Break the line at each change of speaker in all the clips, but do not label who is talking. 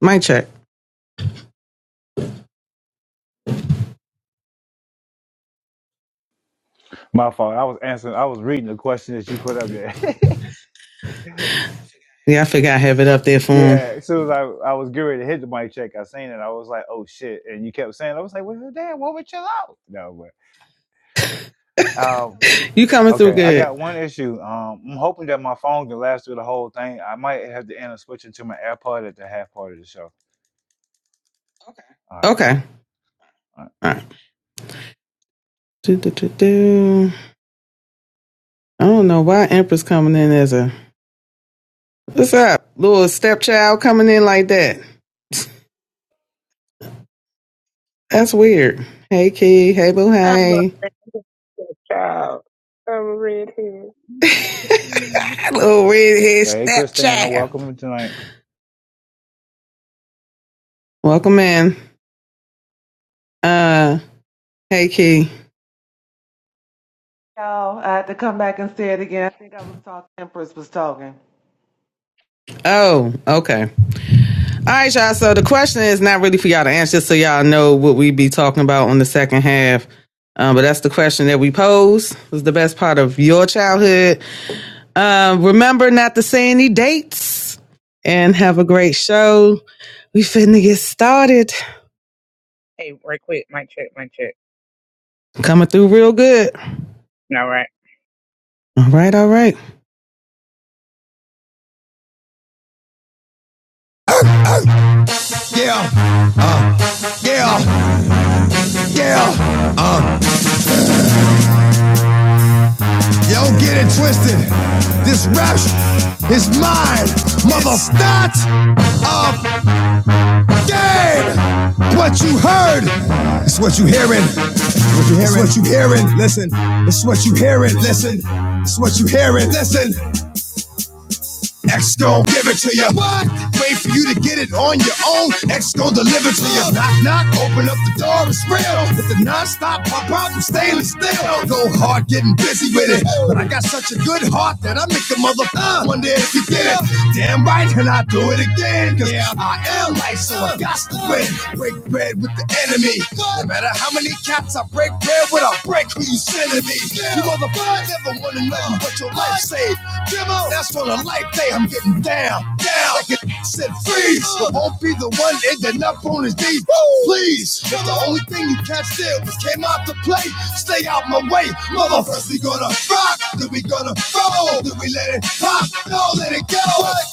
Mic check.
My fault. I was answering. I was reading the question that you put up there.
Yeah, I figure I have it up there for him.
yeah. As soon as I, I was getting ready to hit the mic check, I seen it. I was like, "Oh shit!" And you kept saying, "I was like, well, damn, what would chill out?" No, but um,
You coming through
okay. I
good.
got one issue. Um, I'm hoping that my phone can last through the whole thing. I might have to end up switching to my AirPod at the half part of the show. All right.
Okay.
All right.
All right. Do, do, do, do. I don't know why Empress coming in as a what's up, little stepchild coming in like that. That's weird. Hey, Key. Hey, Boo.
I'm a
Hey,
redhead child. I'm a redhead.
That little redhead
Hey, Christina,
stepchild.
welcome tonight.
Welcome in. Uh, hey, Key.
Y'all, I had to come back and say it again. I think I was talking. Empress was talking.
Oh, okay. All right, y'all. So the question is not really for y'all to answer, just so y'all know what we be talking about on the second half. Um, but that's the question that we pose. Was the best part of your childhood? Um, remember not to say any dates, and have a great show. We finna get started.
Hey, right quick, mic check, mic check.
Coming through real good.
No, right.
All right, all right. Yeah, yeah, yeah. Yo, get it twisted. This rap is mine. Motherfucker. dead. What you heard is what you hearing. What you hearing? what you hearing. Listen. It's what you hearing. Listen. It's what you hearing. Listen. X gon' give it to ya. What? Wait for you to get it on your own. X gon' deliver to ya. Knock, knock, open up the door, it's real. With the non-stop pop out, I'm stainless steel. Go hard, getting busy with it. But I got such a good heart that I make a motherfucker wonder if you get it. Damn right, and I do it again. Cause yeah, I am life, so I got to win. Break bread with the enemy. No matter how many cats I break bread with, I break who you sending me. You motherfucker never wanna know thing but your life saved. Demo, that's for the life day. I'm getting down, down. Like it said freeze, but won't be the one ending up on his knees. Please, if the only thing you catch there was came out to play, stay out my way. Mother, first we gonna rock, then we gonna roll, then we let it pop, no, let it go.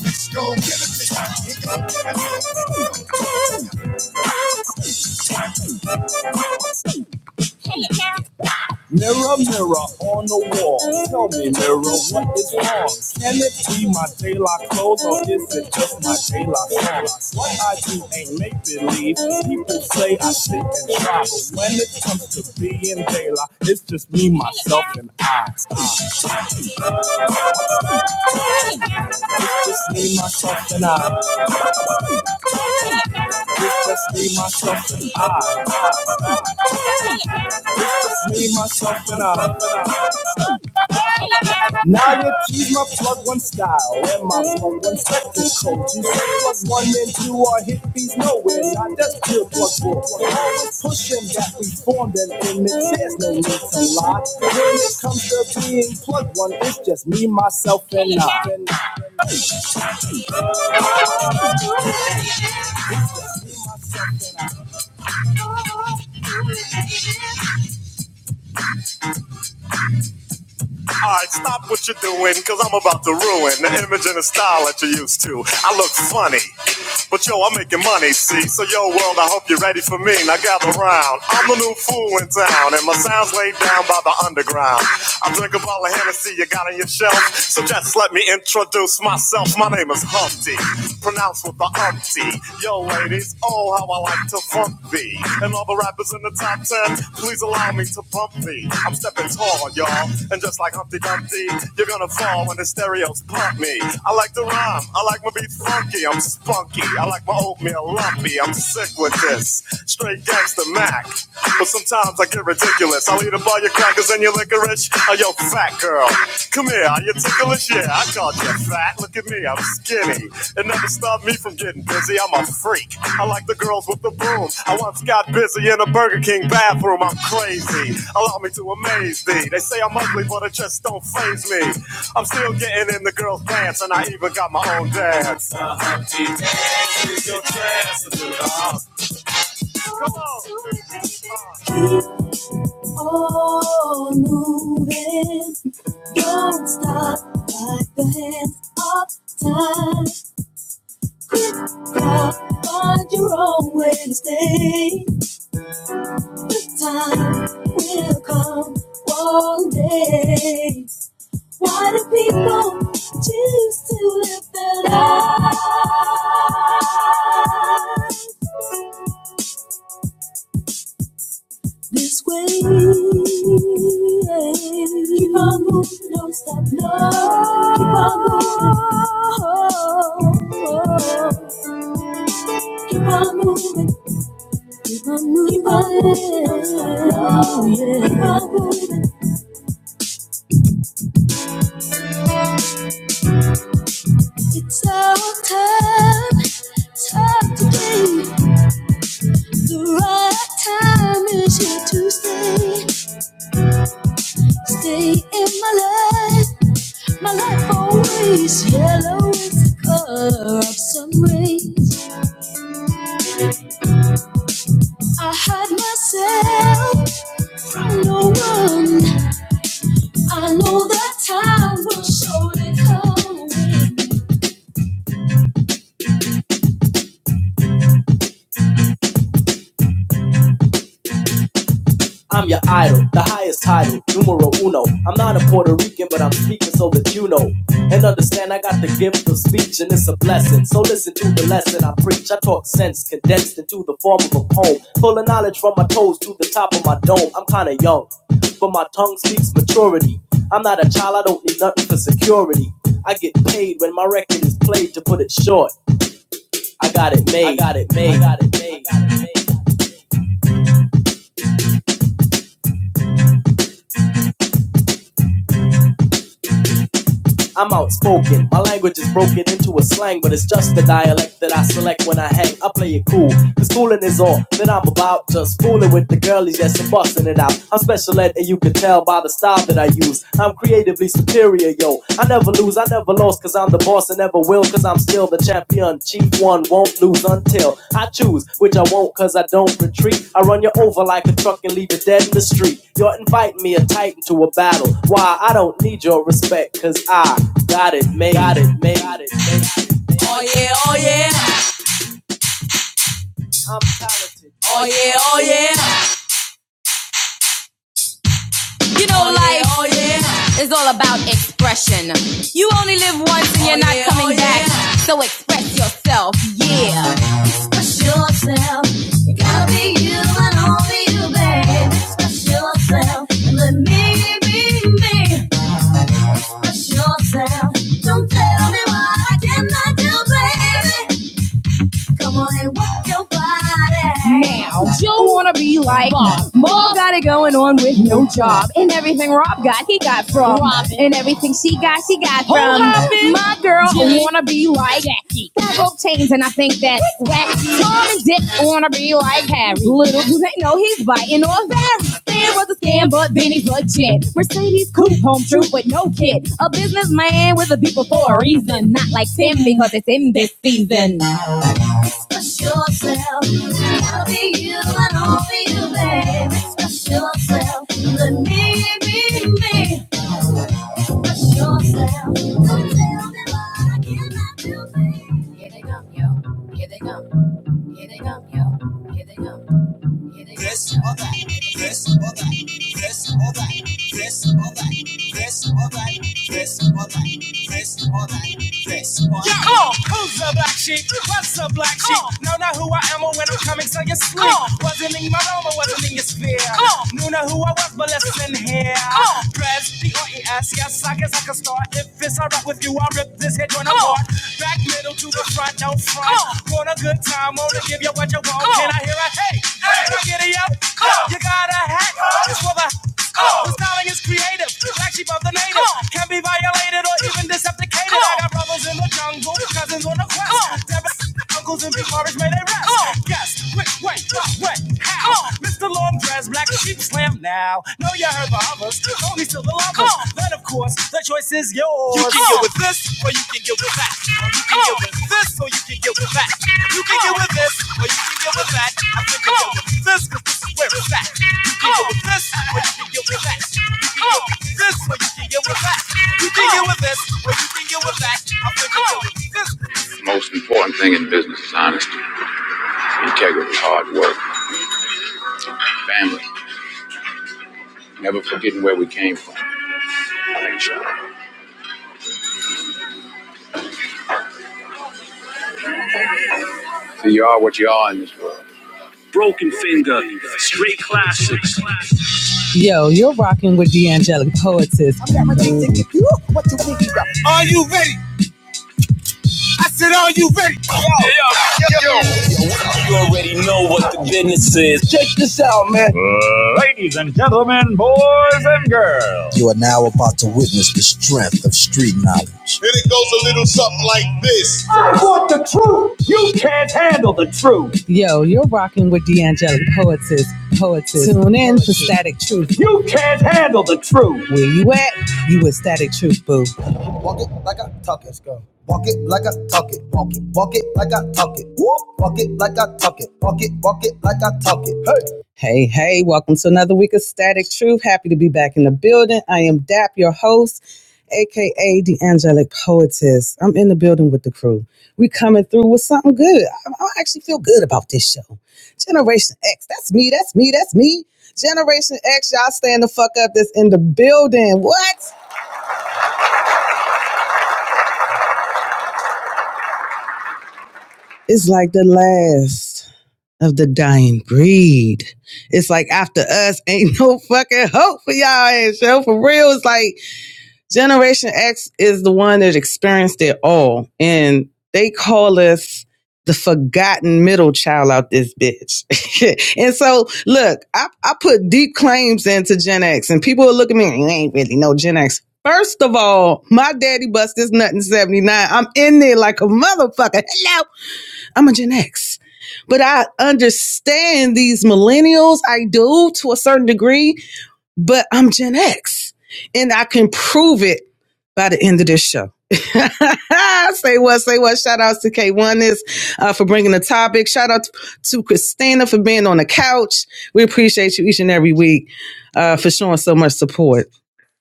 Let's go give it to you. Hey, now. Mirror, mirror on the wall. Tell me, mirror, what is wrong? Can it be my daylight clothes or is it just my daylight song? What I do ain't make believe. People say I sit and try, but when it comes to being daylight, it's just me, myself, and I. It's just me, myself, and I. Just me, myself, and I. Just me, myself, and I. Now you tease my plug one style and my plug one spectacle. You say plus one and two are hippies nowhere. Now just pure plug book. Always pushing that we formed an image. There's no need to lie. When it comes to being plug one, it's just me, myself, and I. Alright, stop what you're doing, cause I'm about to ruin the image and the style that you're used to. I look funny, but yo, I'm making money, see? So yo, world, I hope you're ready for me. Now gather round. I'm the new fool in town, and my sound's laid down by the underground. I drink a bottle of Hennessy you got on your shelf, so just let me introduce myself. My name is Humpty, pronounced with the umpty. Yo, ladies, oh, how I like to funk thee. And all the rappers in the top 10, please allow me to pump thee. I'm stepping tall, y'all. And just like Humpty Dumpty, you're gonna fall when the stereos pump me. I like to rhyme, I like my beat funky, I'm spunky. I like my oatmeal lumpy, I'm sick with this. Straight gangster Mac. But sometimes I get ridiculous. I'll eat a bar your crackers and your licorice? Oh, yo, fat girl, come here. Are you ticklish? Yeah, I called you fat. Look at me, I'm skinny. It never stopped me from getting busy. I'm a freak. I like the girls with the boom. I once got busy in a Burger King bathroom. I'm crazy. Allow me to amaze thee. They say I'm ugly, but it just don't faze me. I'm still getting in the girls' pants, and I even got my own dance. Now, Oh, Come on. Like the hands up, time, God, find your own way to stay. The time will come one day. Why do people choose to live their lives this way? Keep on moving, don't stop, no. Keep on moving. Keep on moving, keep on moving, keep on moving, oh yeah. It's our time, time to play. The right time is here to stay. Stay in my life, my life always yellow is the color of sun rays. I hide myself from no one. I know that time will surely come. I'm your idol, the highest title, numero uno. I'm not a Puerto Rican, but I'm speaking so that you know. And understand I got the gift of speech, and it's a blessing. So listen to the lesson I preach. I talk sense condensed into the form of a poem, full of knowledge from my toes to the top of my dome. I'm kinda young, but my tongue speaks maturity. I'm not a child, I don't need nothing for security. I get paid when my record is played to put it short. I got it made. I got it made. I got it made. I'm outspoken. My language is broken into a slang, but it's just the dialect that I select when I hang. I play it cool. Cause fooling is all that I'm about. Just fooling with the girlies, yes, I'm bustin' it out. I'm special ed, and you can tell by the style that I use. I'm creatively superior, yo. I never lose, I never lost, cause Cause I'm the boss and never will. i I'm still the champion. Chief one won't lose until I choose, which I will 'Cause I don't retreat. I run you over like a truck and leave you dead in the street. You're inviting me a titan to a battle. Why? I don't need your respect. 'Cause I got it made. Got it made. Got it made. Oh yeah, oh yeah. I'm talented. Oh yeah, oh yeah. You know, Oh yeah, life yeah, oh yeah. is all about expression. You only live once and Oh you're not yeah, oh coming oh, back, yeah. so express yourself, yeah. Trust yourself. You gotta be you and only you, baby. Trust yourself and let me be me. Trust yourself. Don't tell me what I cannot do, baby. Come on and work your body. now. Joe wanna be like Bob. Bob got it going on with no job. And everything Rob got, he got from. Robin. And everything she got, she got from. Robin? My girl Janet. wanna be like Jackie. That broke chains, and I think that's whack. Tom and Dick wanna be like Harry. Little do they know he's biting off Harry. There was a scam, but then he's legit. Mercedes coupe, home true, but no kid. A businessman with a people for a reason. Not like Tim because it's in this season. Express yourself. I'll be you and I'll be you, babe. Express yourself. Let me be me. Express yourself. Don't tell me what I cannot do, babe. Here they come, yo. Here they come. Here they come, yo. Here they come. Here they come. Come on. Who's the black sheep? What's the black sheep? Come Know not who I am or when I'm coming to your sleep. Wasn't in my home, I wasn't in your sphere. Come Knew not who I was, but listen here. Come on. Press P-R-E-S, yes, I guess I can start. If it's alright with you, I'll rip this head joint Come on. apart. Back middle to the front, no front. Want a good time, wanna give you what you want. Can I hear a hey? Hey, let's up. You got a hat. Just for the. The styling is creative. Black sheep of the native. Can not be violated or even decepticated. I got brothers in the jungle, cousins on the quest. Uncles and big brothers made a rest. Guess which way, what, how? Mr. Long Dress, Black Sheep, slam now. Know you heard the others. Tony's still well, Then, of course, the choice is yours. You can get with this, or you can get with that. You can get with this, or you can get with that. You can get with this, or you can get with that. I think you get with this, because this is where it's at. You can get with this, or you can get with that. You can get with this, or you can get with that. You can get with this, or you can get with that. I think you get with this. The most important thing in business is honesty, integrity, hard work, family, never forgetting where we came from. So you are what you are in this world. With the angelic poets. Are you ready? Said, are you ready? Then it goes a little something like this. You can't handle the truth. Tune in for static truth. Truth. Where you at? You with Static Truth, boo. Walk it like I talk it. Let's go. Walk it like I talk it. Walk it. Walk it like I talk it. Whoop. Walk it like I talk it. Walk it. Walk it like I talk it. Hey. Hey, hey, welcome to another week of Static Truth. Happy to be back in the building. I am Dap, your host, aka the Angelic Poetess. I'm in the building with the crew. We coming through with something good. I, I actually feel good about this show. Generation X, that's me, that's me, that's me. Generation X, y'all stand the fuck up that's in the building. What? It's like the last of the dying breed. It's like after us ain't no fucking hope for y'all ass, yo. For real. It's like Generation X is the one that experienced it all. And they call us the forgotten middle child out this bitch. and so, look, I, I put deep claims into Gen X, and people will look at me, and you ain't really no Gen X. First of all, my daddy bust this nut in 79. I'm in there like a motherfucker. Hello, I'm a Gen X. But I understand these millennials. I do to a certain degree but I'm Gen X and I can prove it by the end of this show. say what, say what. Shout out to K1 is uh, for bringing the topic. Shout out to Christina for being on the couch. We appreciate you each and every week uh, for showing so much support.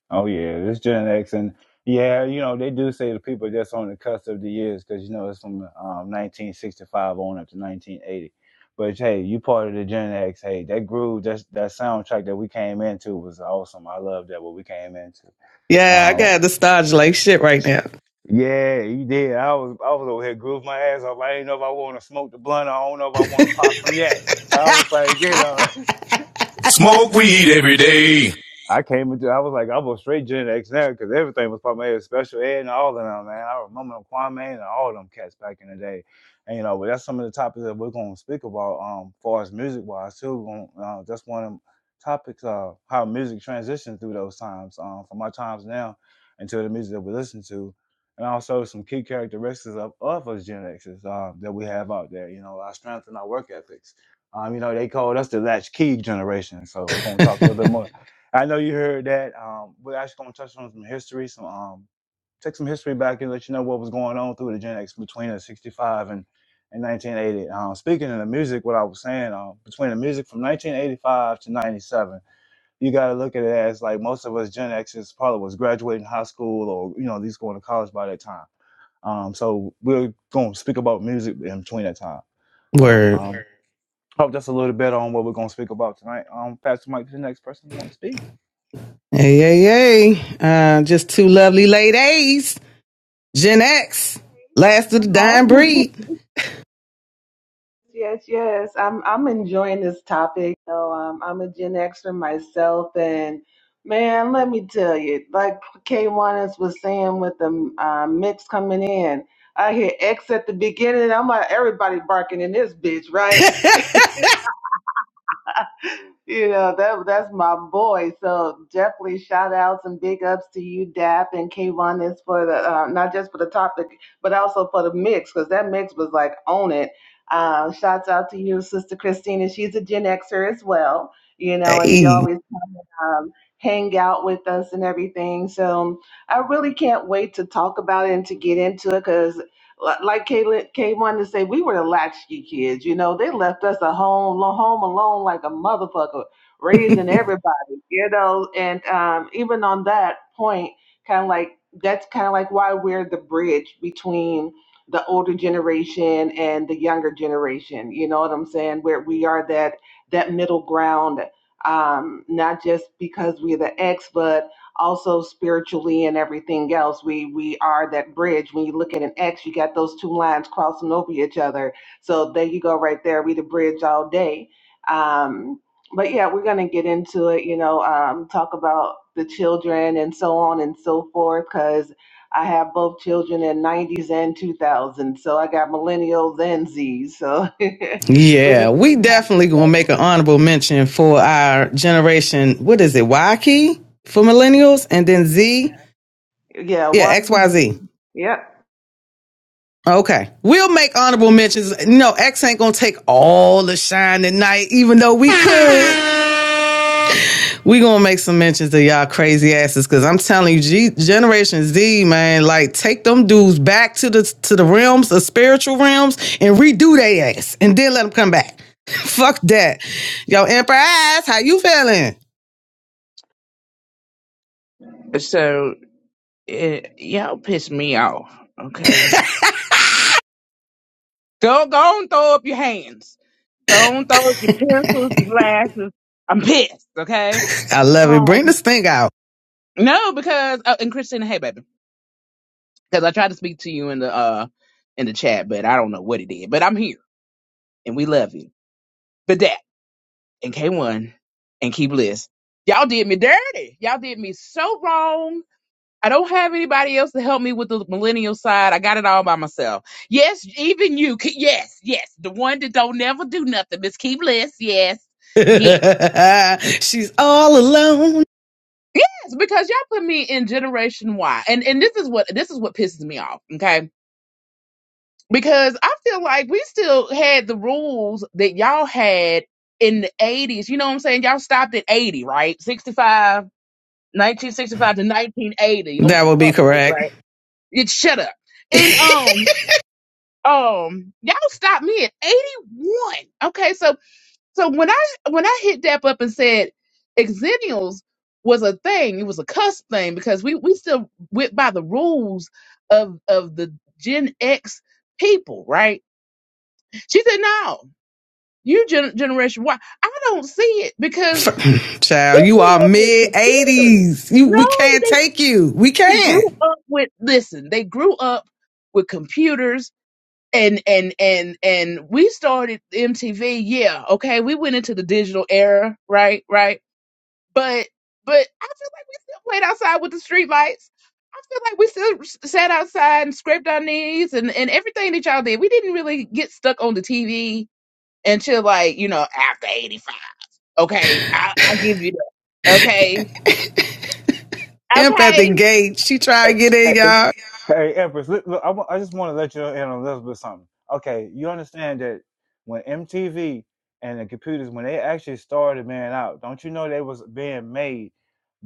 Oh yeah, this Gen X, and yeah, you know they do say the people that's on the cusp of the years because you know it's from um, 1965 on up to 1980. But hey, you part of the Gen X. Hey, that groove, that that soundtrack that we came into was awesome. I love that what we came into.
Yeah, I
Um,
got nostalgia like shit right now.
yeah, you did. I was I was over here groove my ass off. I didn't know if I want to smoke the blunt. I don't know if I want to pop some yet. I was like, you know. I came into, I was like, I was straight Gen X now because everything was popping. Had special ed and all of them, man. I remember them Kwame and all of them cats back in the day. And you know, but that's some of the topics that we're gonna speak about, um, far as music wise too. Uh, that's one of the topics uh, how music transitioned through those times, um, from our times now until the music that we listen to, and also some key characteristics of, of us Gen Xers uh, that we have out there. You know, our strength and our work ethics. Um, you know, they called us the latchkey generation, so we're gonna talk a little bit more. I know you heard that. Um, we're actually going to touch on some history, some um, take some history back and let you know what was going on through the Gen X between the 65 and, and 1980. Um, speaking of the music, what I was saying, um, between the music from 1985 to 97, you got to look at it as like most of us Gen Xers probably was graduating high school or, you know, at least going to college by that time. Um, so we're going to speak about music in between that time. So
Word.
um, Hope that's a little bit on what we're going to speak about tonight. Um, Pastor Mike, to the next person who want to speak.
Hey, hey, hey. Uh, just two lovely ladies. Gen X, last of the
Oh.
dying breed.
yes, yes. I'm I'm enjoying this topic. So um, I'm a Gen Xer myself, and man, let me tell you, like K Onis was saying with the uh, mix coming in, I hear X at the beginning. and I'm like everybody barking in this bitch, right? you know that that's my boy. So definitely shout outs and big ups to you, Dap and K1. is for the uh, not just for the topic, but also for the mix because that mix was like on it. Uh, shouts out to you, Sister Christina. She's a Gen Xer as well, you know, and she
hey.
always um, hang out with us and everything. So um, I really can't wait to talk about it and to get into it because, like Caitlin, Kay wanted to say, we were the latchkey kids. You know, they left us at home, home alone like a motherfucker, raising everybody. You know, and um, even on that point, kind of like that's kind of like why we're the bridge between the older generation and the younger generation. You know what I'm saying? Where we are that that middle ground um, not just because we're the ex, but also spiritually and everything else. We we are that bridge. When you look at an X, you got those two lines crossing over each other. So there you go, right there. We the bridge all day. Um, but yeah, we're gonna get into it. You know, um, talk about the children and so on and so forth, because. I have both children in 90s and 2000s, so I got millennials and Zs. So we're going
Yeah,
to
we
have
definitely
to
gonna make
go.
an honorable mention for our generation. What is it? Y key for millennials, and then Z.
Yeah,
Yeah,
why are
X Y Z.
you? Yep.
Okay, we'll make honorable mentions. No, X ain't gonna take all the shine tonight, even though we could. we gonna make some mentions to y'all crazy asses because I'm telling you, G- Generation Z, man, like take them dudes back to the to the realms the spiritual realms and redo their ass, and then let them come back. Fuck that, yo, Empress, how you feeling?
So, it, y'all piss me off, okay? Go, go and throw up your hands. Go and throw up your pencils, your glasses. I'm pissed, okay?
I love it. Bring
Um,
this thing out.
no, because uh, and Christina, hey, baby, because I tried to speak to you in the uh in the chat, but I don't know what it is. But I'm here, and we love you. and K1 and Key Bliss. Y'all did me dirty. Y'all did me so wrong. I don't have anybody else to help me with the millennial side. I got it all by myself. Yes, even you. K- Yes, yes. The one that don't never do nothing, Miss Key Bliss. Yes. Yeah.
She's all alone.
Yes, because y'all put me in generation Y. And and this is what this is what pisses me off, okay? Because I feel like we still had the rules that y'all had in the 80s. You know what I'm saying? Y'all stopped at 80, right? 65 1965 to 1980 on
That
some
would be
fuck shit,
correct,
right? It shut up. And um um y'all stopped me at 81. Okay, so so when I when I hit Dap up and said exennials was a thing, it was a cuss thing because we we still went by the rules of of the Gen X people, right? She said, "No, you gen- generation I I don't see it because they
child. You
grew
are
up with
mid
computers.
eighties. You, we can't
No,
take you. We
grew
can't.
up with listen they grew up with computers and and and and we started mtv yeah okay we went into the digital era right right but but i feel like we still played outside with the street lights i feel like we still s- sat outside and scraped our knees and and everything that y'all did we didn't really get stuck on the tv until like you know after 85 okay i i give you that okay
Imp at
okay
the gate. She try to
Hey,
get in,
hey, hey,
y'all.
hey, Empress, look, look, I, wa- I just want to let you in on a little bit something. Okay, you understand that when MTV and the computers, when they actually started man out, don't you know they was being made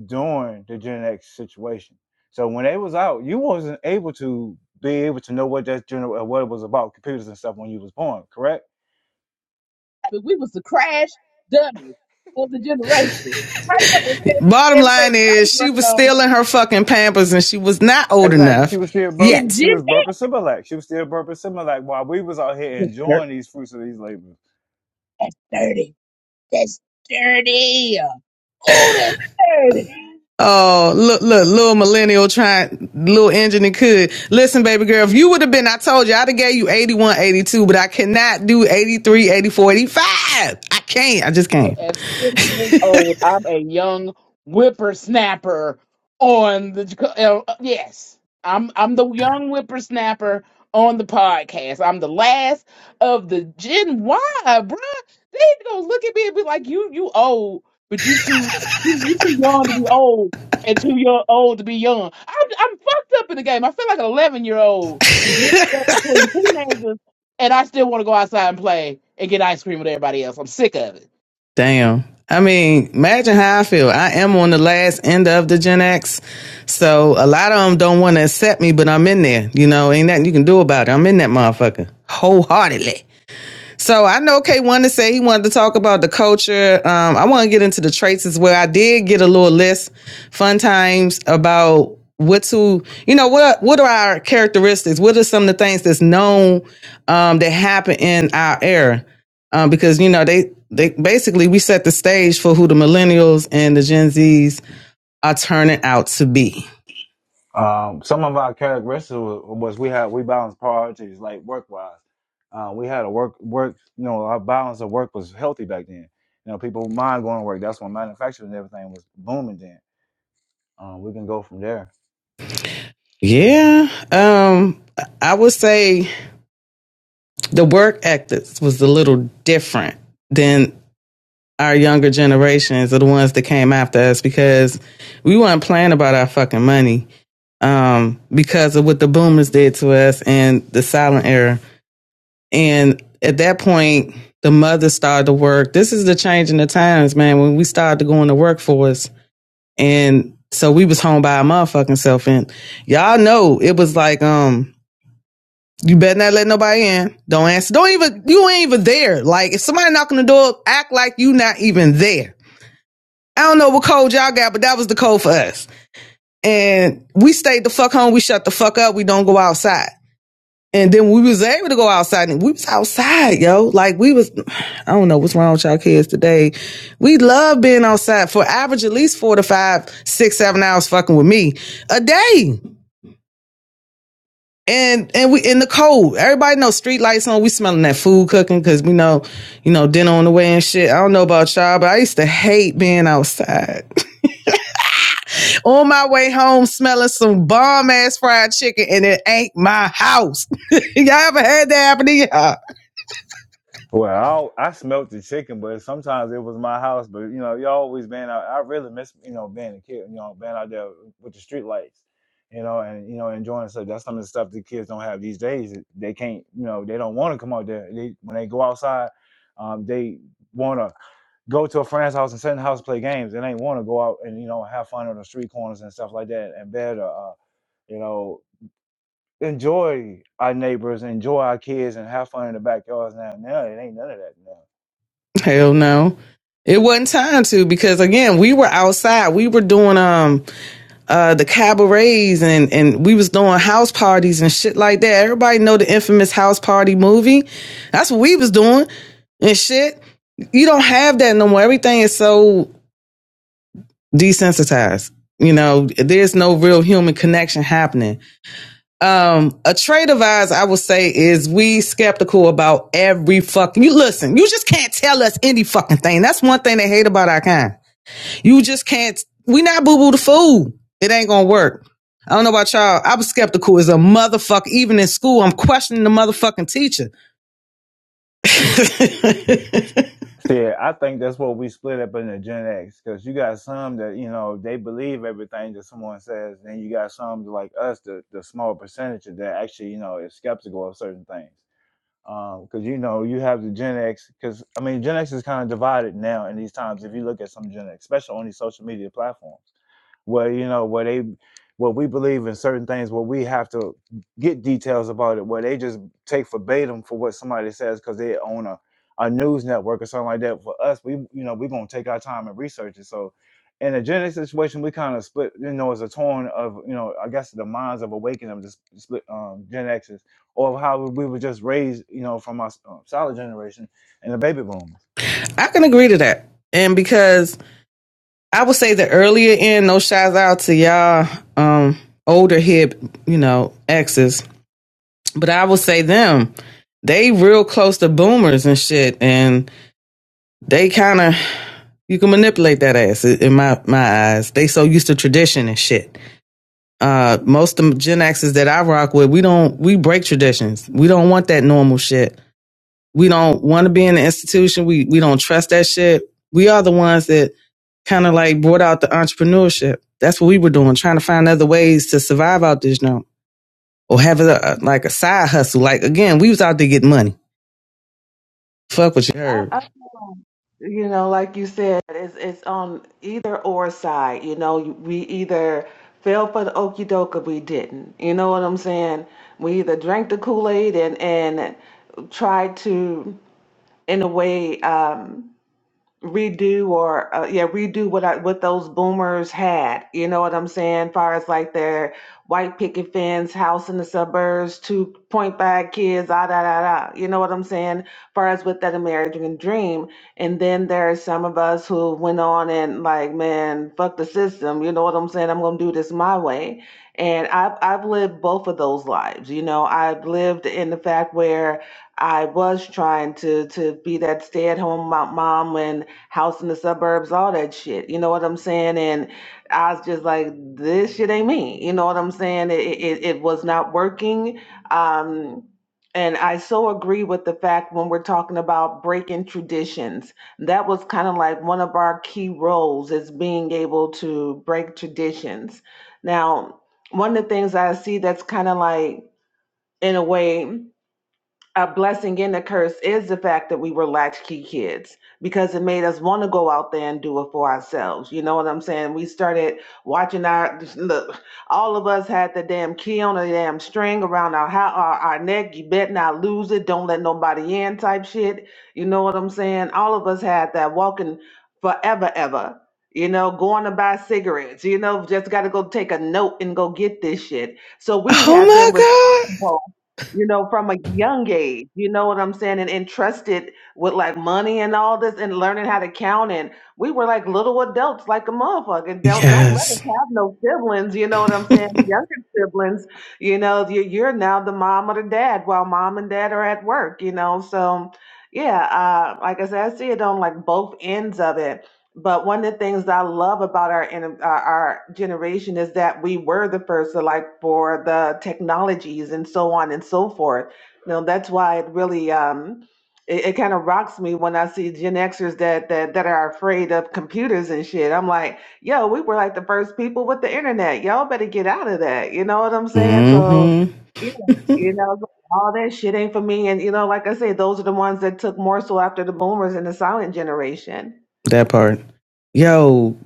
during the Gen X situation. So when they was out, you wasn't able to be able to know what that general uh, what it was about, computers and stuff when you was born, correct?
But we was the crash dummies of the generation. I fucking said
Bottom
everything
line
that I was
is she
working
was
on
still in her fucking pampers and she was not old
Exactly. She
enough
was still burp,
in
yet.
she
gym
was burping Similac. She was still burping Similac while we was out here
and
enjoying these fruits of these labors.
That's dirty. That's dirty. Oh, that's dirty.
Oh, look, look, little millennial trying, little engineer could. Listen, baby girl, if you would have been, I told you, I'd have gave you 81, 82, but I cannot do 83, eighty-four, eighty-five. I can't. I just can't.
as 40 years old, I'm a young whippersnapper on the Jaco- uh, uh, yes. I'm I'm the young whippersnapper on the podcast. I'm the last of the Gen Y, bruh. They gonna look at me and be like, "You you old, but you too you too young to be old, and too young old to be young." I'm I'm fucked up in the game. I feel like an 11 year old mixed up between teenagers, and I still want to go outside and play and get ice cream with everybody else. I'm sick of it.
Damn. I mean, imagine how I feel. I am on the last end of the Gen X. So a lot of them don't want to accept me, but I'm in there. You know, ain't nothing you can do about it. I'm in that motherfucker wholeheartedly. So I know K wanted to say he wanted to talk about the culture. Um, I want to get into the traits as well. I did get a little list, fun times about what to, you know, what what are our characteristics? What are some of the things that's known um, that happen in our era? Um, because you know they they basically we set the stage for who the millennials and the Gen Zs are turning out to be.
Um, some of our characteristics was, was we had we balanced priorities like work wise. Uh, we had a work work you know our balance of work was healthy back then. You know people mind going to work. That's when manufacturing and everything was booming then. Um, we can go from there.
Yeah, um, I would say the work ethics was a little different than our younger generations are the ones that came after us because we weren't playing about our fucking money um, because of what the boomers did to us and the silent era. And at that point, the mothers started to work. This is the change in the times, man, when we started to go into workforce. And so we was home by our motherfucking self. And y'all know it was like, um, you better not let nobody in. Don't answer. Don't even, you ain't even there. Like if somebody knocking the door, act like you not even there I don't know what cold y'all got, but that was the cold for us. And we stayed the fuck home. We shut the fuck up. We don't go outside. And then we was able to go outside and we was outside, yo. Like we was, I don't know what's wrong with y'all kids today. We love being outside for average at least four to five, six, seven hours fucking with me a day. And, and we in the cold. Everybody knows street lights on. We smelling that food cooking because we know, you know, dinner on the way and shit. I don't know about y'all, but I used to hate being outside. on my way home smelling some bomb ass fried chicken and it ain't my house. y'all ever had that happen to y'all?
Well, I, I smelt the chicken, but sometimes it was my house. But you know, you always been out. I really miss you know being a kid. You know, being out there with the street lights. You know, and you know enjoying stuff. That's some of the stuff the kids don't have these days. They can't. You know, they don't want to come out there. They when they go outside, um, they want to go to a friend's house and sit in the house and play games. They ain't want to go out and you know have fun on the street corners and stuff like that. And better, uh, you know, enjoy our neighbors, enjoy our kids, and have fun in the backyards. Now, now it ain't none of that now.
Hell no. It wasn't time to because again, we were outside. We were doing um uh the cabarets and and we was doing house parties and shit like that. Everybody know the infamous house party movie. That's what we was doing and shit. You don't have that no more. Everything is so desensitized. You know, there's no real human connection happening Um, a trait of ours, I would say, is we skeptical about every fucking. You listen, you just can't tell us any fucking thing. That's one thing they hate about our kind. You just can't. We not boo boo the fool. It ain't gonna work. I don't know about y'all. I was skeptical as a motherfucker. Even in school, I'm questioning the motherfucking teacher.
See, I think that's what we split up in the Gen X because you got some that you know they believe everything that someone says, and then you got some like us, the, the small percentage that actually you know is skeptical of certain things. Because you know you have the Gen X, because I mean Gen X is kind of divided now in these times. If you look at some Gen X, especially on these social media platforms where you know where they where we believe in certain things where we have to get details about it where they just take verbatim for what somebody says because they own a, a news network or something like that for us we you know we're going to take our time and research it so in a genetic situation we kind of split you know as a torn of you know i guess the minds of awakening of the sp- split um, gen x's or how we were just raised you know from our uh, solid generation in the baby boom
I can agree to that. And because I would say the earlier end, no shots out to y'all, um, older hip, you know, exes But I would say them. They real close to boomers and shit, and they kind of you can manipulate that ass in my my eyes. They so used to tradition and shit. Uh, most of Gen X's that I rock with, we don't we break traditions. We don't want that normal shit. We don't want to be in the institution. We we don't trust that shit. We are the ones that kind of like brought out the entrepreneurship. That's what we were doing, trying to find other ways to survive out this jump or have a, like a side hustle. Like again, we was out there getting money. Fuck what you
I,
heard.
I feel like, you know, like you said, it's it's on either or side. You know, we either fell for the okie doke or we didn't. You know what I'm saying? We either drank the Kool Aid and and tried to, in a way, um, redo or uh, yeah redo what I, what those boomers had you know what i'm saying far as like their white picket fence house in the suburbs two point five kids ah da da da you know what i'm saying far as with that american dream and then there are some of us who went on and like man fuck the system you know what i'm saying i'm gonna do this my way and i've i've lived both of those lives you know i've lived in the fact where I was trying to to be that stay-at-home mom and house in the suburbs, all that shit. You know what I'm saying? And I was just like, this shit ain't me. You know what I'm saying? It it, it was not working. Um, and I so agree with the fact when we're talking about breaking traditions. That was kind of like one of our key roles is being able to break traditions. Now, one of the things I see that's kind of like in a way a blessing and a curse is the fact that we were latchkey kids because it made us want to go out there and do it for ourselves. You know what I'm saying? We started watching our look. All of us had the damn key on a damn string around our how our, our neck. You bet not lose it. Don't let nobody in. Type shit. You know what I'm saying? All of us had that walking forever ever. You know, going to buy cigarettes. You know, just got to go take a note and go get this shit. So we
Oh
have been
my god.
responsible you know, from a young age, you know what I'm saying, and entrusted with like money and all this and learning how to count. And we were like little adults, like a motherfucker. Don't don't let us
Yes.
have no siblings, you know what I'm saying? Younger siblings, you know, you're, you're now the mom or the dad while mom and dad are at work, you know. So yeah, uh, like I said, I see it on like both ends of it but one of the things that I love about our in- our our generation is that we were the first, so like for the technologies and so on and so forth. You know, that's why it really um, it, it kind of rocks me when I see Gen Xers that that that are afraid of computers and shit. I'm like, yo, we were like the first people with the internet. Y'all better get out of that. You know what I'm saying? So
Mm-hmm.
yeah, you know, all that shit ain't for me. And you know, like I say, those are the ones that took more so after the boomers and the silent generation.
That part. Yo,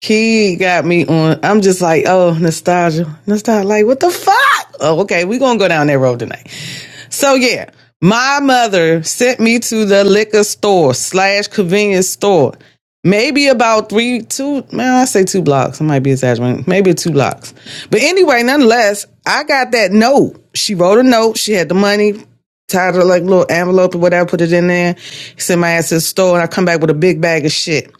he got me on. I'm just like, oh, nostalgia, nostalgia. Like, what the fuck? Oh, okay, we gonna go down that road tonight. So yeah, my mother sent me to the liquor store slash convenience store. Maybe about three, two, man, I say two blocks. I might be exaggerating. Maybe two blocks. But anyway, nonetheless, I got that note. She wrote a note. She had the money, tied her like little envelope or whatever, put it in there. Sent my ass to the store and I come back with a big bag of shit.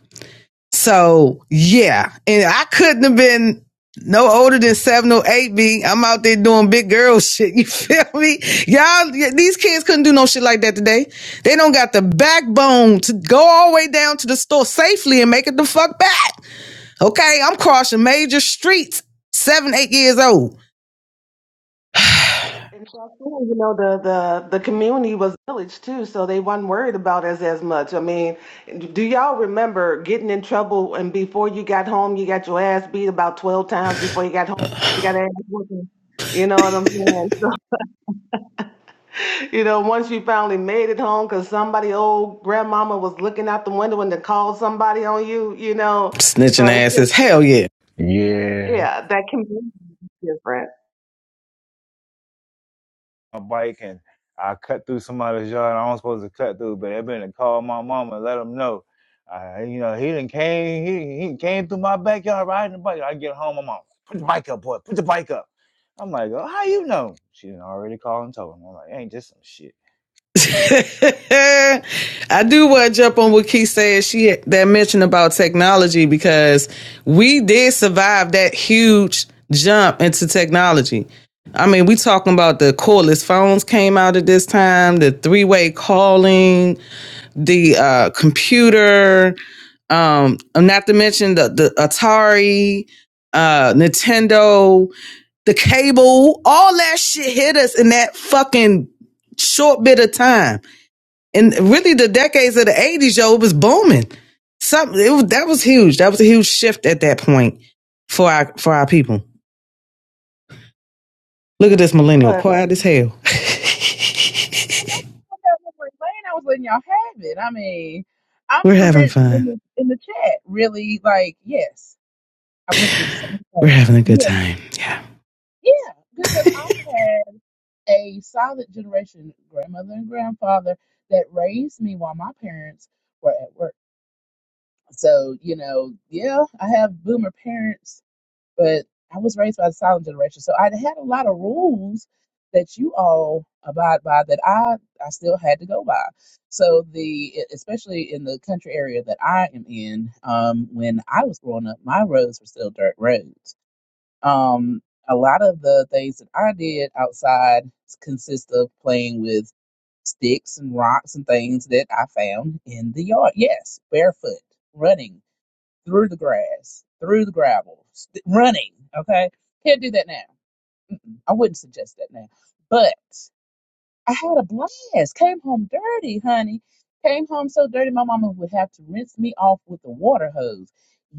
So yeah, and I couldn't have been no older than seven or eight. B, I'm out there doing big girl shit. You feel me? Y'all, these kids couldn't do no shit like that today. They don't got the backbone to go all the way down to the store safely and make it the fuck back. Okay, I'm crossing major streets. Seven, eight years old,
And so, too, you know, the, the, the community was village too, so they weren't worried about us as much. I mean, do y'all remember getting in trouble and before you got home, you got your ass beat about 12 times before you got home? You got ass whooping. You know what I'm saying? You know, once you finally made it home because somebody old grandmama was looking out the window and they called somebody on you, you know.
snitching
So it's just,
asses. Hell yeah.
Yeah,
yeah, that community is different.
my bike and I cut through somebody's yard. I was supposed to cut through, but I been to call my mama and let them know. Uh, you know, he didn't came. He, he came through my backyard riding the bike. I get home, my mom put the bike up, boy. Put the bike up. I'm like, oh, how you know? She done already called and told him. I'm like, ain't this some shit?
I do want to jump on what Keith said. She had that mention about technology because we did survive that huge jump into technology. I mean, we talking about the cordless phones came out at this time, the three way calling, the uh, computer, um, not to mention the the Atari, uh, Nintendo, the cable, all that shit hit us in that fucking short bit of time and really the decades of the 80s yo it was booming something it was, that was huge that was a huge shift at that point for our for our people look at this
Definitely
millennial
was.
quiet as hell
And I was out there with Lane. I was letting y'all have it. I mean, I'm
we're
sitting up
having
here in
fun
the in the chat, really like, yes, I went through the same
we're
thing.
having a good
Yeah,
time
yeah, because I had a solid generation grandmother and grandfather that raised me while my parents were at work. So you know, yeah, I have boomer parents but I was raised by the silent generation. So I had a lot of rules that you all abide by that I, I still had to go by. So the e, especially in the country area that I am in, um, when I was growing up, my roads were still dirt roads. Um, a lot of the things that I did outside consist of playing with sticks and rocks and things that I found in the yard. Yes, barefoot, running through the grass, through the gravel, st- running. Okay, can't do that now. Mm-mm, I wouldn't suggest that now. But I had a blast. Came home dirty, honey. Came home so dirty, my mama would have to rinse me off with a water hose.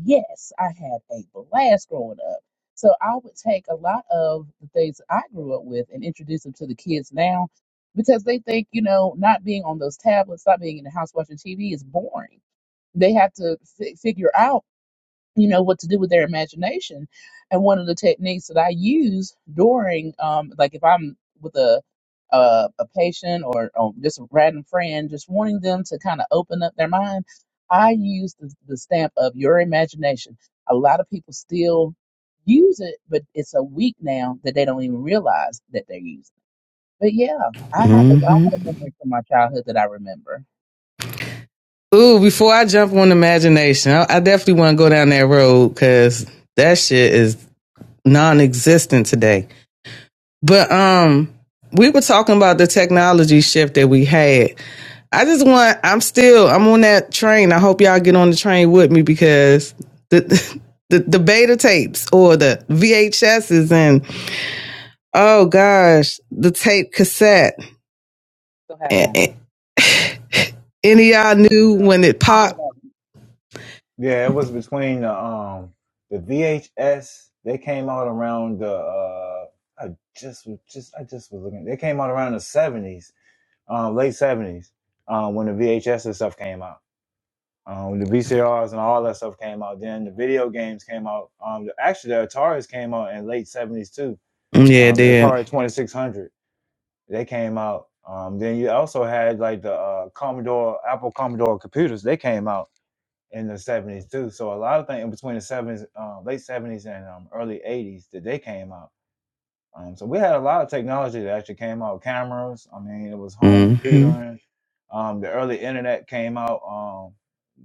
Yes, I had a blast growing up. So I would take a lot of the things that I grew up with and introduce them to the kids now because they think, you know, not being on those tablets, not being in the house watching TV is boring they have to fi- figure out you know what to do with their imagination and one of the techniques that i use during um like if i'm with a a, a patient or, or just a random friend just wanting them to kind of open up their mind i use the, the stamp of your imagination a lot of people still use it but it's a week now that they don't even realize that they're using it but yeah i have a lot
hmm
of memories from my childhood that i remember
ooh before i jump on imagination i, I definitely want to go down that road because that shit is non-existent today but um we were talking about the technology shift that we had I just want. I'm still. I'm on that train. I hope y'all get on the train with me because the the, the beta tapes or the VHSs and oh gosh, the tape cassette.
still have mine
Any of y'all
All of
knew
those.
when it
All of
popped?
those.
Yeah, it was between the um the VHS. They came out around the. uh I just was just I just was looking. They came out around the '70s, um, late '70s, um, when the VHS and stuff came out. Um, the VCRs and all that stuff came out. Then the video games came out. Um, the, actually, the Ataris came out in late seventies too.
Yeah, it
Um, the
did.
Atari Twenty Six Hundred they came out. Um, then you also had like the uh, Commodore, Apple Commodore computers. They came out in the seventies too. So a lot of things in between the seventies, uh, late seventies and um, early eighties that they came out. Um, so we had a lot of technology that actually came out. Cameras, I mean, it was home
hmm
computering. Um, the early internet came out. Um,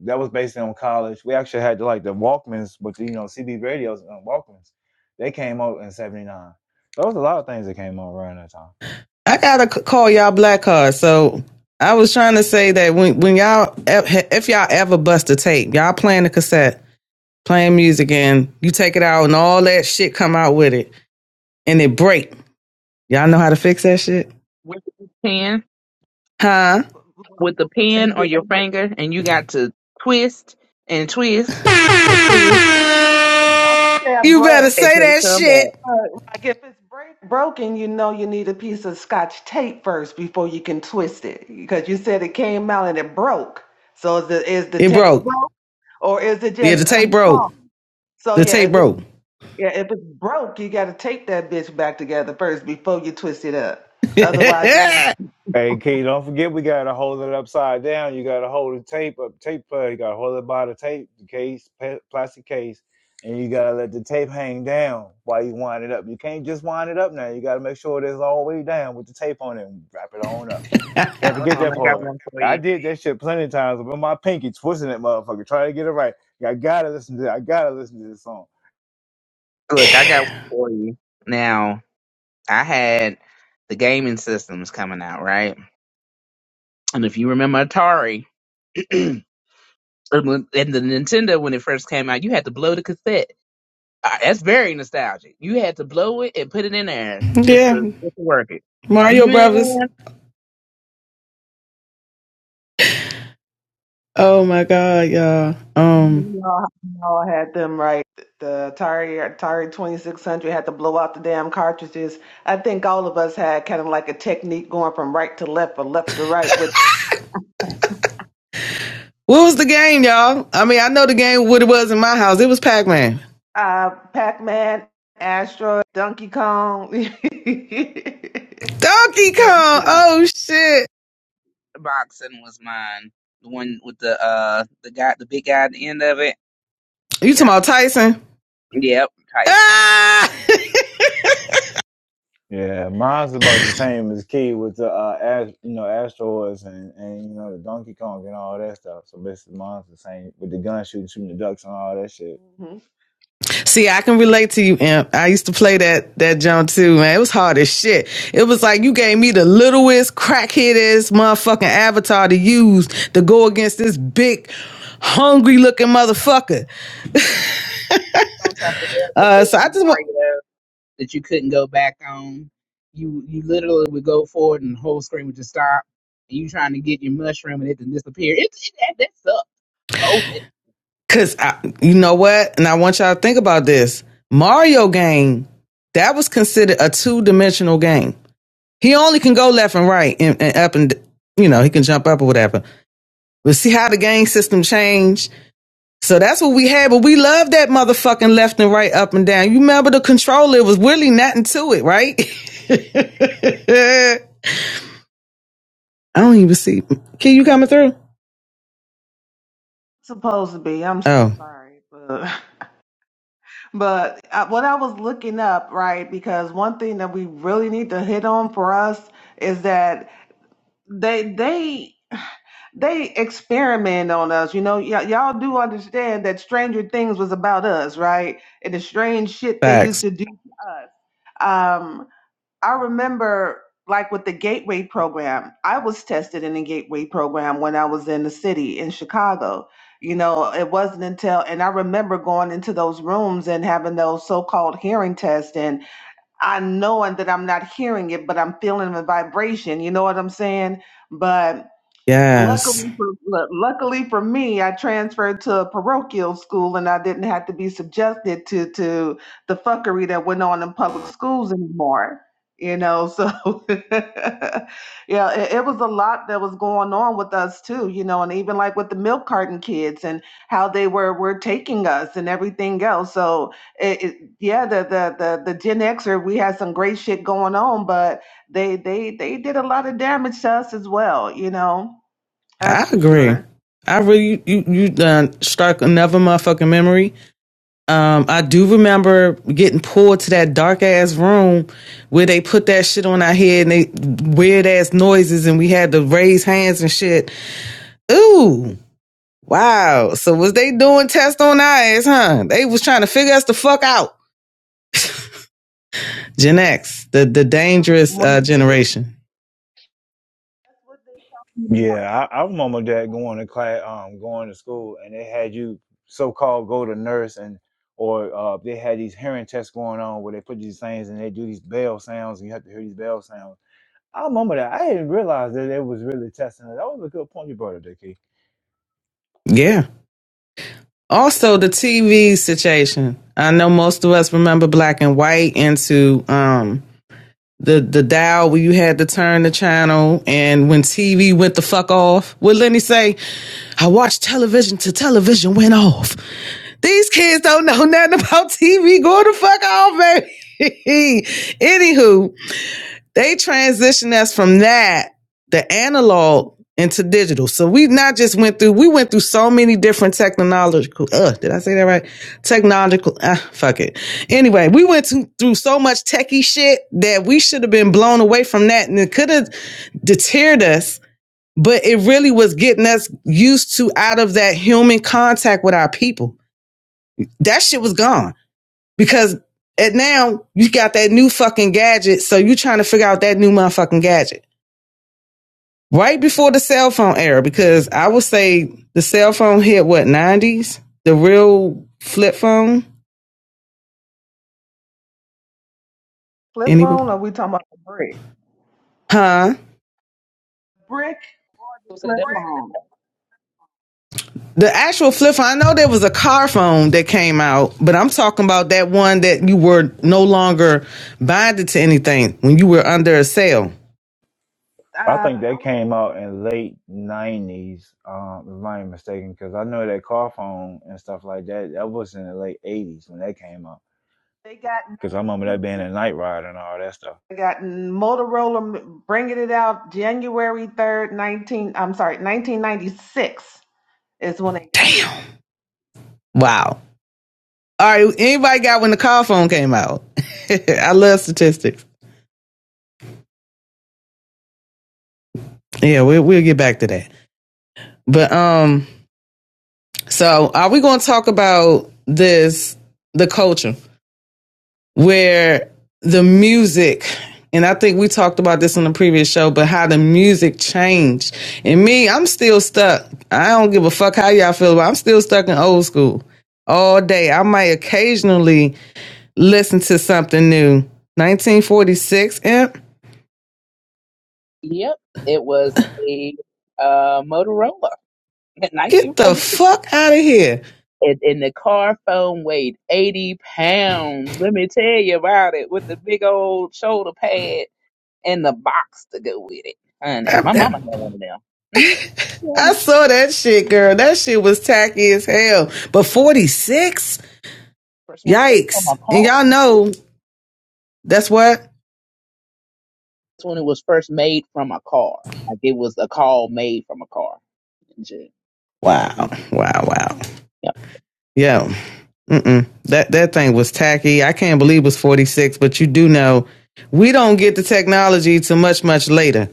that was based on college. We actually had like the Walkmans, but you know, CB radios and Walkmans. They came out in '79. There was a lot of things that came out around that time.
I gotta call y'all black card. So I was trying to say that when when y'all e- if y'all ever bust a tape, y'all playing the cassette, playing music, and you take it out and all that shit come out with it, and it break. Y'all know how to fix that shit?
When you was
Huh?
with the pen or your finger, and you got to twist and twist and twist
I thought you said
You
bro.
better say
until it
that
comes back.
shit.
Look, Like if it's break- broken, you know you need a piece of scotch tape first before you can twist it. Because you said it came out and it broke. So is the is the
It
tape
broke.
broke or is it
Yeah,
just
the tape
unstrung?
broke.
So
The
yeah,
tape
if it,
broke.
yeah, if it's broke, you got to tape that bitch back together first before you twist it up. Otherwise, you gonna-
yeah.
Hey, Key, don't forget we gotta hold it upside down. You gotta hold the tape up, tape player. You gotta hold it by the tape, the case, pa- plastic case, and you gotta let the tape hang down while you wind it up. You can't just wind it up now. You gotta make sure it is all the way down with the tape on it and wrap it on up. Can't
Hold
forget
on,
that
I got
part.
one for
I
you.
did that shit plenty of times with my pinky twisting that motherfucker, trying to get it right. I gotta listen to. I gotta listen to this song.
Look, I got one for you. Now, I had the gaming systems coming out, right? And if you remember Atari and when- and the Nintendo when it first came out, you had to blow the cassette. Uh, That's very nostalgic. You had to blow it and put it in there just to, just to work it.
Mario
Man,
Brothers. Oh my God, y'all. Um
we all, we all had them right. The Atari Atari twenty six hundred had to blow out the damn cartridges. I think all of us had kind of like a technique going from right to left or left to right with
What was the game, y'all? I mean, I know the game what it was in my house. It was Pac-Man.
uh, Pac Man, Asteroid, Donkey Kong.
Donkey Kong. Oh shit.
boxing was mine. The one with the uh the guy the big guy at the end of it.
You talking
Yeah.
about Tyson?
Yep, Tyson.
Ah!
Yeah, mine's about the same as Key with the uh, Ast- you know asteroids and and you know the Donkey Kong and all that stuff. So basically, mine's the same with the gun shooting, shooting the ducks and all that shit.
Mhm.
See, I can relate to you, Imp. I used to play that that jump too, man. It was hard as shit. It was like you gave me the littlest, crackheadest motherfucking avatar to use to go against this big, hungry looking motherfucker.
On top of that was
Uh, so
just the
I just
Mario
want,
that you couldn't go back on. You you literally would go forward and the whole screen would just stop and you trying to get your mushroom and it did disappear. It, it that, that sucked. Oh that
cause I, you know what, and I want y'all to think about this. Mario game that was considered a two dimensional game. He only can go left and right and, and up and you know he can jump up or whatever. But see how the game system changed So that's what we had, but we loved that motherfucking left and right, up and down. You remember the controller? It was really nothing to it, right? I don't even see. Can you coming through?
Supposed to be. I'm so
Oh,
sorry, but but uh, what I was looking up, right? Because one thing that we really need to hit on for us is that they they they experiment on us. You know, y- y'all do understand that Stranger Things was about us, right? And the strange shit they used
facts.
to do to us. Um, I remember like with the Gateway program, I was tested in the Gateway program when I was in the city in Chicago. You know, it wasn't until, and I remember going into those rooms and having those so called hearing tests, and I knowing that I'm not hearing it, but I'm feeling the vibration. You know what I'm saying? But.
Yes,
Luckily for lu- luckily for me, I transferred to a parochial school and I didn't have to be subjected to to the fuckery that went on in public schools anymore. You know, so yeah, it, it was a lot that was going on with us too. You know, and even like with the milk carton kids and how they were were taking us and everything else. So it, it, yeah, the, the the the Gen Xer, we had some great shit going on, but they they they did a lot of damage to us as well. You know.
I
That's for
agree.
sure.
I really you you uh, struck another motherfucking memory. Um, I do remember getting pulled to that dark ass room where they put that shit on our head and they weird ass noises and we had to raise hands and shit. Ooh, Wow. So was they doing tests on our ass, huh? They was trying to figure us the fuck out. Gen X, the, the
So
dangerous
When
uh,
you get
generation.
what they talking about?
Yeah, I, I remember that going to class, um, going to school, and they had you so called go to nurse and or uh, they had these hearing tests going on where they put these things and they do these bell sounds and you have to hear these bell sounds. I remember that. I didn't realize that they was really testing it. That was a good point you brought up, Dickie.
Yeah. Also the TV situation. I know most of us remember black and white into um the the dial where you had to turn the channel and when TV went the fuck off. Would Lenny say, I watched television till television went off. These kids don't know nothing about TV. Go the fuck off, baby. Anywho, They transitioned us from that, the analog, into digital. So we not just went through, we went through so many different technological, uh, did I say that right? Technological, uh, fuck it. Anyway, we went to, through so much techie shit that we should have been blown away from that and it could have deterred us, but it really was getting us used to out of that human contact with our people. That shit was gone because and now you got that new fucking gadget, so you trying to figure out that new motherfucking gadget right before the cell phone era because I would say the cell phone hit what nineties, the real flip phone.
Flip
Anybody?
phone, or we talking about the brick?
Huh?
Brick
so
flip
that was,
phone.
The actual flip phone. I know there was a car phone that came out, but I'm talking about that one that you were no longer binded to anything when you were under a cell.
Uh,
I
I,
think that came out in late nineties, um, if I'm not mistaken, because I know that car phone and stuff like that. That was in the late eighties when that came out.
they got
Because I remember that being a night ride and all that stuff.
they got Motorola m- bringing it out January third, nineteen. I'm sorry, nineteen ninety six is when they got.
Wow. All right. Anybody got when the car phone came out? I love statistics. Yeah, we'll we'll get back to that. But um, so are we going to talk about this the culture? where the music and I think we talked about this on the previous show, but how the music changed. And me, I'm still stuck. I don't give a fuck how y'all feel, but I'm still stuck in old school all day. I might occasionally listen to something new. 1946, imp.
yep. It was a uh Motorola in
Get the
1946.
fuck out of here.
and, and the car phone weighed 80 pounds. Let me tell you about it with the big old shoulder pad and the box to go with it. Honey, my mama had one of them. Mm-hmm. Yeah,
I
the
saw that shit, girl. That shit was tacky as hell. But 46?
first one made from a
Yikes. And
car.
y'all know that's what?
That's when it was first made from a car. Like it was a call made from a car. Shit.
Wow. Wow, wow.
Yep.
Yeah. Mm-mm. That that thing was tacky. I can't believe it was 46, but you do know we don't get the technology to much much later.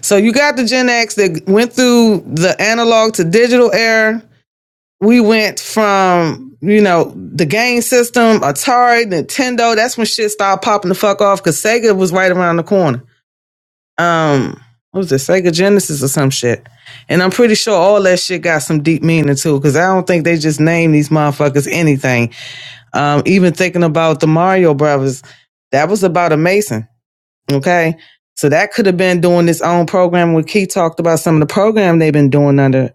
So you got the Gen X that went through the analog to digital era. We went from you know the game system, Atari, Nintendo. That's when shit started popping the fuck off because Sega was right around the corner. Um, what was it Sega Genesis or some shit? And I'm pretty sure all that shit got some deep meaning too, because I don't think they just name these motherfuckers anything. Um, even thinking about the Mario Brothers, that was about a Mason. Okay. So that could have been doing its own program when Key talked about some of the program they've been doing under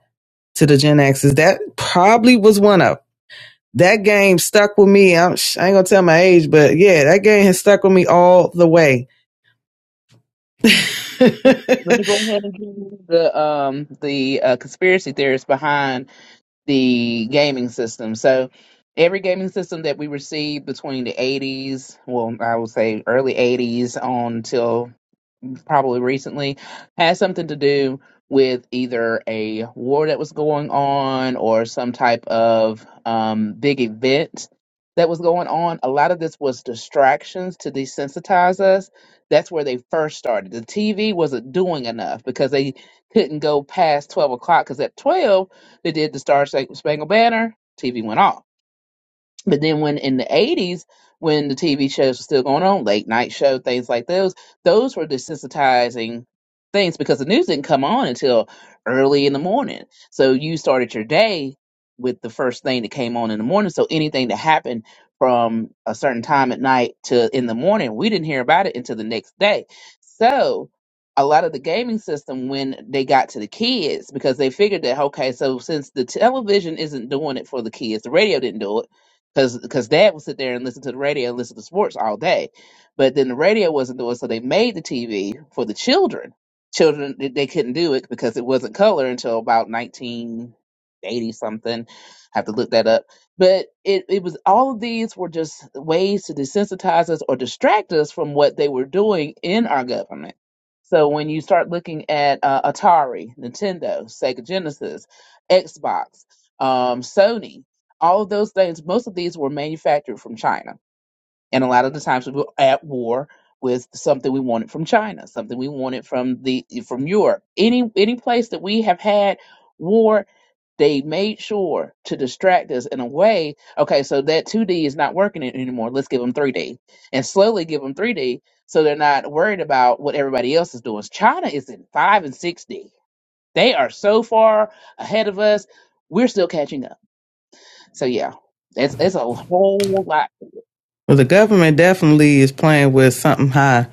to the Gen X's. That probably was one of that game stuck with me. I'm, I ain't gonna tell my age, but yeah, that game has stuck with me all the way. well,
Let me go ahead and give you the um the uh, conspiracy theorist behind the gaming system. So every gaming system that we received between the 80s, well, I would say early 80s on till probably recently, had something to do with either a war that was going on or some type of um, big event that was going on. A lot of this was distractions to desensitize us. That's where they first started. The TV wasn't doing enough because they couldn't go past 12 o'clock because at 12, they did the Star Spangled Banner, TV went off but then when in the 80s, when the TV shows were still going on, late night show, things like those, those were desensitizing things because the news didn't come on until early in the morning. So you started your day with the first thing that came on in the morning. So anything that happened from a certain time at night to in the morning, we didn't hear about it until the next day. So a lot of the gaming system when they got to the kids because they figured that okay so since the television isn't doing it for the kids the radio didn't do it because because dad would sit there and listen to the radio and listen to sports all day but then the radio wasn't doing so they made the tv for the children children they they couldn't do it because it wasn't color until about 1980 something I have to look that up but it, it was all of these were just ways to desensitize us or distract us from what they were doing in our government so when you start looking at uh, atari nintendo sega genesis xbox um, sony all of those things, most of these were manufactured from China. And a lot of the times we were at war with something we wanted from China, something we wanted from the from Europe. Any any place that we have had war, they made sure to distract us in a way. Okay, so that 2D is not working a- anymore. Let's give them 3D and slowly give them 3D so they're not worried about what everybody else is doing. China is in 5 and 6D. They are so far ahead of us. We're still catching up so yeah, it's it's a whole lot.
the government definitely is playing with something high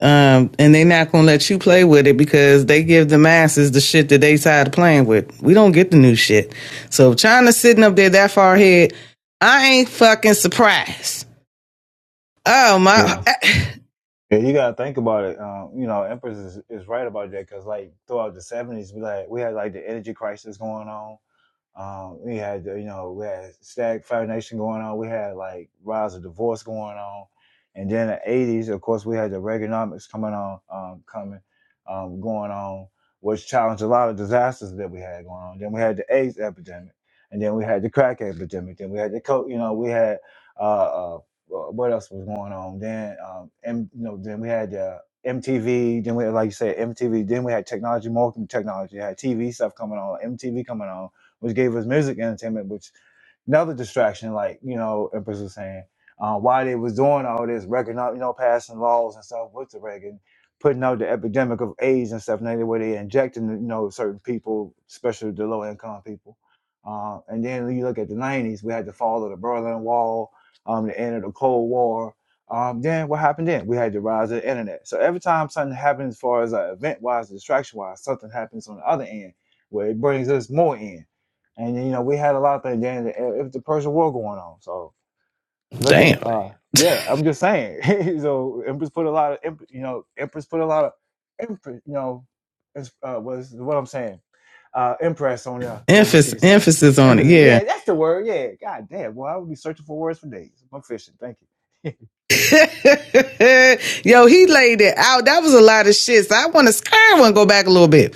Um, and they not gonna let you play with it because they give the masses the shit that they tired of playing with. We don't get the new shit. So if China's sitting up there that far ahead, I ain't fucking surprised. Oh my
Yeah, you gotta think about it. Um, you know, Empress is, is right about that because like throughout the seventies, we like we had like the energy crisis going on. Um, we had you know we had Stag Fire Nation going on. We had like rise of divorce going on, and then in the '80s, of course, we had the Reaganomics coming on, um, coming, um, going on, which challenged a lot of disasters that we had going on. Then we had the AIDS epidemic, and then we had the crack epidemic. Then we had the coke. You know, we had uh, uh, what else was going on? Then um, M, you know, then we had the MTV, then we had, like you said, MTV, then we had technology, more technology, We had TV stuff coming on, MTV coming on, which gave us music entertainment, which another distraction, like you know, Empress was saying, uh, why they was doing all this, record up, you know, passing laws and stuff with the Reagan putting out the epidemic of AIDS and stuff, and the way they injecting, you know, certain people, especially the low income people. Uh, and then when you look at the '90s, we had the fall of the Berlin Wall, um, the end of the Cold War. Um, then what happened then? We had the rise of the internet. So every time something happens, as far as uh, event wise, distraction wise, something happens on the other end where it brings us more in. And you know, we had a lot of things. if the Persian War going on. So look
damn.
at uh yeah, I'm just saying. so Empress put a lot of you know, Empress put a lot of Empress, you know, uh was what I'm saying. Uh impress on there. What was she
Emphasis
was saying?
emphasis on it,
Emphasis.
yeah.
Yeah, that's the word. Yeah. God damn. Well, I would be searching for words for days. I'm fishing. Thank you.
Yo, he laid it out. That was a lot of shit. So I wanna scare one go back a little bit.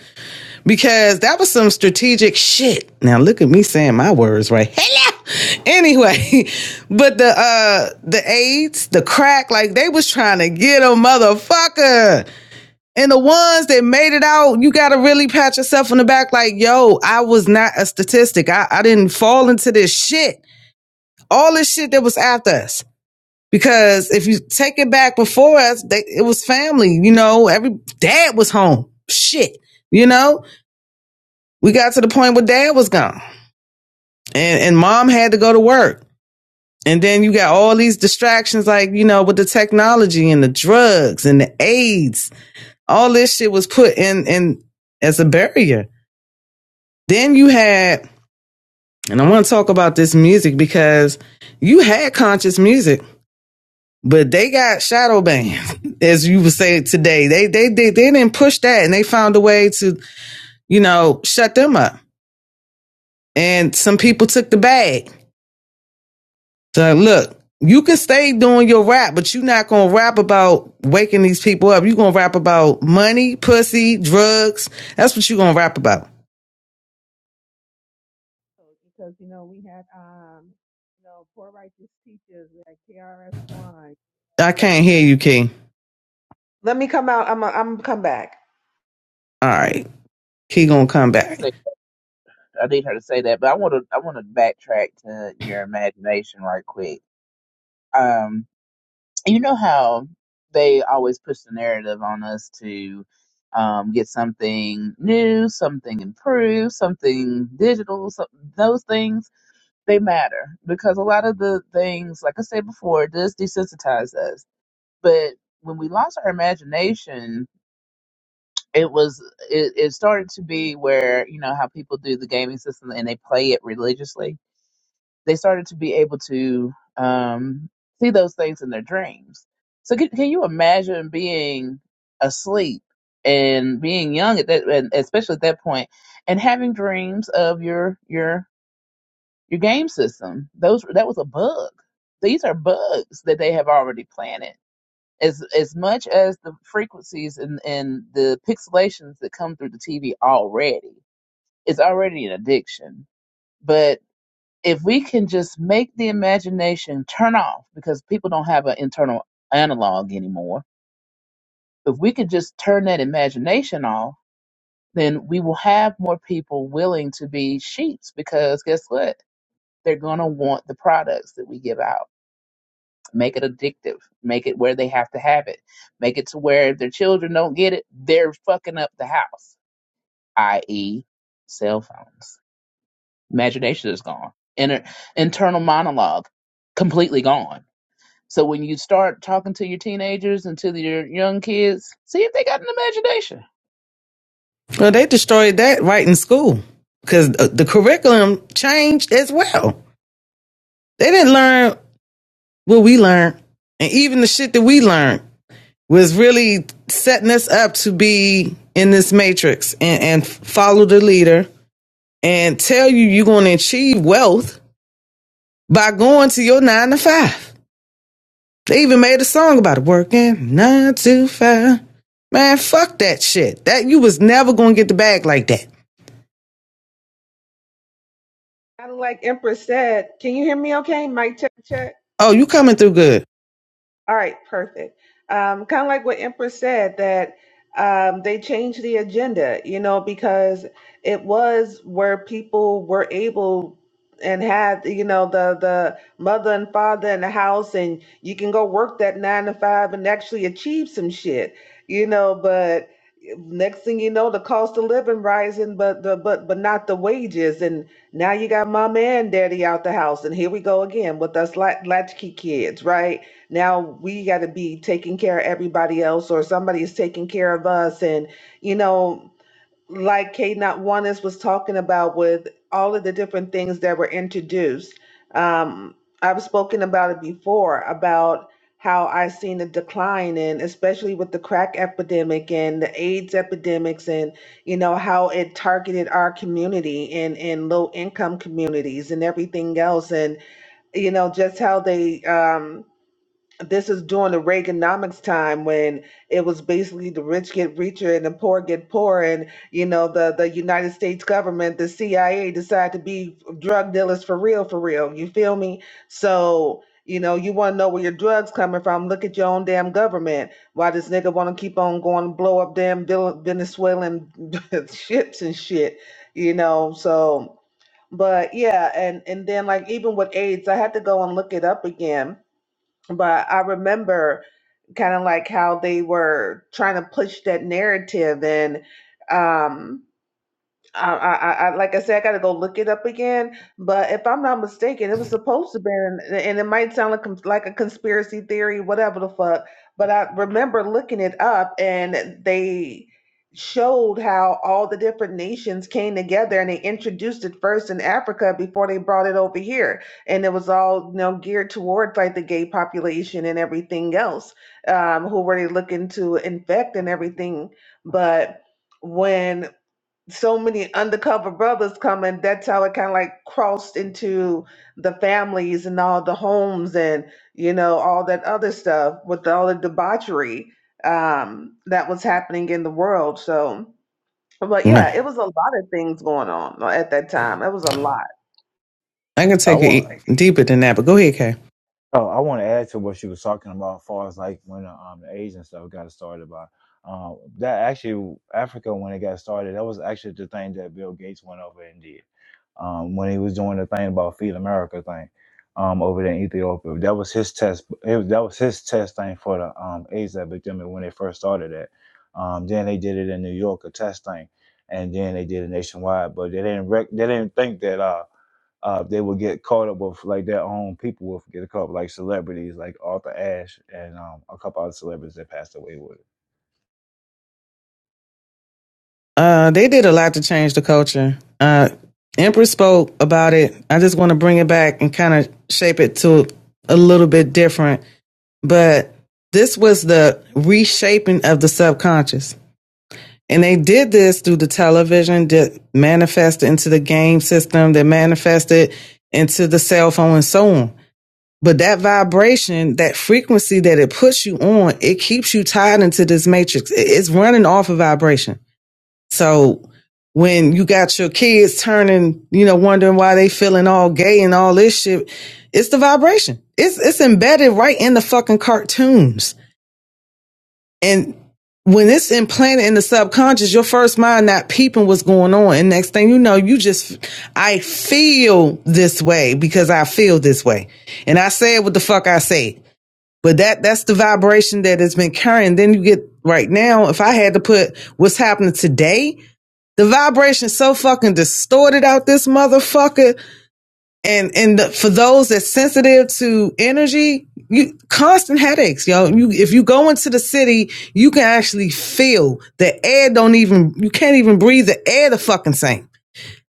because that was some strategic shit. Now look at me saying my words right. Hello. Anyway, but the uh the AIDS, the crack, like they was trying to get a motherfucker. And the ones that made it out, you gotta really pat yourself on the back, like, yo, I was not a statistic. I, I didn't fall into this shit. All this shit that was after us. Because if you take it back before us, they, it was family, you know, every dad was home. Shit. You know, we got to the point where dad was gone and, and mom had to go to work. And then you got all these distractions, like, you know, with the technology and the drugs and the AIDS. All this shit was put in, in as a barrier. Then you had, and I want to talk about this music because you had conscious music, but they got shadow banned, as you would say today. They, they, they, they didn't push that and they found a way to, you know, shut them up. And some people took the bag So look, you can stay doing your rap, but you're not gonna rap about waking these people up. You're gonna rap about money, pussy, drugs. That's what you're gonna rap about.
it. Because you know we had um, you know, poor righteous teachers like KRS One.
I can't hear you, Key.
Let me come out. I'm i I'm come back.
All right, Key gonna come
I need her to
back.
say I need her to say that, but I want to I want to backtrack to your imagination right quick. Um, you know how they always push the narrative on us to um get something new, something improved, something digital. So those things they matter because a lot of the things, like I said before, does desensitize us, but when we lost our imagination it was it, it started to be where you know how people do the gaming system and they play it religiously they started to be able to um see those things in their dreams so can, can you imagine being asleep and being young at that and especially at that point and having dreams of your your your game system those that was a bug these are bugs that they have already planted as as much as the frequencies and and the pixelations that come through the TV already it's already an addiction. But if we can just make the imagination turn off because people don't have an internal analog anymore, if we could just turn that imagination off, then we will have more people willing to be sheets because guess what? They're going to want the products that we give out. make it addictive make it where they have to have it make it to where if their children don't get it they're fucking up the house i.e cell phones imagination is gone Inner, internal monologue completely gone so when you start talking to your teenagers and to your young kids see if they got an imagination
Well, they destroyed that right in school because the curriculum changed as well. They didn't learn what we learned, and even the shit that we learned was really setting us up to be in this matrix and, and follow the leader and tell you you're going to achieve wealth by going to your nine to five. They even made a song about it, working nine to five. Man, fuck that shit. That you was never going to get the bag like that.
Kind of like Empress said. Can you hear me? Okay, mic check check.
Oh, you coming through good.
All right, perfect. Um, kind of like what Empress said, that um, they changed the agenda, you know, because it was where people were able and had, you know, the the mother and father in the house, and you can go work that nine to five and actually achieve some shit, you know. But next thing you know, the cost of living rising, but the but but not the wages, and now you got mama and daddy out the house, and here we go again with us lat- latchkey kids, right? now we got to be taking care of everybody else or somebody is taking care of us and you know like k not Juanis was talking about with all of the different things that were introduced um, i've spoken about it before about how i've seen a decline in especially with the crack epidemic and the aids epidemics and you know how it targeted our community and and low income communities and everything else and you know just how they um, this is during the Reaganomics time when it was basically the rich get richer and the poor get poorer, and you know the the United States government, the CIA, decided to be drug dealers for real, for real. You feel me? So you know you want to know where your drugs coming from? Look at your own damn government. Why this nigga want to keep on going and blow up damn Vel- Venezuelan ships and shit? You know so. But yeah, and and then like even with AIDS, I had to go and look it up again but I remember kind of like how they were trying to push that narrative and um I, I, I like I said, I got to go look it up again. But if I'm not mistaken, it was supposed to be, and, and it might sound like cons- like a conspiracy theory, whatever the fuck. But I remember looking it up, and they showed how all the different nations came together, and they introduced it first in Africa before they brought it over here, and it was all you know geared towards like the gay population and everything else, um, who were they looking to infect and everything, but. When so many undercover brothers coming that's how it kind of like crossed into the families and all the homes and you know all that other stuff with all the debauchery um that was happening in the world so but
Nah,
yeah it was a lot of things going on at that time it was a lot
I can
I
take it e-
want
deeper than that, but go ahead, Kay.
Oh, I want to add to what she was talking about, as far as like when um, the Asian stuff got started by um, that actually Africa when it got started, that was actually the thing that Bill Gates went over and did um, when he was doing the thing about Feed America thing um, over there in Ethiopia. That was his test. It was, that was his test thing for the um, AIDS epidemic when they first started it. Um, then they did it in New York, a test thing, and then they did it nationwide. But they didn't rec- they didn't think that uh, uh, they would get caught up with like their own people would get caught up, like celebrities, like Arthur Ashe and um, a couple other celebrities that passed away with. it.
Uh, they did a lot to change the culture. Uh, Empress spoke about it. I just want to bring it back and kind of shape it to a little bit different. But this was the reshaping of the subconscious And they did this through the television that manifested into the game system, that manifested into the cell phone and so on. But that vibration, that frequency that it puts you on, it keeps you tied into this matrix. It's running off of vibration. So when you got your kids turning, you know, wondering why they feeling all gay and all this shit, it's the vibration. It's it's embedded right in the fucking cartoons. And when it's implanted in the subconscious, your first mind not peeping what's going on. And next thing you know, you just, I feel this way because I feel this way. And I said what the fuck I said. But that, that's the vibration that has been carrying. Then you get right now, if I had to put what's happening today, the vibration so fucking distorted out this motherfucker and and the, for those that's sensitive to energy, you constant headaches, yo. You if you go into the city, you can actually feel the air. Don't even you can't even breathe the air. The fucking same.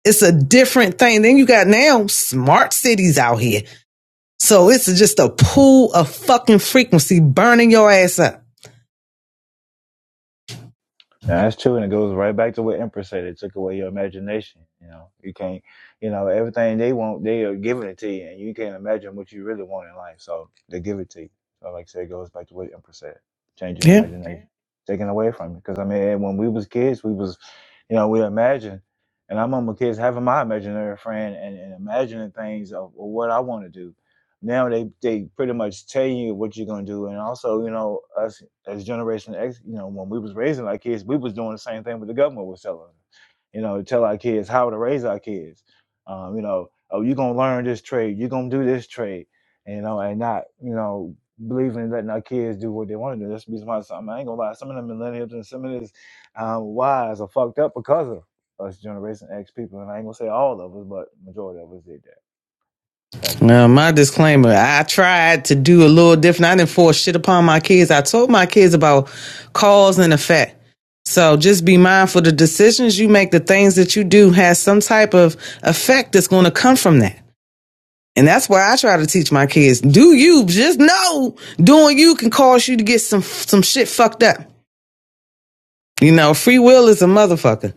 It's a different thing. Then you got now smart cities out here, so it's just a pool of fucking frequency burning your ass up.
Now, that's true, and it goes right back to what Empress said. It took away your imagination. You know, you can't, you know, everything they want, they are giving it to you, and you can't imagine what you really want in life. So they give it to you. So, like I said, it goes back to what Empress said: changing your
Yeah.
imagination, taking away from you. Because I mean, when we was kids, we was, you know, we imagine, and I remember kids having my imaginary friend and, and imagining things of what I want to do. Now they they pretty much tell you what you're gonna do, and also, you know, us as Generation X, you know, when we was raising our kids, we was doing the same thing what the government was telling us. You know, to tell our kids how to raise our kids. Um, you know, oh, you're gonna learn this trade, you're gonna do this trade, you know, and not, you know, believing in letting our kids do what they want to do. That's the reason why some, I ain't gonna lie, some of them millennials and some of these um, wives are fucked up because of us Generation X people. And I ain't gonna say all of us, but majority of us did that. Passing the
Now,
mic,
my
right?
disclaimer I tried to do a little different. I didn't force shit upon my kids. I told my kids about cause and effect. So just be mindful the decisions you make, the things that you do has some type of effect that's going to come from that. And that's why I try to teach my kids. Do you just know doing you can cause you to get some some shit fucked up. You know, free will is a motherfucker.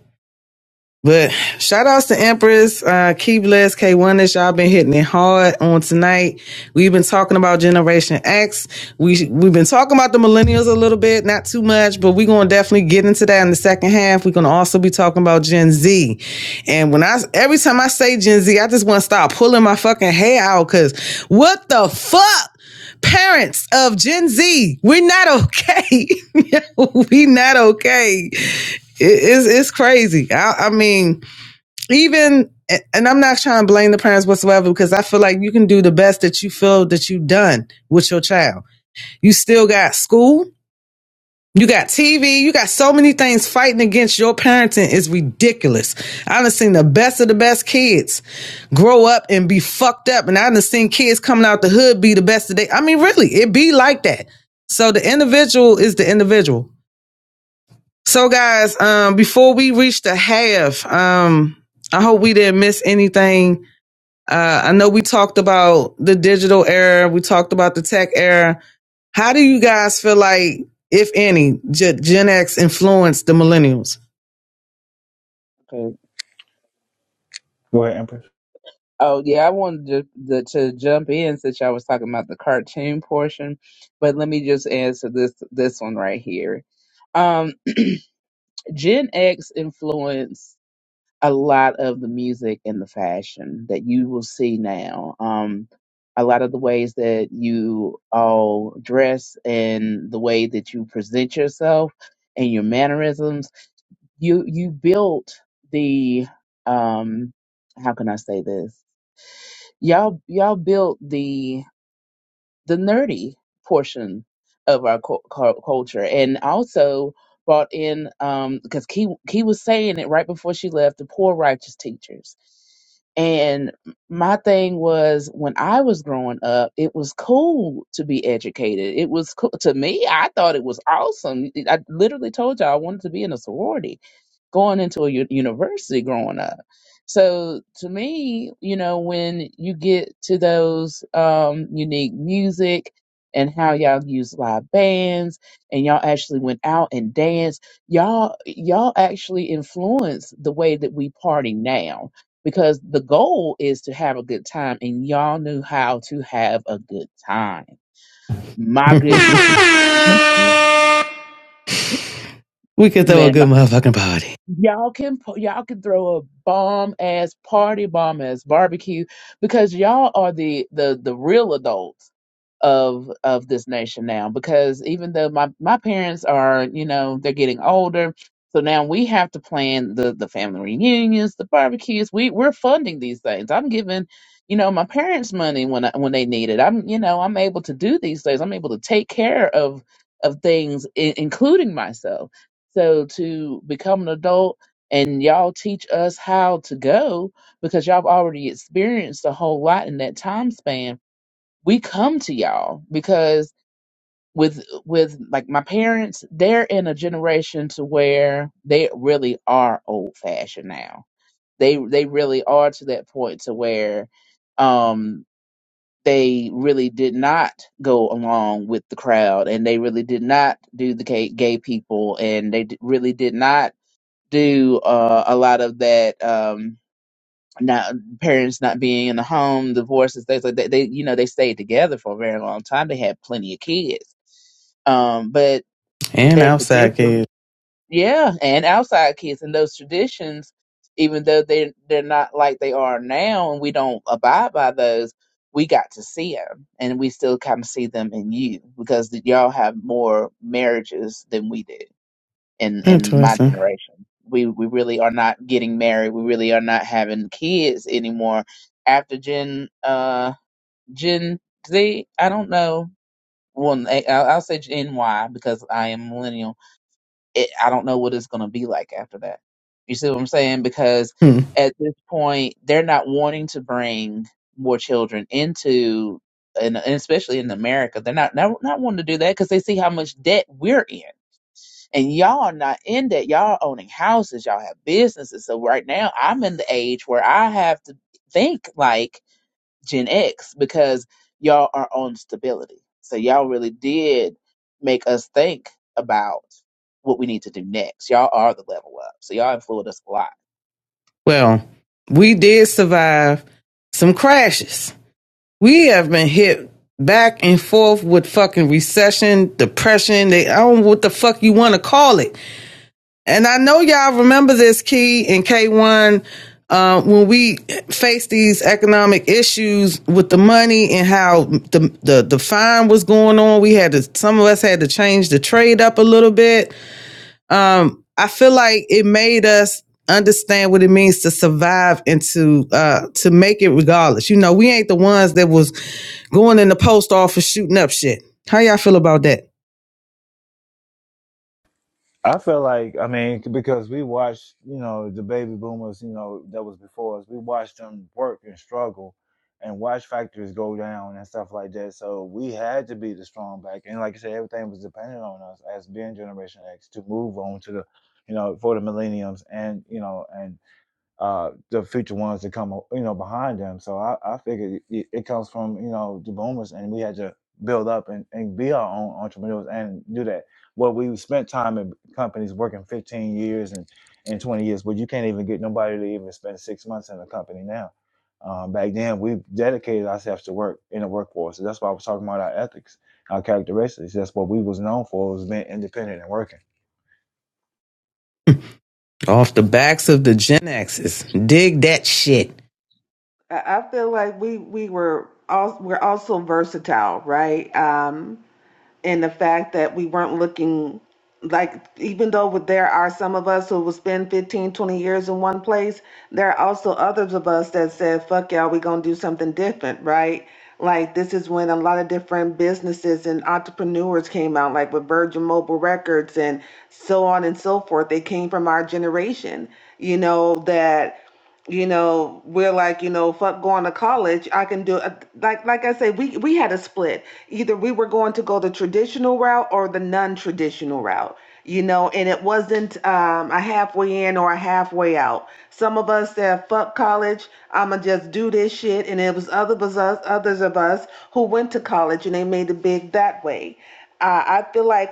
But shout outs to Empress, uh, Key Bless, K Oneness. Y'all been hitting it hard on tonight. We've been talking about Generation X. We, we've been talking about the millennials a little bit, not too much, but we're going to definitely get into that in the second half. We're going to also be talking about Gen Z. And when I, every time I say Gen Z, I just want to start pulling my fucking hair out because what the fuck? parents of Gen Z, we're not okay. we are not okay. It- it's it's crazy. I, I mean, even and I'm not trying to blame the parents whatsoever because I feel like you can do the best that you feel that you've done with your child. You still got school. You got TV. You got so many things fighting against your parenting is ridiculous. I done seen the best of the best kids grow up and be fucked up, and I done seen kids coming out the hood be the best of they. I mean, really, it be like that. So the individual is the individual. So guys, um, before we reach the half, um, I hope we didn't miss anything uh, I know we talked about the digital era, we talked about the tech era. How do you guys feel like, if any, Gen, Gen X influenced the millennials?
okay.
Go ahead, Empress.
oh yeah i wanted to, to jump in since i was talking about the cartoon portion but let me just answer this this one right here Gen X influenced a lot of the music and the fashion that you will see now. Um, a lot of the ways that you all dress and the way that you present yourself and your mannerisms, you you built the um, how can I say this? Y'all y'all built the nerdy portion of our cul- cul- culture and also brought in um because key key was saying it right before she left the poor righteous teachers and my thing was when i was growing up it was cool to be educated it was cool to me i thought it was awesome i literally told you i wanted to be in a sorority going into a u- university growing up so to me, you know, when you get to those um, unique music and how y'all use live bands and y'all actually went out and danced, y'all y'all actually influence the way that we party now because the goal is to have a good time and y'all knew how to have a good time. My goodness.
we could throw a
man.
good motherfucking party
Y'all can po- y'all can throw a bomb ass party, bomb ass barbecue, because y'all are the the the real adults of of this nation now. Because even though my my parents are, you know, they're getting older, so now we have to plan the the family reunions, the barbecues. We we're funding these things. I'm giving, you know, my parents money when I, when they need it. I'm you know I'm able to do these things. I'm able to take care of of things, I- including myself. So to become an adult and y'all teach us how to go because y'all have already experienced a whole lot in that time span, we come to y'all because with with like my parents, they're in a generation to where they really are old fashioned now. They they really are to that point to where um they really did not go along with the crowd and they really did not do the gay, gay people and they d- really did not do uh, a lot of that um not parents not being in the home divorces things like that they you know they stayed together for a very long time they had plenty of kids um but
and
their
outside
tradition
kids.
yeah and outside kids and those traditions even though they are they're they're not like they are now and we don't abide by those we got to see them and we still kind of see them in you because y'all have more marriages than we did in in my
Interesting.
generation. We we really are not getting married. We really are not having kids anymore. After Gen uh Gen Z, I don't know. Well, eh, I- I'll I'll say Gen Y because I am millennial. It, I don't know what it's going to be like after that. You see what I'm saying? Because
Hmm.
at this point, they're not wanting to bring more children into, and, and especially in America, they're not not, not wanting to do that because they see how much debt we're in and y'all are not in that. Y'all are owning houses. Y'all have businesses. So right now, I'm in the age where I have to think like Gen X because y'all are on stability. So y'all really did make us think about what we need to do next. Y'all are the level up. So y'all have fooled us a lot.
Well, we did survive some crashes. We have been hit back and forth with fucking recession, depression. They I don't know what the fuck you want to call it And I know y'all remember this key in K1 uh, when we faced these economic issues with the money and how the, the the fine was going on. We had to some of us had to change the trade up a little bit. Um, I feel like it made us understand what it means to survive and to uh, to make it regardless. You know, we ain't the ones that was going in the post office shooting up shit. How y'all feel about that?
I feel like I mean because we watched you know the baby boomers you know that was before us. We watched them work and struggle, and watch factories go down and stuff like that. So we had to be the strong back, and like I said, everything was dependent on us as being Generation X to move on to the, you know, for the millenniums and you know and uh, the future ones that come, you know, behind them. So I, I figured it, it comes from, you know, the boomers and we had to build up and, and be our own entrepreneurs and do that. Well, we spent time in companies working 15 years and, and 20 years, but you can't even get nobody to even spend six months in a company now. Um, back then, we dedicated ourselves to work in the workforce. So that's why I was talking about our ethics, our characteristics. That's what we was known for was being independent and working.
Off the backs of the Gen X's. Dig that shit.
i, I feel like we we were all we're also versatile right um and the fact that we weren't looking like even though there are some of us who will spend 15, 20 years in one place there are also others of us that said fuck y'all we gonna do something different right like this is when a lot of different businesses and entrepreneurs came out like with virgin mobile records and so on and so forth they came from our generation you know that you know, we're like, you know, fuck going to college. I can do like like I said, we we had a split either we were going to go the traditional route or the non-traditional route you know and it wasn't um, a halfway in or a halfway out some of us said fuck college i'ma just do this shit and it was other of us others of us who went to college and they made it big that way uh, i feel like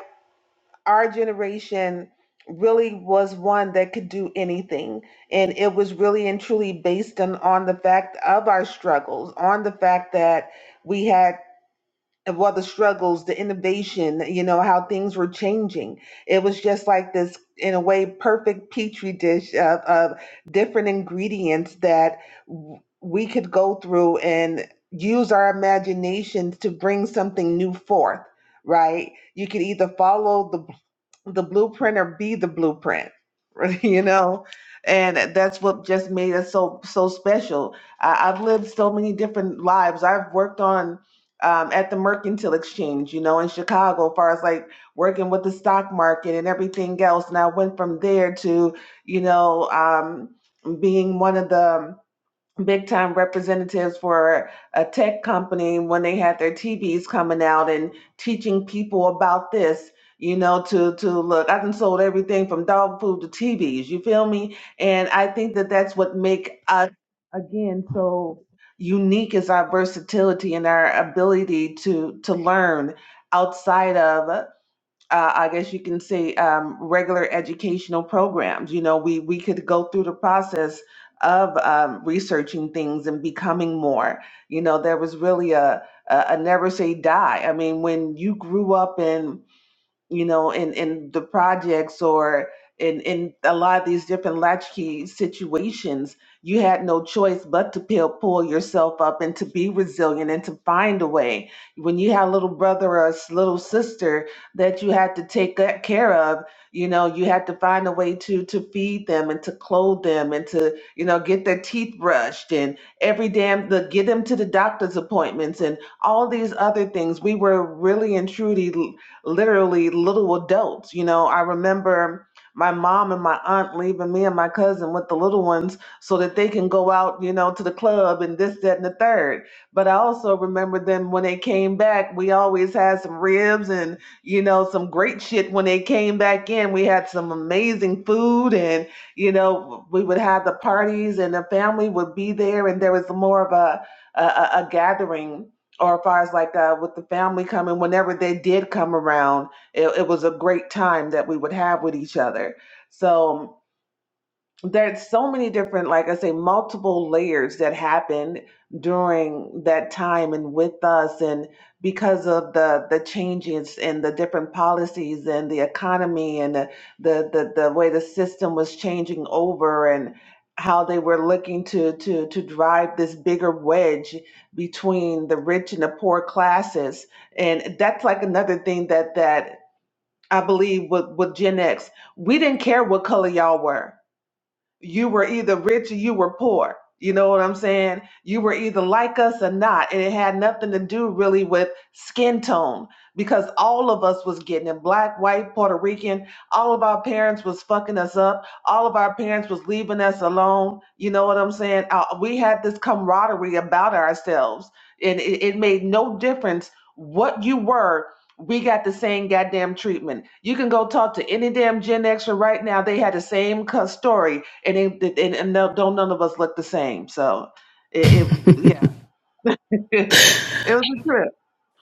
our generation really was one that could do anything and it was really and truly based on, on the fact of our struggles on the fact that we had of all the struggles, the innovation, you know, how things were changing. It was just like this, in a way, perfect petri dish of, of different ingredients that w- we could go through and use our imaginations to bring something new forth, right? You could either follow the the blueprint or be the blueprint you know and that's what just made us so so special I, i've lived so many different lives i've worked on um, at the mercantile exchange you know in chicago as far as like working with the stock market and everything else and i went from there to you know um, being one of the big time representatives for a tech company when they had their TVs coming out and teaching people about this, you know, to to look. I've sold everything from dog food to TVs. You feel me? And I think that that's what make us again so unique is our versatility and our ability to to learn outside of uh, I guess you can say um, regular educational programs. You know, we we could go through the process of um, researching things and becoming more. You know, there was really a, a a never say die. I mean, when you grew up in you know, in in the projects or in in a lot of these different latchkey situations, you had no choice but to pull pull yourself up and to be resilient and to find a way. When you had a little brother or a s- little sister that you had to take that care of, you know, you had to find a way to to feed them and to clothe them and to you know get their teeth brushed and every damn the get them to the doctor's appointments and all these other things. We were really and truly literally little adults. You know, I remember my mom and my aunt leaving me and my cousin with the little ones so that they can go out, you know, to the club and this, that, and the third. But I also remember them when they came back, we always had some ribs and, you know, some great shit when they came back in. We had some amazing food and, you know, we would have the parties and the family would be there and there was more of a, a, a a gathering or far as like uh, with the family coming, whenever they did come around, it, it was a great time that we would have with each other. So um, there's so many different like i say multiple layers that happened during that time and with us and because of the the changes and the different policies and the economy and the the the, the way the system was changing over and how they were looking to to to drive this bigger wedge between the rich and the poor classes and that's like another thing that that i believe with with gen x we didn't care what color y'all were you were either rich or you were poor. You know what I'm saying? You were either like us or not. And it had nothing to do really with skin tone because all of us was getting it black, white, Puerto Rican. All of our parents was fucking us up. All of our parents was leaving us alone. You know what I'm saying? Uh, we had this camaraderie about ourselves and it, it made no difference what you were. We got the same goddamn treatment. You can go talk to any damn Gen Xer right now. They had the same cuss story and they and, and no- don't none of us look the same. So it, it yeah, it was a trip.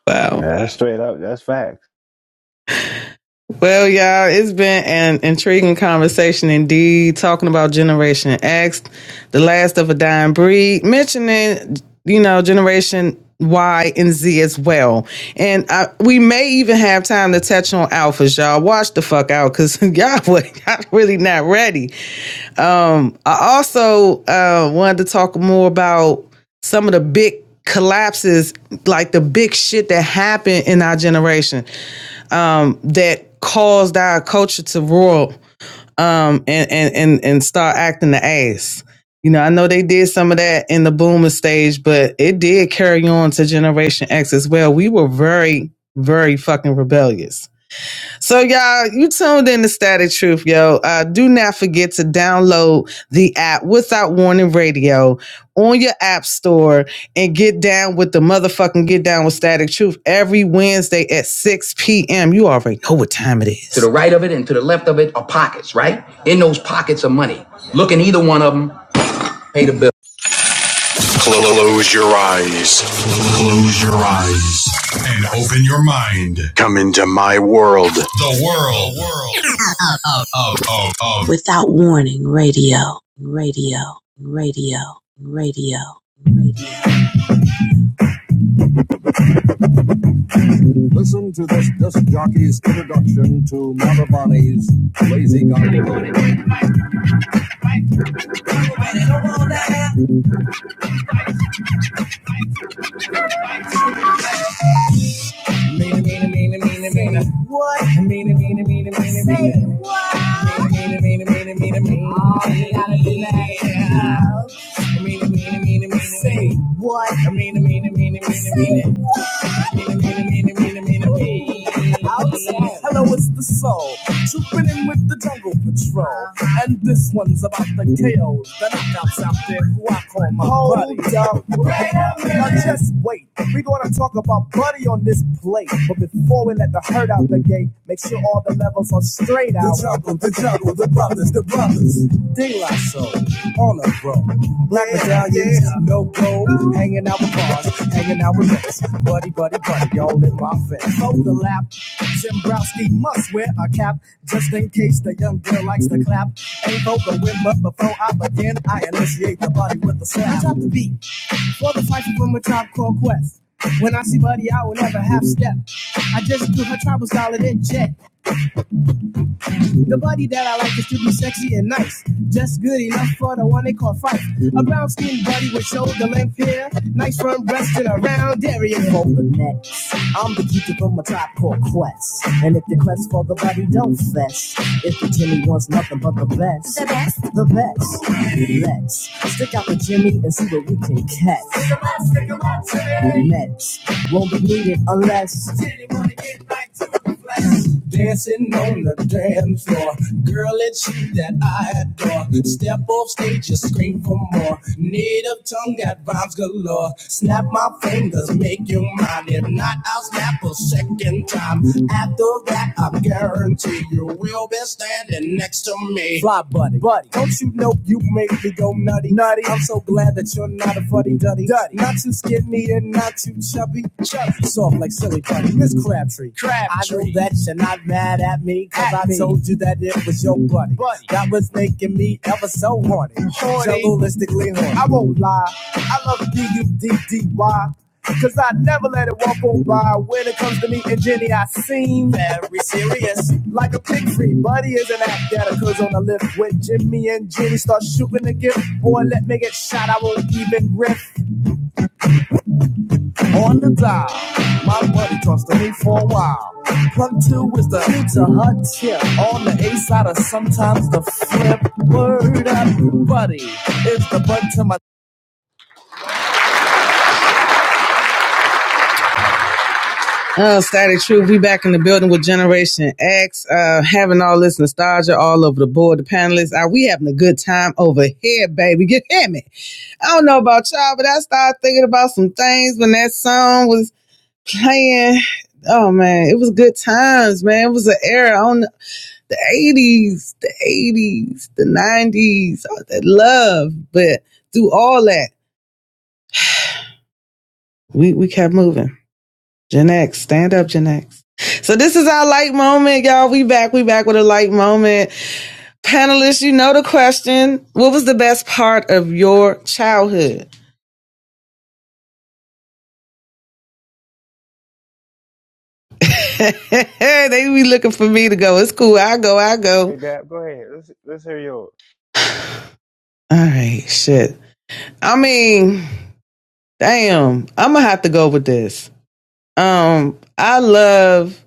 Wow.
Yeah, that's straight up. That's facts.
Well, y'all, it's been an intriguing conversation indeed, talking about Generation X, the last of a dying breed, mentioning, you know, Generation Y and Z as well. And I, we may even have time to touch on alphas, y'all. Watch the fuck out because y'all, were- y'all really not ready. Um, I also uh, wanted to talk more about some of the big collapses, like the big shit that happened in our generation. um, that caused our culture to roil um, and, and, and, and start acting the ass. You know, I know they did some of that in the boomer stage, but it did carry on to Generation X as well. We were very, very fucking rebellious so y'all, you tuned in to Static Truth, yo. Uh, do not forget to download the app Without Warning Radio on your app store and get down with the motherfucking Get Down with Static Truth every Wednesday at 6 p.m. You already know what time it is. To the right of it and to the left of it are pockets, right? In those pockets are money. Look in either one of them. Close your mind. The world, world of, of Without Warning Radio, Radio, Radio, Radio. radio. Bonnie's lazy gondola. hello, it's the soul. Trooping in with the jungle patrol. And this one's about the KOs, the knockouts out there who I call my oh, buddy. Hold up. Wait a minute. Now just wait. We're going to talk about Buddy on this plate. But before we let the herd out the gate, make sure all the levels are straight out. The jungle, the jungle, the brothers, the brothers, De La Soul, on a roll. Black medallions, no gold, hanging out with bars, hanging out with Rex. Buddy, buddy, buddy, all in my face. Fold the lap, Zimbrowski must wear a cap, just in case the young girl likes to clap. Ain't vocal win, but before I begin, I initiate the body with a slap. Drop the beat, for the fight from a top called Quest. When I see Buddy, I will never half step. I just do her tribal style and then jet. The body that I like is to be sexy and nice, just good enough for the one they call fight. A brown skinned body with shoulder length hair, nice firm breast and a round area. For the next, I'm the keeper from my top called Quest. And if the quest for the body don't fess, if the Jimmy wants nothing but the best, The best, the best. Let's stick out the Jimmy and see what we can catch. Let's won't be needed unless Step off stage, just scream for more. Native tongue, got rhymes galore. Snap my fingers, make you mine. If not, I'll snap a second time. After that, I guarantee you will be standing next to me. Fly, buddy, buddy. Don't you know you make me go nutty, nutty? I'm so glad that you're not a fuddy duddy, duddy. Not too skinny and not too chubby, so Miss Crabtree. Crabtree. I know that you're not mad at me, cause At I me. told you that it was your buddy. Buddy. That was making me ever so horny. Horny. Holistically horny. I won't lie, I love D-U-D-D-Y. Cause I never let it walk on by when it comes to me and Jenny. I seem very serious. Like a pig free buddy is an act that occurs on the lift when Jimmy and Jenny start shooting the gift. Boy, let me get shot, I won't even riff on the dial. My buddy trusted me for a while. Plug two is uh, Static Truth, we back in the building with Generation X, uh, having all this nostalgia all over the board. The panelists, are we having a good time over here, baby? Get hear me. I don't know about y'all, but I started thinking about some things when that song was playing. Oh man, it was good times, man. It was an era on the eighties, the eighties, the nineties, that love. But through all that. We we kept moving. Gen X, stand up, Gen X. So this is our light moment, y'all. We back, we back with a light moment. Panelists, you know the question. What was the best part of your childhood? they be looking for me to go. It's cool. I go, I go.
Hey, Dad, go ahead. Let's let's hear yours.
All right, shit. I mean, damn. I'ma have to go with this. Um, I love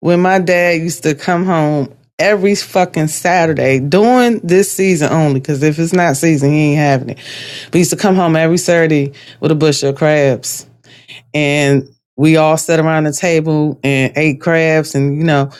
when my dad used to come home every fucking Saturday during this season only, because if it's not season, he ain't having it. But he used to come home every Saturday with a bushel of crabs. And we all sat around the table and ate crabs and, you know,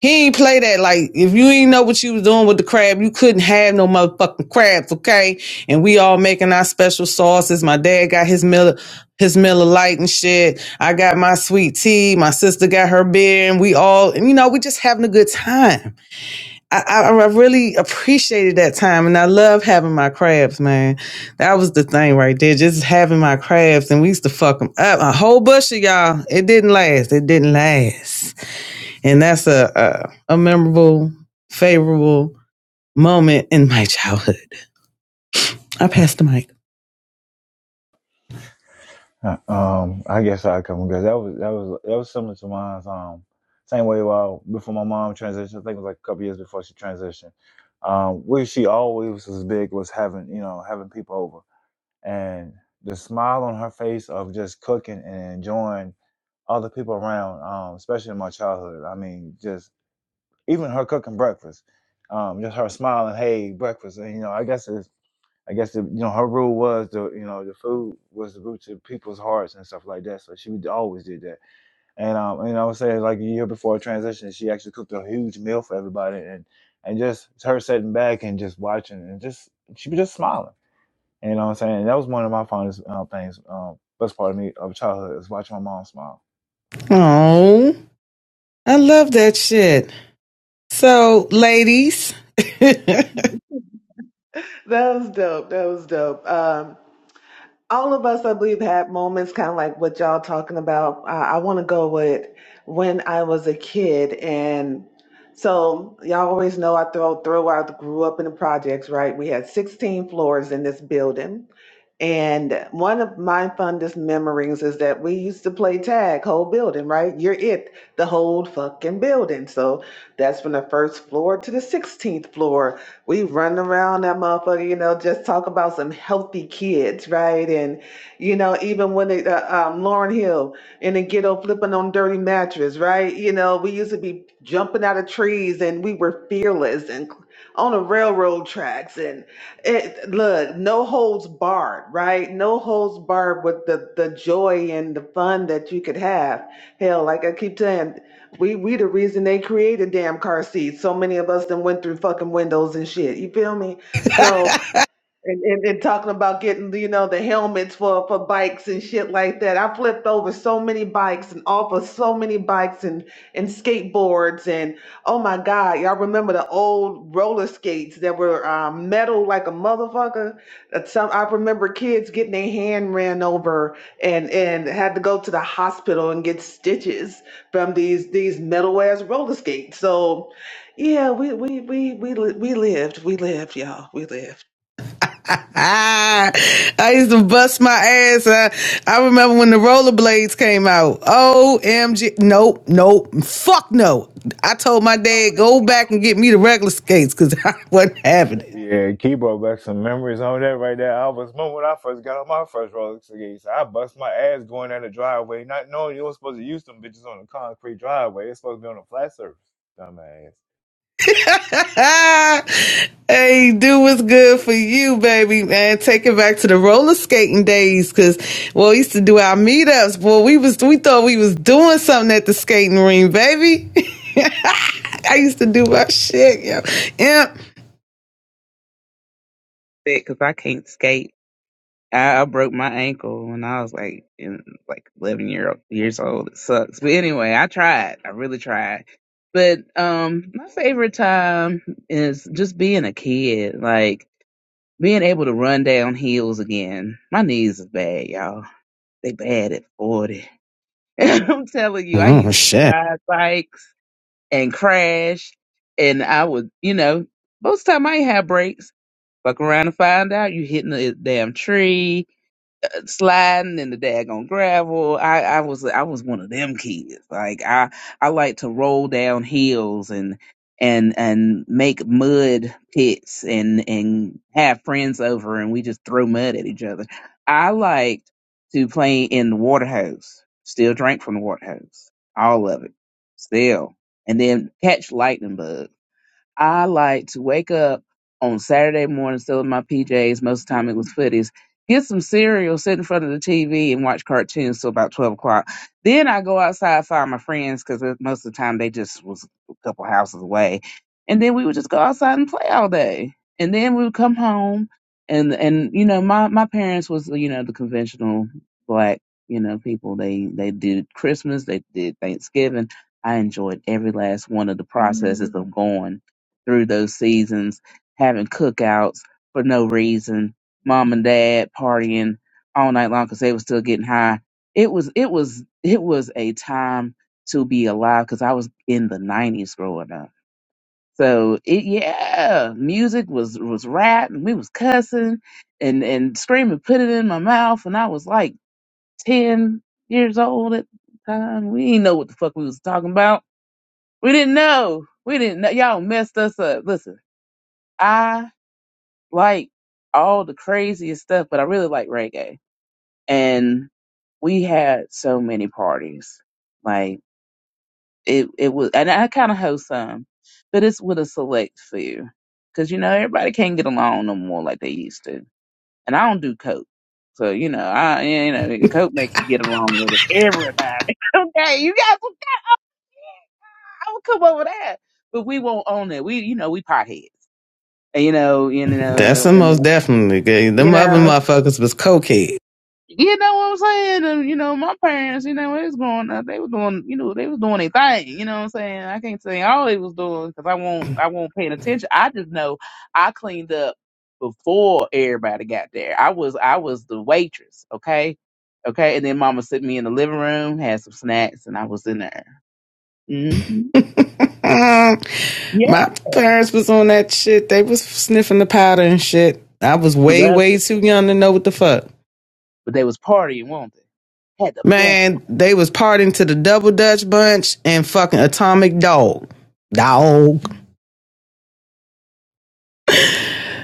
he ain't play that. Like, if you ain't know what you was doing with the crab, you couldn't have no motherfucking crabs, okay? And we all making our special sauces. My dad got his Miller, his Miller Lite and shit. I got my sweet tea. My sister got her beer, and we all, and you know, we just having a good time. I, I, I really appreciated that time, and I love having my crabs, man. That was the thing right there, just having my crabs, and we used to fuck them up. A whole bush of y'all. It didn't last. It didn't last and that's a a, a memorable, favorable moment in my childhood. I passed the mic.
Uh, Um, I guess I come because that was that was that was similar to mine. Um, same way while before my mom transitioned, I think it was like a couple years before she transitioned. Um, where she always was big was having you know having people over and the smile on her face of just cooking and enjoying other people around, um, especially in my childhood. I mean, just even her cooking breakfast, um, just her smiling, hey breakfast, and you know I guess it's. I guess the, you know her rule was the you know the food was the root to people's hearts and stuff like that. So she would always did that. And um and I would say like a year before I transitioned, she actually cooked a huge meal for everybody and and just her sitting back and just watching and just she was just smiling. You know what I'm saying? And that was one of my fondest uh, things, um, best part of me of childhood is watching my mom smile.
Oh, I love that shit. So, ladies.
That was dope. That was dope. Um, all of us, I believe, had moments kind of like what y'all talking about. Uh, I want to go with when I was a kid, and so y'all always know I throw throw out grew up in the projects, right? We had 16 floors in this building And one of my fondest memories is that we used to play tag, whole building, right? You're it, the whole fucking building. So that's from the first floor to the 16th floor. We run around that motherfucker, you know, just talk about some healthy kids, right? And, you know, even when they, uh, um, Lauren Hill in the ghetto flipping on dirty mattress, right? You know, we used to be jumping out of trees and we were fearless and on the railroad tracks it, look, no holds barred, right? No holds barred with the the joy and the fun that you could have. Hell, like I keep saying, we we the reason they created damn car seats. So many of us that went through fucking windows and shit. You feel me? So and, and, and talking about getting you know the helmets for for bikes and shit like that. I flipped over so many bikes and off of so many bikes and and skateboards and oh my god, y'all remember the old roller skates that were um, metal like a motherfucker. That Some I remember kids getting their hand ran over and and had to go to the hospital and get stitches from these these metal ass roller skates. So yeah, we we we we li- we lived, we lived, y'all, we lived.
I used to bust my ass. I, I remember when the rollerblades came out. OMG. Nope, nope. Fuck no. I told my dad, go back and get me the regular skates because I wasn't having it.
Yeah, Kibo back some memories on that right there. I was remember when I first got on my first roller skates. I bust my ass going down the driveway, not knowing you were supposed to use them bitches on a concrete driveway. It's supposed to be on a flat surface. Dumbass.
hey, do what's good for you, baby, man. Take it back to the roller skating days, cause well, we used to do our meetups. Boy, we was we thought we was doing something at the skating ring, baby. I used to do my shit, yo. Yeah.
Because I can't skate. I, I broke my ankle when I was like in like eleven year years old. It sucks, but anyway, I tried. I really tried. But um, my favorite time is just being a kid, like being able to run down hills again. My knees is bad, y'all. They bad at forty. I'm telling you, I
Oh
used to
shit.
ride bikes and crash, and I would, you know, most time I ain't have brakes. Fuck around and find out you hitting a damn tree sliding in the daggone gravel. I, I was I was one of them kids. Like I I like to roll down hills and and and make mud pits and and have friends over and we just throw mud at each other. I liked to play in the water hose. Still drank from the water hose. All of it. Still. And then catch lightning bugs I like to wake up on Saturday morning, still in my PJs. Most of the time it was footies. Get some cereal, sit in front of the TV, and watch cartoons till about twelve o'clock. Then I go outside, find my friends because most of the time they just was a couple houses away, and then we would just go outside and play all day. And then we would come home, and and you know my my parents was you know the conventional black you know people. They they did Christmas, they did Thanksgiving. I enjoyed every last one of the processes of going through those seasons, having cookouts for no reason, mom and dad partying all night long because they were still getting high. It was it was it was a time to be alive because I was in the nineties growing up. So it yeah, music was was rap and we was cussing and and screaming, put it in my mouth, and I was like ten years old at the time. We didn't know what the fuck we was talking about. We didn't know. We didn't know. Y'all messed us up. Listen, I like all the craziest stuff, but I really like reggae. And we had so many parties. Like it, it was, and I kind of host some, but it's with a select few. Cause you know, everybody can't get along no more like they used to. And I don't do coke. So, you know, I, you know, coke make you get along with everybody. okay. You guys, I will come over there, but we won't own it. We, you know, we potheads and you know, you know, and,
That's the most
and,
definitely good.
you
Them other
know,
motherfuckers was cokehead.
You know what I'm saying? And, you know, my parents, you know, what was growing up, they was doing, you know, they was doing their thing. You know what I'm saying? I can't say all they was doing because I won't, I won't paying attention. I just know I cleaned up before everybody got there. I was, I was the waitress. Okay. Okay. And then mama sent me in the living room, had some snacks and I was in there. Mm-hmm.
Um, my
Yeah.
parents was on that shit. They was sniffing the powder and shit. I was way,
Loved
way
it.
too young to know what the fuck.
But they was partying, weren't they? had the best.
Man,
part.
they was partying to the Double Dutch Bunch and fucking Atomic Dog. Dog.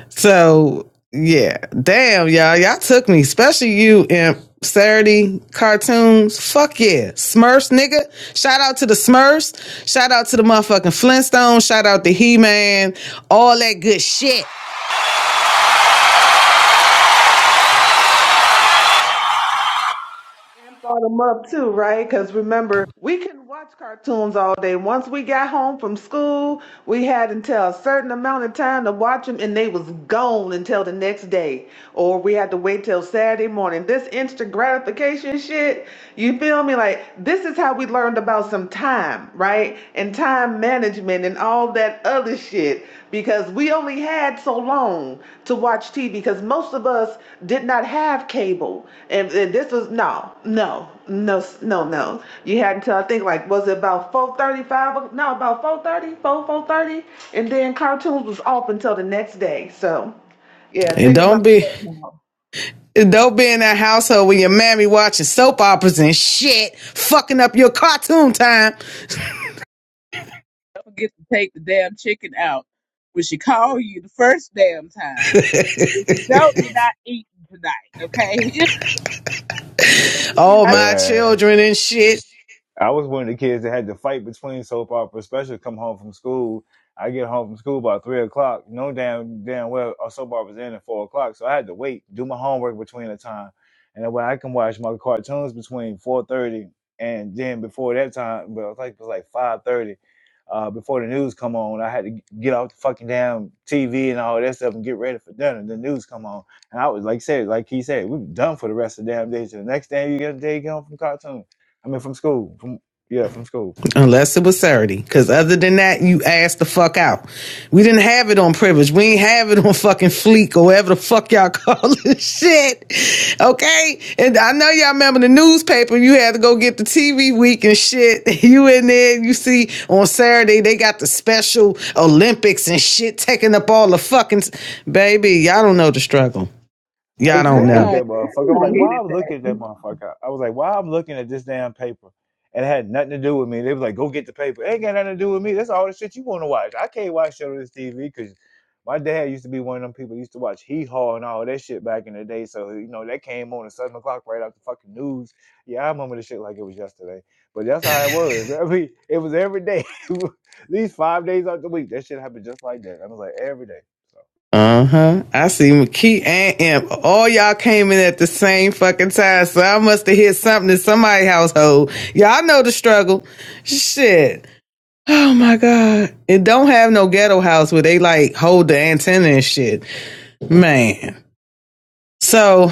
So, yeah. Damn, y'all. Y'all took me, especially you, Imp. Saturday cartoons. Fuck yeah. Smurfs, nigga. Shout out to the Smurfs. Shout out to the motherfucking Flintstones. Shout out to He Man. All that good shit.
brought them up too, right? Because remember, we can watch cartoons all day. Once we got home from school, we had until a certain amount of time to watch them, and they was gone until the next day, or we had to wait till Saturday morning. This instant gratification shit, you feel me? Like this is how we learned about some time, right? And time management and all that other shit, because we only had so long to watch TV, because most of us did not have cable, and, and this was no, no. No, no, no. You had until I think like was it about four thirty five? No, about four thirty, four four thirty, and then cartoons was off until the next day. So, yeah,
And
think
don't
about
be
that. Now.
don't be in that household when your mammy watching soap operas and shit, fucking up your cartoon time.
Don't forget to take the damn chicken out when she called you the first damn time. If you don't, you're not eating tonight, okay?
All my
Yeah.
children and shit.
I was one of the kids that had to fight between soap operas, especially come home from school. I get home from school about three o'clock. No damn damn well a soap opera's in at four o'clock, so I had to wait, do my homework between the time, and that way I can watch my cartoons between four thirty and then before that time, but I think it was like five thirty. Uh, before the news come on, I had to g- get off the fucking damn TV and all that stuff and get ready for dinner. The news come on. And I was like said, like he said, we done for the rest of the damn day. So the next day you get a day going from cartoon. I mean from school. From yeah, from school.
Unless it was Saturday. Because other than that, you asked the fuck out. We didn't have it on privilege. We ain't have it on fucking fleek or whatever the fuck y'all call this shit. Okay? And I know y'all remember the newspaper. You had to go get the TV week and shit. You in there, you see on Saturday, they got the special Olympics and shit taking up all the fucking. Baby, y'all don't know the struggle.
I
Y'all
used
don't
to
not
hate
know.
I
on
that
hated that.
motherfucker. I
I
was like,
me.
why
hated
I'm looking at that
that.
motherfucker? I was like, why I'm looking at this damn paper? And it had nothing to do with me. They was like, go get the paper. It ain't got nothing to do with me. That's all the shit you want to watch. I can't watch shit on this TV because my dad used to be one of them people used to watch Hee Haw and all that shit back in the day. So, you know, that came on at 7 o'clock right after fucking news. Yeah, I remember the shit like it was yesterday. But that's how it was. I mean, it was every day. At least five days out the week. That shit happened just like that. I was like, every day.
Uh huh. I see McKee and Imp. All y'all came in at the same fucking time, so I must have hit something in somebody's household. Y'all know the struggle. Shit. Oh my god. It don't have no ghetto house where they like hold the antenna and shit, man. So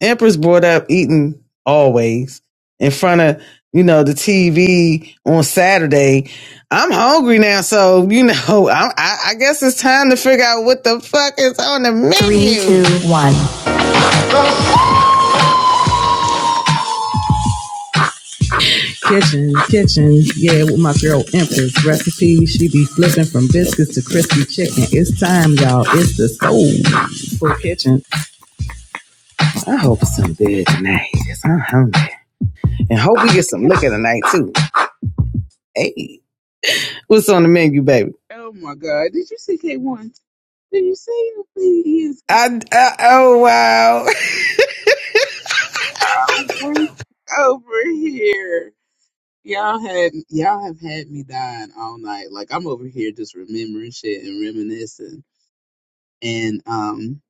Empress brought up eating always in front of, you know, the TV on Saturday. I'm hungry now, so, you know, I, I, I guess it's time to figure out what the fuck is on the Three, two, menu. one. Kitchen, kitchen, yeah, with my girl Empress recipe. She be flipping from biscuits to crispy chicken. It's time, y'all. It's the soul for kitchen. I hope it's some good tonight, because I'm hungry. And hope we get some liquor tonight, too. Hey, what's on the menu, baby?
Oh my God. Did you see K1? Did you see him? He is
I, uh, oh wow.
going over here. Y'all had y'all have had me dying all night. Like I'm over here just remembering shit and reminiscing. And um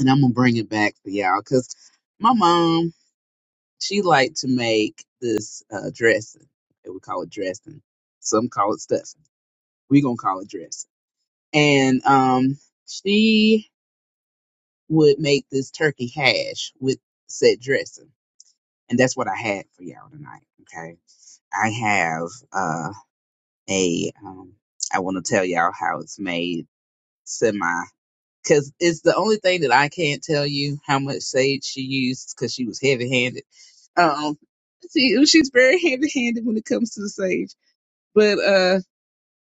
and I'm gonna bring it back for y'all because my mom, she liked to make this uh dressing. They would call it dressing. Some call it stuffing. We gonna call it dressing and um, she would make this turkey hash with said dressing, and that's what I had for y'all tonight. Okay, I have uh a um, I want to tell y'all how it's made semi because it's the only thing that I can't tell you how much sage she used because she was heavy handed. Um, she she's very heavy handed when it comes to the sage, but uh,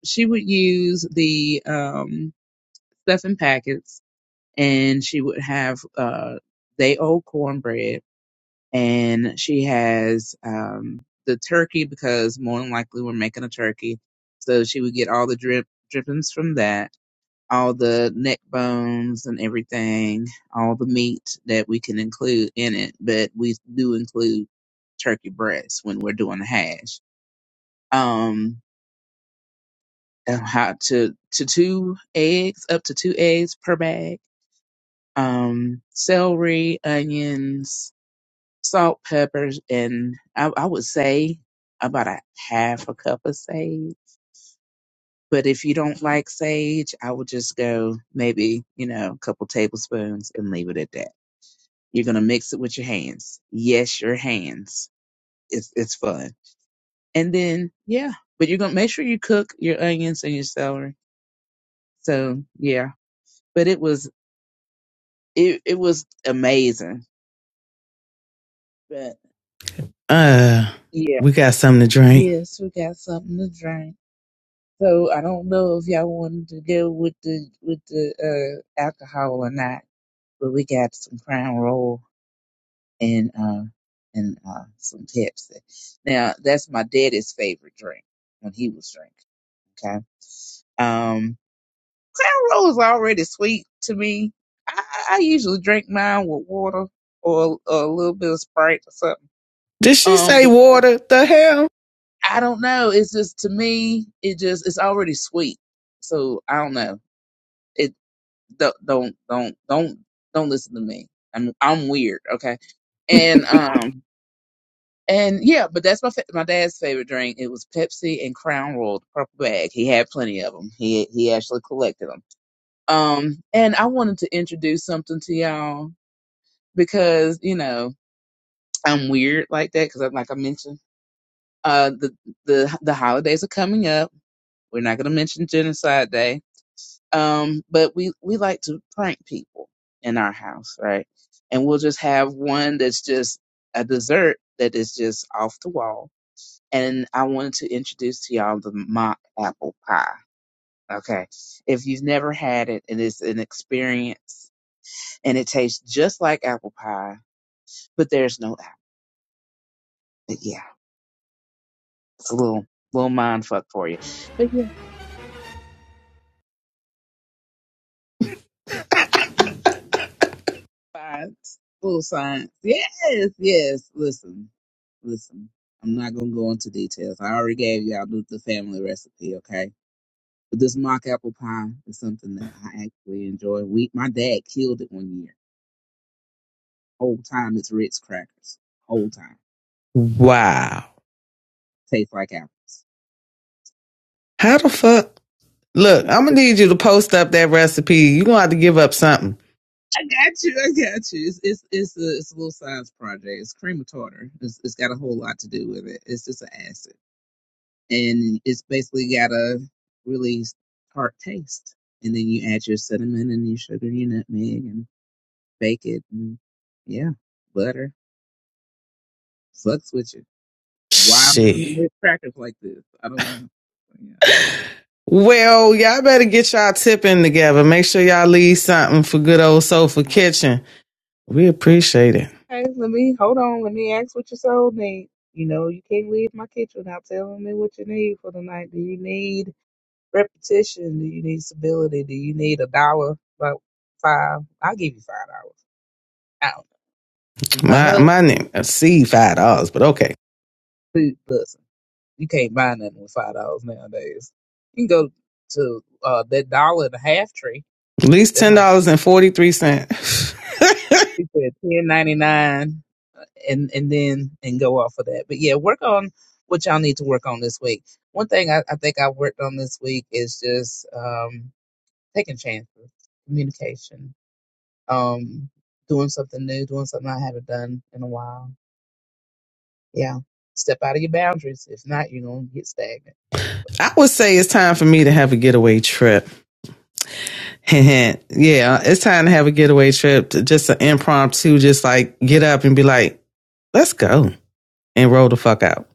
she would use the um stuffing packets and she would have uh day old cornbread and she has um the turkey because more than likely we're making a turkey so she would get all the drip drippings from that all the neck bones and everything all the meat that we can include in it but we do include turkey breasts when we're doing the hash um and how to to two eggs up to two eggs per bag um, celery, onions, salt, peppers, and I, I would say about a half a cup of sage. But if you don't like sage, I would just go maybe, you know, a couple tablespoons and leave it at that. You're going to mix it with your hands. Yes, your hands. It's, it's fun. And then, yeah, but you're going to make sure you cook your onions and your celery. So yeah, but it was, it, it was amazing. But
uh,
yeah.
we got something to drink.
Yes, we got something to drink. So I don't know if y'all wanted to go with the with the uh alcohol or not, but we got some crown Royal and uh and uh some Pepsi. Now that's my daddy's favorite drink when he was drinking. Okay. Um crown Royal is already sweet to me. I, I usually drink mine with water or, or a little bit of Sprite or something.
Did she
Um,
say water? The hell?
I don't know. It's just to me, it just it's already sweet. So I don't know. It don't don't don't don't don't listen to me. I'm I'm weird. Okay, and um and yeah, but that's my fa- my dad's favorite drink. It was Pepsi and Crown Royal, the purple bag. He had plenty of them. He he actually collected them. Um, and I wanted to introduce something to y'all because you know I'm weird like that because like I mentioned, uh, the the the holidays are coming up We're not going to mention Genocide Day, um, but we we like to prank people in our house, right? And we'll just have one that's just a dessert that is just off the wall. And I wanted to introduce to y'all the mock apple pie. Okay, if you've never had it, it is an experience, and it tastes just like apple pie, but there's no apple. But yeah, it's a little little mind fuck for you. But yeah Science, full science. Yes, yes. Listen, listen. I'm not gonna go into details. I already gave y'all the the family recipe, okay? But this mock apple pie is something that I actually enjoy. We, my dad killed it one year. Whole time it's Ritz crackers. Whole time
Wow.
tastes like apples.
How the fuck? Look, I'm gonna need you to post up that recipe. You gonna have to give up something.
I got you. I got you. It's it's it's a, it's a little science project. It's cream of tartar. It's, it's got a whole lot to do with it. It's just an acid. and it's basically got a really tart taste. And then you add your cinnamon and your sugar, and your nutmeg, and bake it. And yeah, butter fucks with you. Why am I eating
Shit.
with crackers like this? I don't know. But yeah.
Well, y'all better get y'all tipping together. Make sure y'all leave something for good old sofa kitchen. We appreciate it.
Hey, let me hold on. Let me ask what your soul need. You know, you can't leave my kitchen without telling me what you need for the night. Do you need repetition? Do you need stability? Do you need a dollar? About five? I'll give you five dollars. I don't know. A
My
hug,
my name I see five dollars, but okay.
food, bus. You can't buy nothing with five dollars nowadays. You can go to uh, that dollar and a half tree.
At least
That
ten
might be
dollars and forty three cents.
people at ten ninety nine, and and then and go off of that. But yeah, work on what y'all need to work on this week. One thing I, I think I worked on this week is just um, taking chances, communication, um, doing something new, doing something I haven't done in a while. Yeah, step out of your boundaries. If not, you're gonna get stagnant. So
I would say it's time for me to have a getaway trip. yeah, uh, it's time to have a getaway trip, to just an impromptu, just like get up and be like, let's go and roll the fuck out.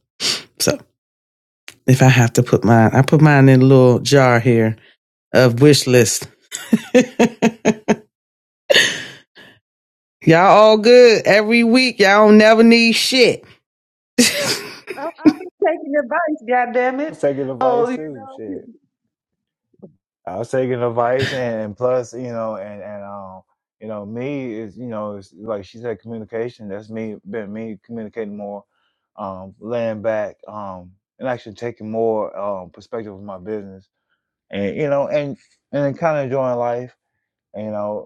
So if I have to put mine, I put mine in a little jar here of wish list. Y'all all good every week. Y'all don't never need shit.
I- I've been taking advice, God damn
So,
it.
second
Oh,
advice
you
too.
know,
Shit. I was taking advice, and, and plus, you know, and and um, you know, me is you know, it's like she said, communication. That's me been me communicating more, um, laying back, um, and actually taking more um perspective of my business, and you know, and and kind of enjoying life. You know,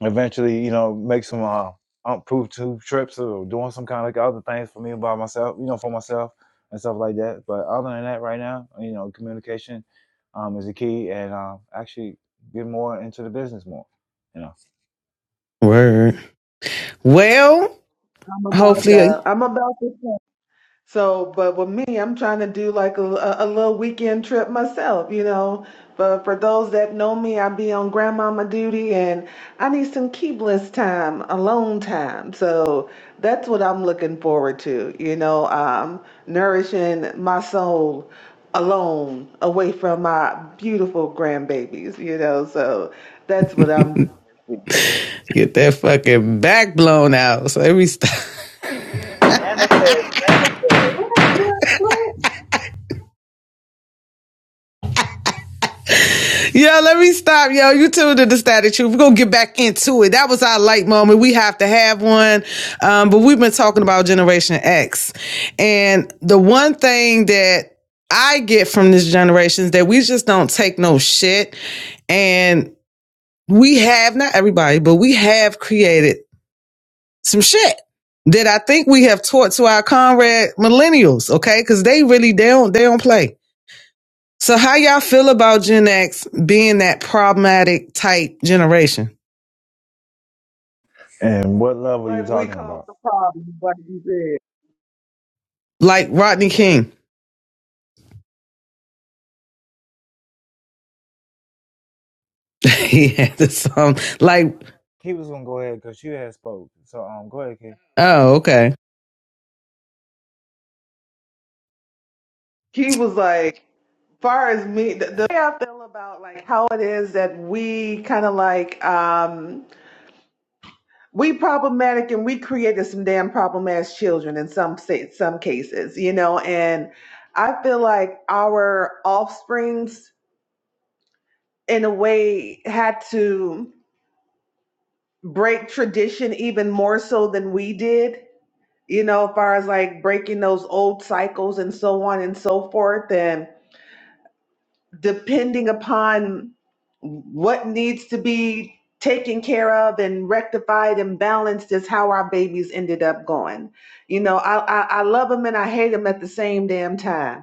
eventually, you know, make some uh, unproved tube trips or doing some kind of like other things for me by myself, you know, for myself and stuff like that. But other than that, right now, you know, communication um, is the key, and uh, actually get more into the business more, you know.
Word. Well,
I'm about
hopefully
to. I'm about to. So, but with me, I'm trying to do like a, a little weekend trip myself, you know. But for those that know me, I be on grandmama duty and I need some keebless time, alone time. So that's what I'm looking forward to, you know, um, nourishing my soul alone, away from my beautiful grandbabies, you know. So that's what I'm doing this weekend.
you get that fucking back blown out. So every st-
manifest, manifest.
What, what, what?
Yo, let me stop. Yo, you tuned in to Static Truth. We're gonna get back into it. That was our light moment. We have to have one. Um, but we've been talking about Generation X. And the one thing that I get from this generation is that we just don't take no shit. And we have, not everybody, but we have created some shit that I think we have taught to our comrade millennials, okay? Because they really they don't they don't play. So how y'all feel about Gen X being that problematic type generation?
And what level are you
Like we
talking
caused
about?
the problem, like you said.
Like Rodney King. he had the song like
Key was gonna go ahead because you had spoke, so um, go ahead, Key.
oh, okay.
He was like, far as me, the, the way I feel about like how it is that we kind of like um we problematic and we created some damn problem as children in some sta- some cases, you know, and I feel like our offsprings in a way had to break tradition even more so than we did, you know, as far as like breaking those old cycles and so on and so forth depending upon what needs to be taken care of and rectified and balanced is how our babies ended up going. You know, I, I, I love them and I hate them at the same damn time.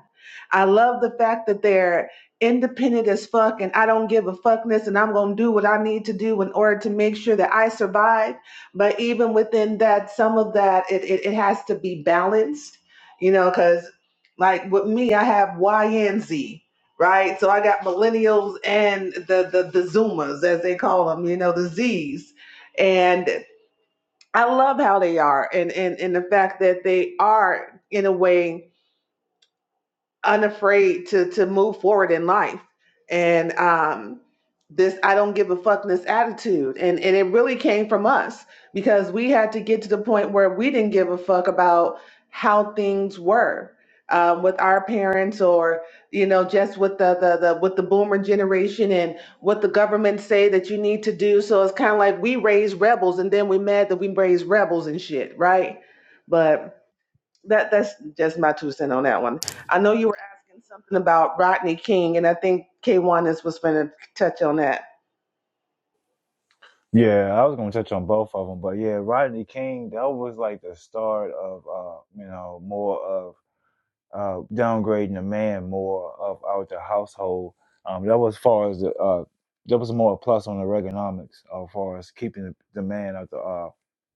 I love the fact that they're independent as fuck and I don't give a fuckness and I'm going to do what I need to do in order to make sure that I survive. But even within that, some of that, it, it, it has to be balanced, you know, because like with me, I have Y and Z right? So I got millennials and the the the Zoomers, as they call them, you know, the Z's, and I love how they are, and and and the fact that they are in a way unafraid to to move forward in life and um this i don't give a fuckness attitude and and it really came from us because we had to get to the point where we didn't give a fuck about how things were um, with our parents or you know just with the, the the with the boomer generation and what the government say that you need to do so it's kind of like we raised rebels and then we mad that we raised rebels and shit right But that that's just my two cent on that one. I know you were asking something about Rodney King, and I think K1 is was going to touch on that.
Yeah, I was gonna touch on both of them, but yeah, Rodney King, that was like the start of uh, you know, more of uh, downgrading the man more of out the household. Um, that was far as the uh, that was more a plus on the ergonomics uh, as far as keeping the, the man out the uh,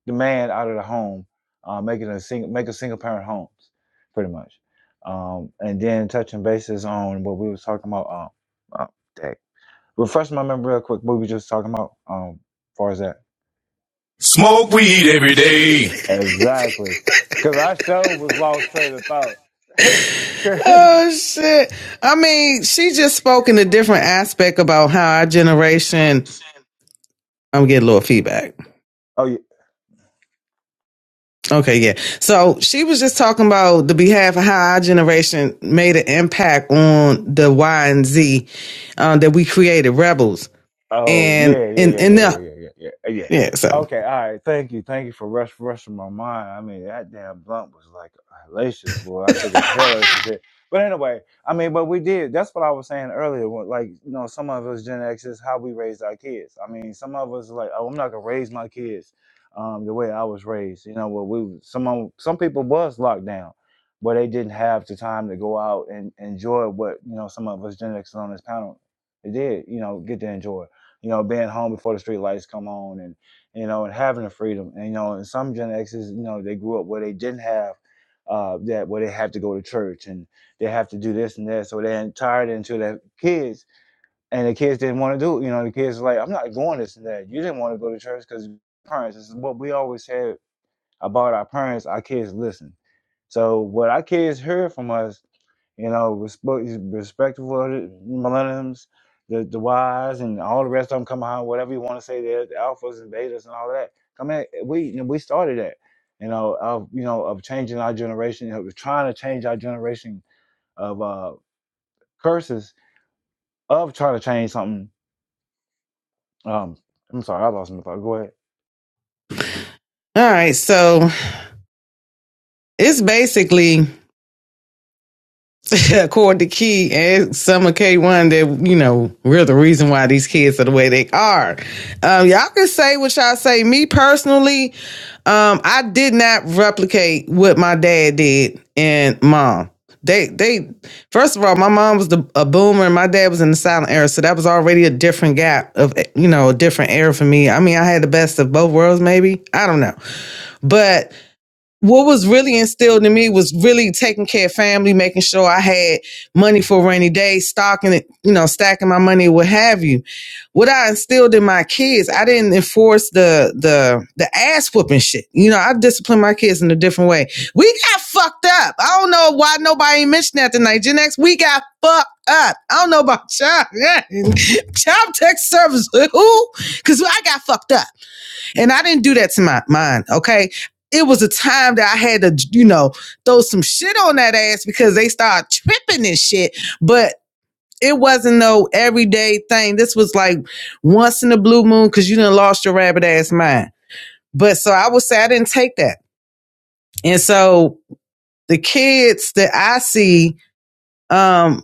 the man out of the home, uh, making a single make a single parent homes, pretty much. Um, and then touching bases on what we was talking about. Um, uh, dang. refresh my memory real quick. What we were just talking about. Um, as far as that.
Smoke weed every day.
Exactly, because I sure was lost train of thought.
Oh shit. I mean, she just spoke in a different aspect about how our generation I'm getting a little feedback.
oh yeah,
Okay, yeah. So she was just talking about the behalf of how our generation made an impact on the Y and Z uh, that we created, rebels.
Oh
And
yeah, yeah,
in
yeah,
in
yeah, yeah,
the
yeah, yeah, yeah. uh, yeah.
Yeah, so.
Okay, all right. Thank you, thank you for rush rushing my mind. I mean, that damn blunt was like hellacious, boy. I took a hellacious hit. But anyway, I mean, but we did. That's what I was saying earlier. when, Like, you know, some of us Gen X is how we raised our kids. I mean, some of us like, oh, I'm not gonna raise my kids um, the way I was raised. You know, what we some of- some people was locked down, but they didn't have the time to go out and enjoy what you know some of us Gen X on this panel they did. You know, get to enjoy you know, being home before the street lights come on and, you know, and having the freedom. And, you know, and some Gen X's, you know, they grew up where they didn't have uh, that, where they have to go to church and they have to do this and that. So they're tired into their kids and the kids didn't want to do it. You know, the kids were like, I'm not going this and that. You didn't want to go to church because parents, this is what we always said about our parents, our kids listen. So what our kids heard from us you know, respect, respectful of the millenniums, the, the wise, and all the rest of them come behind. whatever you want to say, there, the alphas and betas and all that. Come at we you know, we started that, you know, of you know of changing our generation, of trying to change our generation of uh curses of trying to change something. Um, I'm sorry, I lost my thought. Go ahead.
All right, so it's basically according to Key and Summer K1 that, you know, we're the reason why these kids are the way they are. Um, y'all can say what y'all say. Me personally, um, I did not replicate what my dad did and mom. They they first of all, my mom was the, a boomer and my dad was in the silent era, so that was already a different gap of you know a different era for me. I mean, I had the best of both worlds, maybe I don't know, but what was really instilled in me was really taking care of family, making sure I had money for a rainy day, stocking it, you know, stacking my money, what have you. What I instilled in my kids, I didn't enforce the the the ass whooping shit. You know, I disciplined my kids in a different way. We got fucked up. I don't know why nobody mentioned that tonight. Gen X, we got fucked up. I don't know about child Child tech service, who? Because I got fucked up. And I didn't do that to my mind, okay? It was a time that I had to, you know, throw some shit on that ass because they started tripping and shit. But it wasn't no everyday thing. This was like once in a blue moon because you done lost your rabbit ass mind. But so I would say I didn't take that. And so the kids that I see um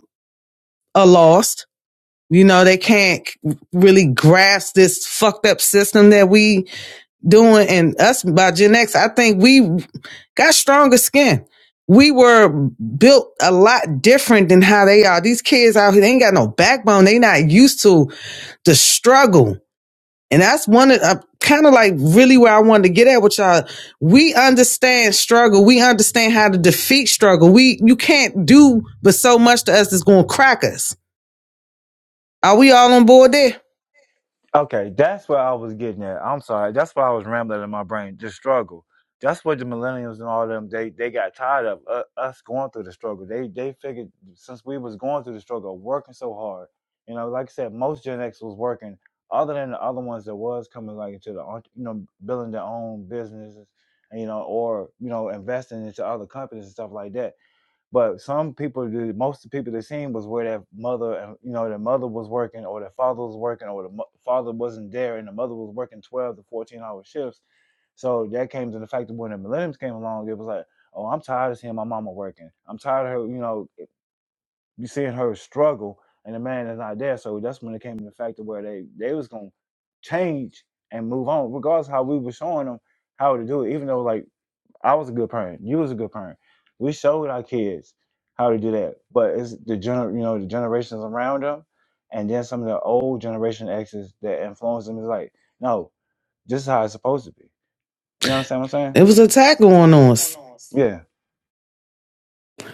are lost. You know, they can't really grasp this fucked up system that we doing and us by Gen X, I think we got stronger skin. We were built a lot different than how they are. These kids out here, they ain't got no backbone. They not used to the struggle. And that's one of uh, kind of like really where I wanted to get at with y'all. We understand struggle. We understand how to defeat struggle. We you can't do but so much to us that's gonna crack us. Are we all on board there?
Okay, that's what I was getting at. I'm sorry. That's why I was rambling in my brain. The struggle. That's what the millennials and all them they they got tired of uh, us going through the struggle. They they figured since we was going through the struggle, of working so hard. You know, like I said, most Gen X was working. Other than the other ones that was coming like into the entre- you know building their own businesses, you know, or you know investing into other companies and stuff like that but some people, most of the people that seen was where their mother, and you know, their mother was working, or their father was working, or the mo- father wasn't there, and the mother was working twelve to fourteen hour shifts. So that came to the fact that when the millennials came along, it was like, oh, I'm tired of seeing my mama working. I'm tired of her, you know, you seeing her struggle, and the man is not there. So that's when it came to the fact that where they they was gonna change and move on, regardless of how we were showing them how to do it. Even though like I was a good parent. You was a good parent. We showed our kids how to do that, but it's the gener, you know, the generations around them, and then some of the old generation exes that influence them is like, no, this is how it's supposed to be. You understand what I'm
It was an
saying?
attack going on.
Yeah,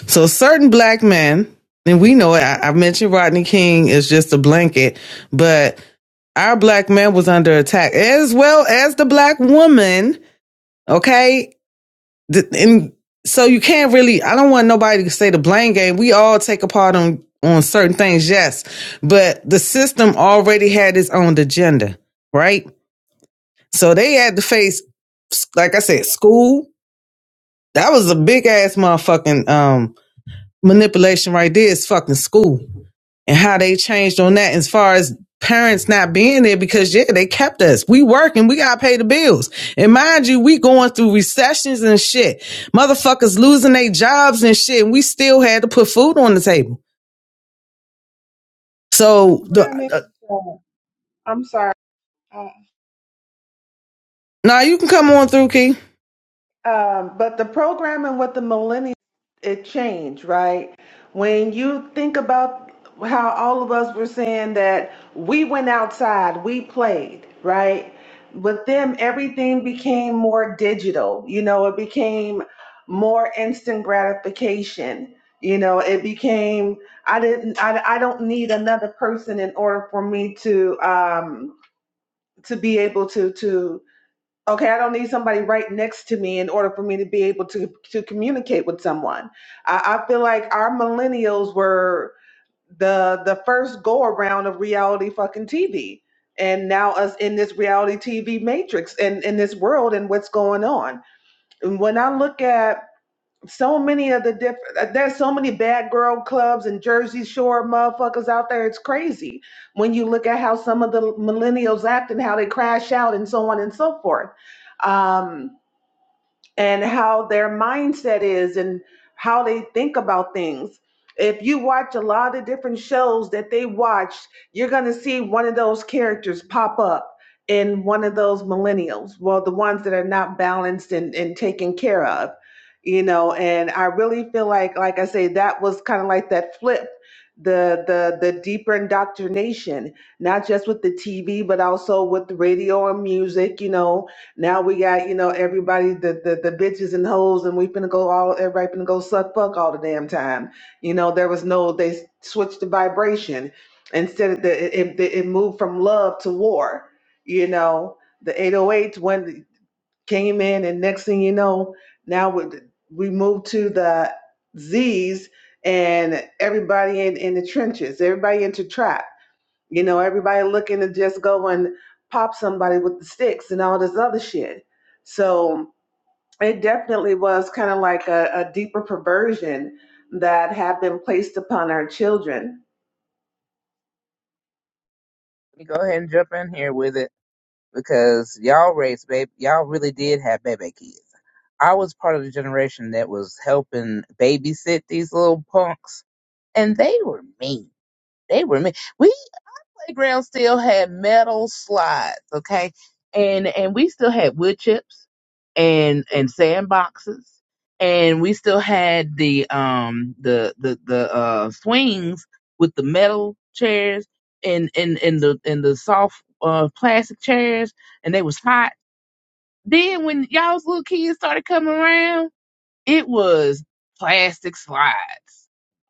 So certain black men, and we know it, I, I mentioned Rodney King is just a blanket, but our black man was under attack as well as the black woman. Okay. And so you can't really, I don't want nobody to say the blame game. We all take a part on, on certain things. Yes. But the system already had its own agenda, right? So they had to face, like I said, school. That was a big ass motherfucking, um, manipulation right there is fucking school and how they changed on that as far as parents not being there because yeah, they kept us. We working, we gotta pay the bills. And mind you, we going through recessions and shit. Motherfuckers losing their jobs and shit. And we still had to put food on the table. So the
Programming.
uh,
uh, I'm sorry.
now nah, you can come on through, Key.
Um, but the programming with the millennials, it changed, right? When you think about how all of us were saying that we went outside, we played, right? With them, everything became more digital. You know, it became more instant gratification. You know, it became I didn't I, I don't need another person in order for me to um to be able to to okay i don't need somebody right next to me in order for me to be able to to communicate with someone i, I feel like our millennials were the the first go around of reality fucking tv and now us in this reality tv matrix and in this world and what's going on and when i look at so many of the different there's so many bad girl clubs and jersey shore motherfuckers out there it's crazy when you look at how some of the millennials act and how they crash out and so on and so forth um and how their mindset is and how they think about things. If you watch a lot of different shows that they watch, you're going to see one of those characters pop up in one of those millennials. Well, the ones that are not balanced and, and taken care of, you know, and I really feel like, like I say, that was kind of like that flip the the the deeper indoctrination not just with the tv but also with the radio and music you know now we got, you know, everybody, the, the, the bitches and hoes, and we finna go all, everybody finna go suck fuck all the damn time. You know, there was no, they switched the vibration. Instead of the, it, it, it moved from love to war. You know, the 808 when came in, and next thing you know, now we, we moved to the Z's and everybody in, in the trenches, everybody into trap. You know, everybody looking to just go and pop somebody with the sticks and all this other shit. So it definitely was kind of like a, a deeper perversion that had been placed upon our children.
Let me go ahead and jump in here with it because y'all raised baby. Y'all really did have baby kids. I was part of the generation that was helping babysit these little punks, and they were mean. They were mean. We playground still had metal slides, okay? And and we still had wood chips and and sandboxes. And we still had the um the the the uh swings with the metal chairs and and and the and the soft uh plastic chairs and they was hot. Then when y'all's little kids started coming around it was plastic slides,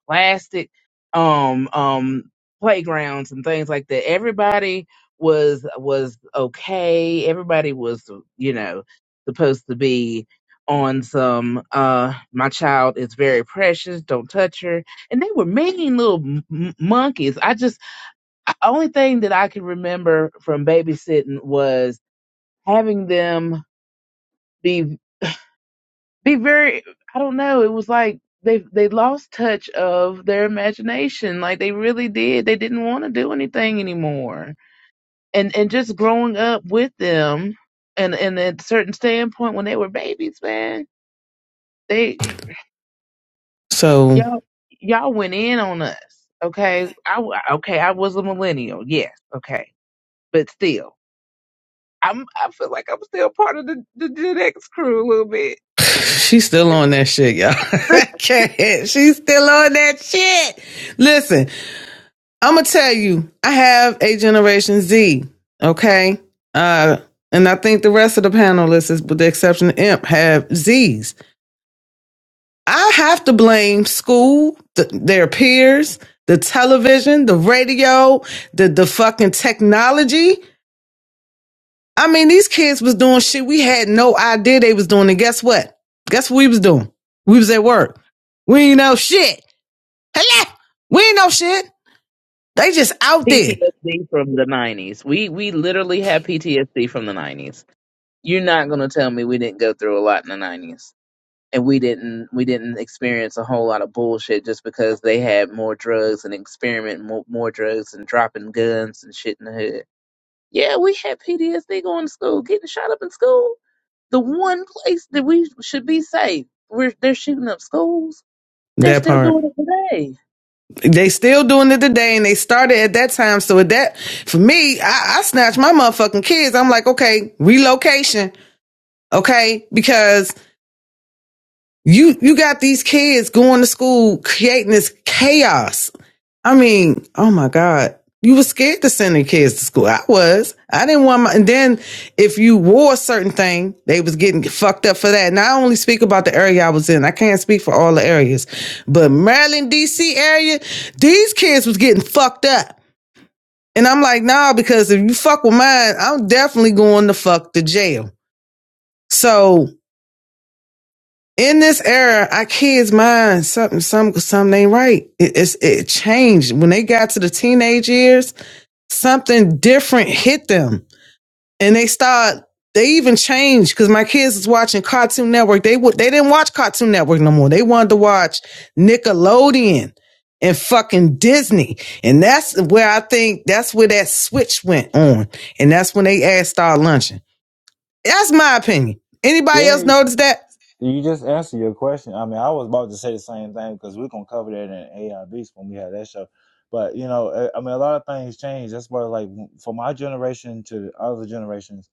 plastic um um playgrounds and things like that. Everybody was was okay. Everybody was, you know, supposed to be on some uh my child is very precious don't touch her and they were mean little m- m- monkeys i just I- only thing that i can remember from babysitting was having them be be very I don't know, it was like they they lost touch of their imagination. Like they really did. They didn't want to do anything anymore. And and just growing up with them and and at a certain standpoint when they were babies, man, they
So
y'all y'all went in on us. Okay. I w- okay, I was a millennial. Yes. Okay. But still, I'm I feel like I'm still part of the the Gen X crew a little bit.
she's still on that shit, y'all. she's still on that shit. Listen, I'm gonna tell you, I have a Generation Z. Okay, uh, and I think the rest of the panelists, with the exception of Imp, have Z's. I have to blame school, th- their peers, the television, the radio, the the fucking technology. I mean, these kids was doing shit we had no idea they was doing. And guess what? Guess what we was doing? We was at work. We ain't know shit. Hello, we ain't know shit. They just out there.
PTSD from the nineties. We we literally have PTSD from the nineties. You're not gonna tell me we didn't go through a lot in the nineties. And we didn't we didn't experience a whole lot of bullshit just because they had more drugs and experiment more, more drugs and dropping guns and shit in the hood. Yeah, we had PTSD going to school, getting shot up in school. The one place that we should be safe. We're they're shooting up schools. They're
That
still
part.
doing it today.
They still doing it today, and they started at that time. So at that, for me, I, I snatched my motherfucking kids. I'm like, okay, relocation, okay, because you you got these kids going to school creating this chaos. I mean, oh my God. You were scared to send your kids to school. I was. I didn't want my and then if you wore a certain thing, they was getting fucked up for that. And I only speak about the area I was in. I can't speak for all the areas. But Maryland, DC area, these kids was getting fucked up. And I'm like, nah, because if you fuck with mine, I'm definitely going to fuck to jail. So in this era, our kids' minds something something something ain't right. It, it's it changed when they got to the teenage years. Something different hit them, and they start. They even changed because my kids is watching Cartoon Network. They would they didn't watch Cartoon Network no more. They wanted to watch Nickelodeon and fucking Disney, and that's where I think that's where that switch went on, and that's when they ass started lunching. That's my opinion. Anybody else
yeah.
notice that?
You just answered your question. I mean, I was about to say the same thing because we're gonna cover that in AI Beast when we have that show. But you know, I I mean, a lot of things change. That's why, like, for my generation to the other generations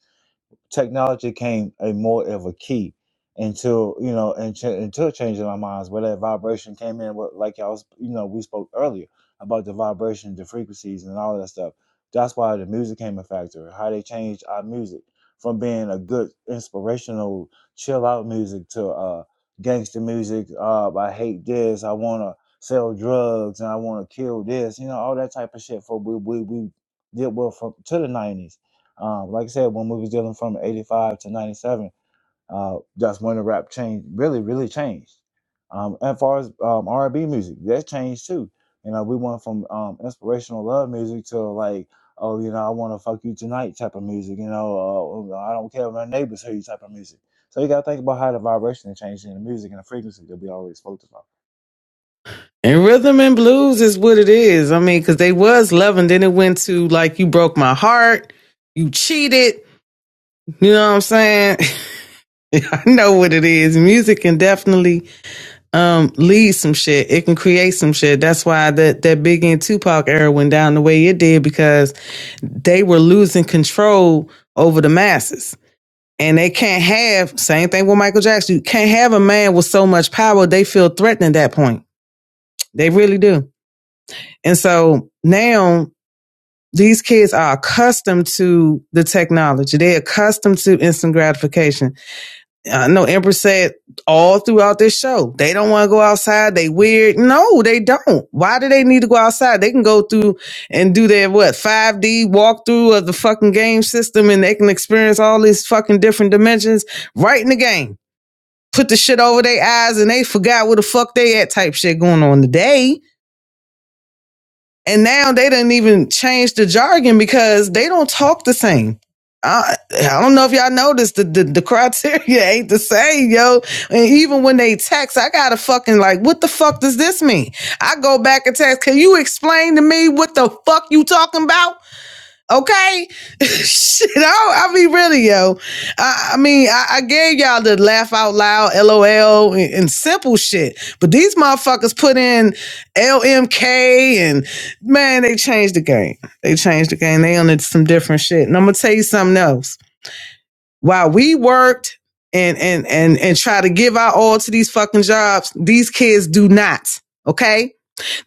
technology came a more of a key until you know and ch- until changing our minds where that vibration came in what like y'all you know we spoke earlier about the vibration the frequencies and all that stuff that's why the music came a factor how they changed our music from being a good inspirational chill out music to uh gangster music uh i hate this i want to sell drugs and i want to kill this you know all that type of shit for we we, we did well from to the 90s um, like I said, when we was dealing from 85 to 97, uh, that's when the rap changed, really, really changed. Um, and as far as um, R&B music, that changed too. You know, we went from um, inspirational love music to like, oh, you know, I want to fuck you tonight type of music. You know, uh, I don't care if my neighbors hear you type of music. So you got to think about how the vibration changed in the music and the frequency that we already spoke about.
And rhythm and blues is what it is. I mean, because they was loving, then it went to like you broke my heart, you cheated. You know what I'm saying? I know what it is. Music can definitely um lead some shit. It can create some shit. That's why that that Big and Tupac era went down the way it did because they were losing control over the masses. And they can't have same thing with Michael Jackson. You can't have a man with so much power. They feel threatened at that point. They really do. And so now these kids are accustomed to the technology. They're accustomed to instant gratification. I know Empress said all throughout this show, they don't want to go outside. They weird. No, they don't. Why do they need to go outside? They can go through and do their what 5D walkthrough of the fucking game system and they can experience all these fucking different dimensions right in the game. Put the shit over their eyes and they forgot where the fuck they at type shit going on today and now they didn't even change the jargon because they don't talk the same. I, I don't know if y'all noticed the, the the criteria ain't the same, yo. And even when they text, I gotta fucking like, what the fuck does this mean? I go back and text, can you explain to me what the fuck you talking about? Okay, shit. I, do I mean, really, yo. I, I mean, I, I gave y'all the laugh out loud, LOL, and, and simple shit. But these motherfuckers put in LMK, and man, they changed the game. They changed the game. They on some different shit. And I'm gonna tell you something else. While we worked and and and and try to give our all to these fucking jobs, these kids do not. Okay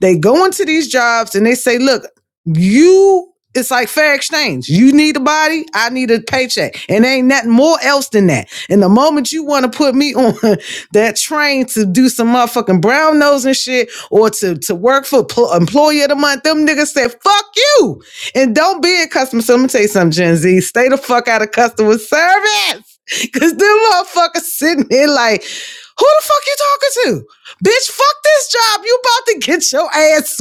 they go into these jobs and they say, look, you, it's like fair exchange. You need a body, I need a paycheck. And ain't nothing more else than that. And the moment you want to put me on that train to do some motherfucking brown nose and shit or to, to work for pl- employee of the month, them niggas said, fuck you. And don't be a customer. So let me tell you something, Gen Z. Stay the fuck out of customer service. Cause them motherfuckers sitting there like, who the fuck you talking to? Bitch, fuck this job. You about to get your ass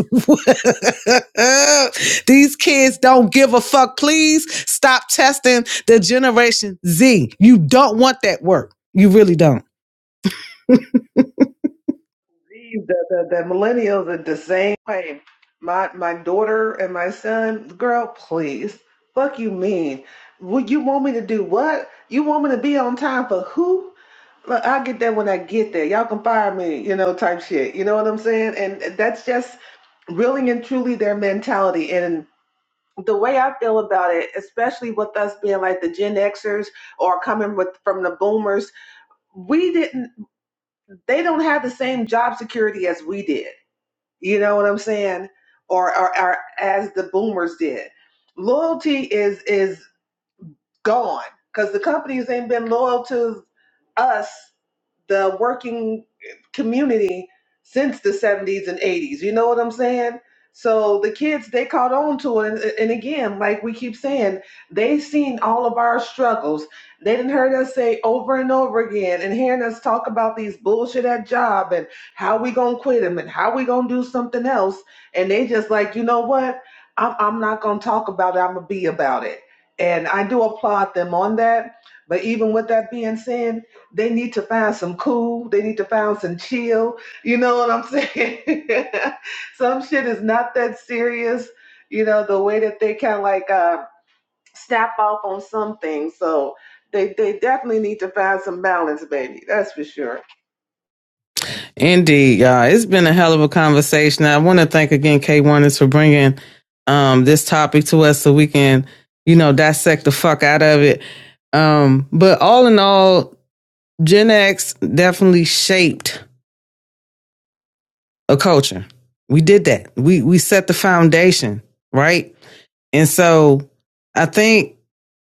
whooped. These kids don't give a fuck. Please stop testing the generation Z. You don't want that work. You really don't.
These- The, the, the millennials are the same way. My my daughter and my son, girl, please. Fuck you mean? Well, you want me to do what? You want me to be on time for who? Look, I'll get that when I get there. Y'all can fire me, you know, type shit. You know what I'm saying? And that's just really and truly their mentality. And the way I feel about it, especially with us being like the Gen Xers or coming with from the boomers, we didn't they don't have the same job security as we did. You know what I'm saying? Or or, or as the boomers did. Loyalty is is gone because the companies ain't been loyal to us the working community since the 70s and 80s. You know what I'm saying? So the kids they caught on to it, and, and again, like we keep saying, they seen all of our struggles. They didn't heard us say over and over again, and hearing us talk about these bullshit at job and how we gonna quit them and how we gonna do something else. And they just like, you know what? I'm, I'm not gonna talk about it. I'm gonna be about it. And I do applaud them on that. But even with that being said, they need to find some cool. They need to find some chill. You know what I'm saying? some shit is not that serious. You know the way that they kind of like uh, snap off on some things. So they they definitely need to find some balance, baby. That's for sure.
Indeed, y'all. It's been a hell of a conversation. I want to thank again K1 is for bringing um, this topic to us so we can, you know, dissect the fuck out of it. Um, but all in all, Gen X definitely shaped a culture. We did that. We we set the foundation, right? And so I think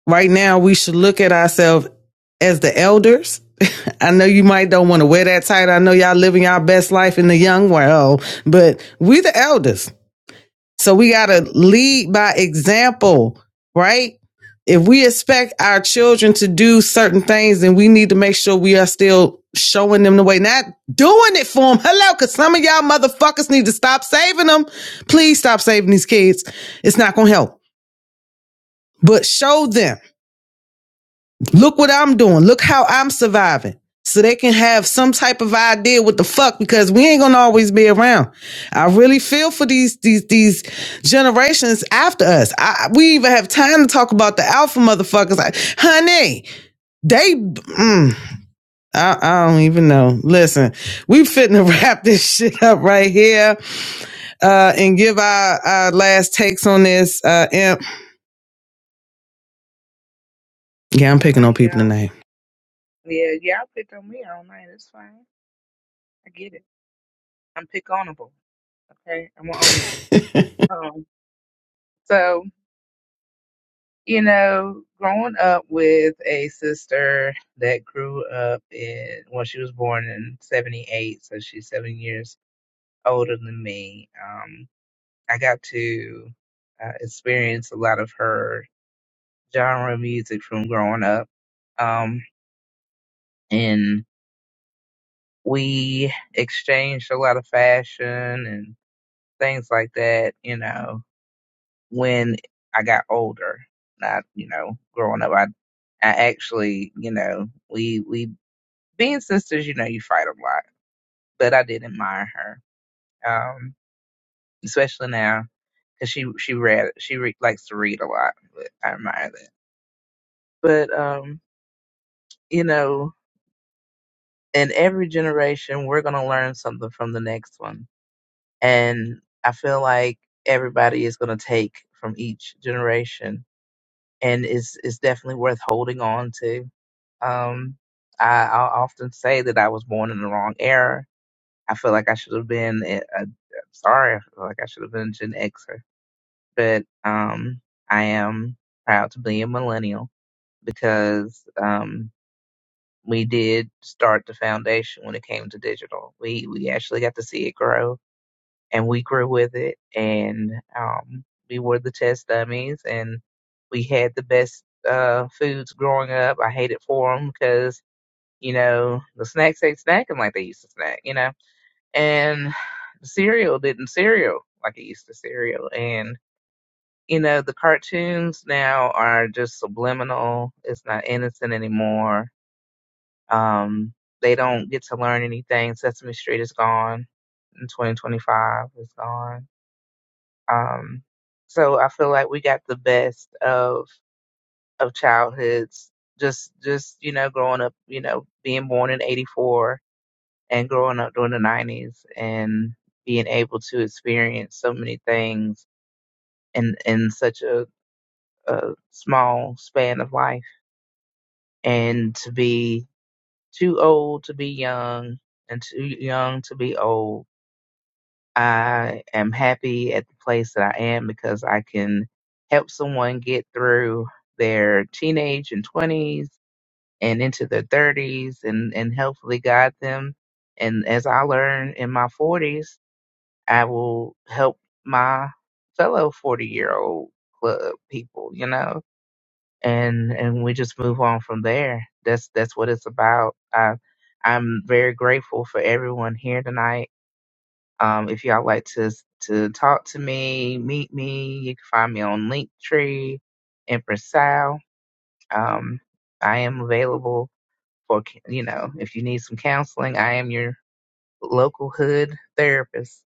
right now we should look at ourselves as the elders. I know you might don't want to wear that title. I know y'all living your best life in the young world, but we the elders. So we got to lead by example, right? If we expect our children to do certain things, then we need to make sure we are still showing them the way, not doing it for them. Hello, because some of y'all motherfuckers need to stop saving them. Please stop saving these kids. It's not going to help, but show them. Look what I'm doing. Look how I'm surviving. So they can have some type of idea what the fuck because we ain't gonna always be around. I really feel for these these these generations after us. I, we even have time to talk about the alpha motherfuckers. I, honey, they. Mm, I, I don't even know. Listen, we fitting to wrap this shit up right here uh, and give our, our last takes on this. Uh, and, yeah, I'm
All
picking on
right,
people
y'all.
tonight.
Yeah, y'all picked on me all night. It's fine. I get it. I'm pick onable. Okay, I'm gonna own that. Um, so you know, growing up with a sister that grew up in well, she was born in '78, so she's seven years older than me. Um, I got to uh, experience a lot of her genre of music from growing up, um, and we exchanged a lot of fashion and things like that. You know, when I got older, not, you know, growing up, I, I actually, you know, we, we being sisters, you know, you fight a lot, but I did admire her. Um, especially now, cause she, she read, she re- likes to read a lot, but I admire that. But, um, you know, in every generation, we're going to learn something from the next one. And I feel like everybody is going to take from each generation and it's, it's definitely worth holding on to Um, I, I often say that I was born in the wrong era. I feel like I should have been. A, a, I'm sorry, I feel like I should have been a Gen Xer, but um, I am proud to be a millennial because um, we did start the foundation when it came to digital. We we actually got to see it grow, and we grew with it, and um, we were the test dummies, and we had the best uh, foods growing up. I hated for them because you know, the snacks ain't snacking like they used to snack, you know, and the cereal didn't cereal like it used to cereal. And, you know, the cartoons now are just subliminal. It's not innocent anymore. Um, they don't get to learn anything. Sesame Street is gone in 2025 is gone. Um, so I feel like we got the best of, of childhoods. Just, just, you know, growing up, you know, being born in 84 and growing up during the 90s and being able to experience so many things in in such a, a small span of life and to be too old to be young and too young to be old i am happy at the place that i am because i can help someone get through their teenage and 20s and into their 30s and and hopefully guide them and as i learned in my 40s I will help my fellow 40 year old club people, you know, and, and we just move on from there. That's, that's what it's about. I, I'm very grateful for everyone here tonight. Um, if y'all like to, to talk to me, meet me, you can find me on Linktree, Empress Sal. Um, I am available for, you know, if you need some counseling, I am your local hood therapist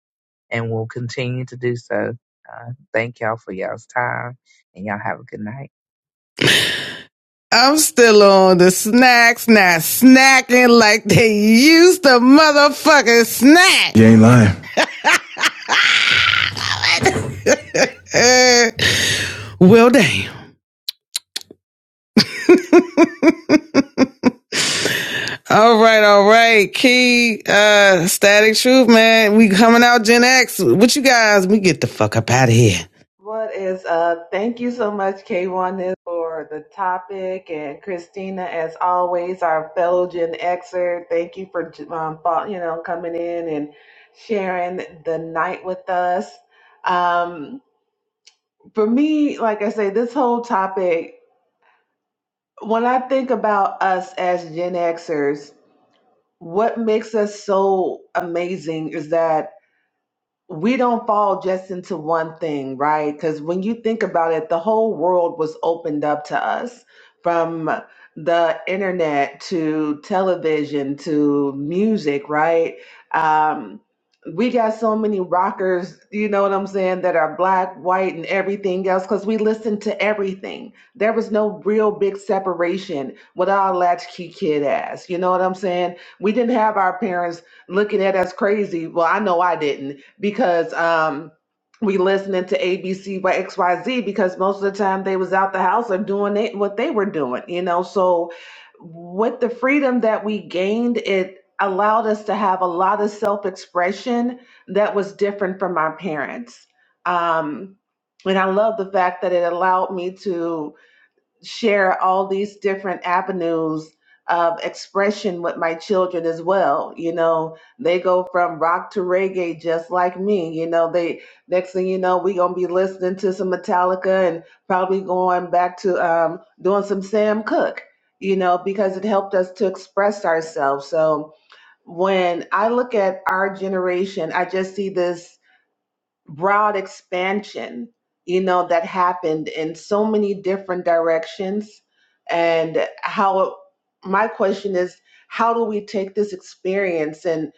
and will continue to do so. Uh, thank y'all for y'all's time, and y'all have a good night.
I'm still on the snacks, not snacking like they used to motherfucking snack. You ain't lying. Uh, well, damn. All right, all right. Key, uh, Static Truth, man. We coming out Gen X. What you guys? We get the fuck up out of here.
What is up? Thank you so much, K1, for the topic. And Christina, as always, our fellow Gen Xer, thank you for um, fo- you know coming in and sharing the night with us. Um, for me, like I say, this whole topic, when I think about us as Gen Xers, what makes us so amazing is that we don't fall just into one thing, right? Because when you think about it, the whole world was opened up to us from the internet to television to music, right? Um, we got so many rockers, you know what I'm saying, that are black, white, and everything else because we listened to everything. There was no real big separation with our latchkey kid ass, you know what I'm saying? We didn't have our parents looking at us crazy. Well, I know I didn't because um we listening to ABC by XYZ because most of the time they was out the house or doing it what they were doing, you know. So with the freedom that we gained, it allowed us to have a lot of self-expression that was different from our parents. Um and I love the fact that it allowed me to share all these different avenues of expression with my children as well. You know, they go from rock to reggae just like me. You know, they next thing you know, we gonna be listening to some Metallica and probably going back to um, doing some Sam Cooke. You know, because it helped us to express ourselves. So when I look at our generation, I just see this broad expansion you know that happened in so many different directions and how my question is how do we take this experience and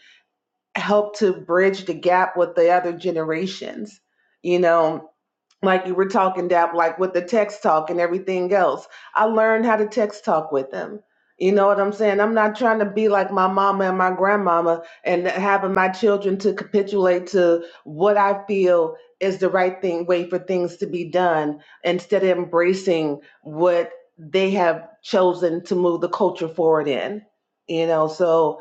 help to bridge the gap with the other generations you know like you were talking dap like with the text talk and everything else i learned how to text talk with them you know what i'm saying i'm not trying to be like my mama and my grandmama and having my children to capitulate to what i feel is the right thing way for things to be done instead of embracing what they have chosen to move the culture forward in you know so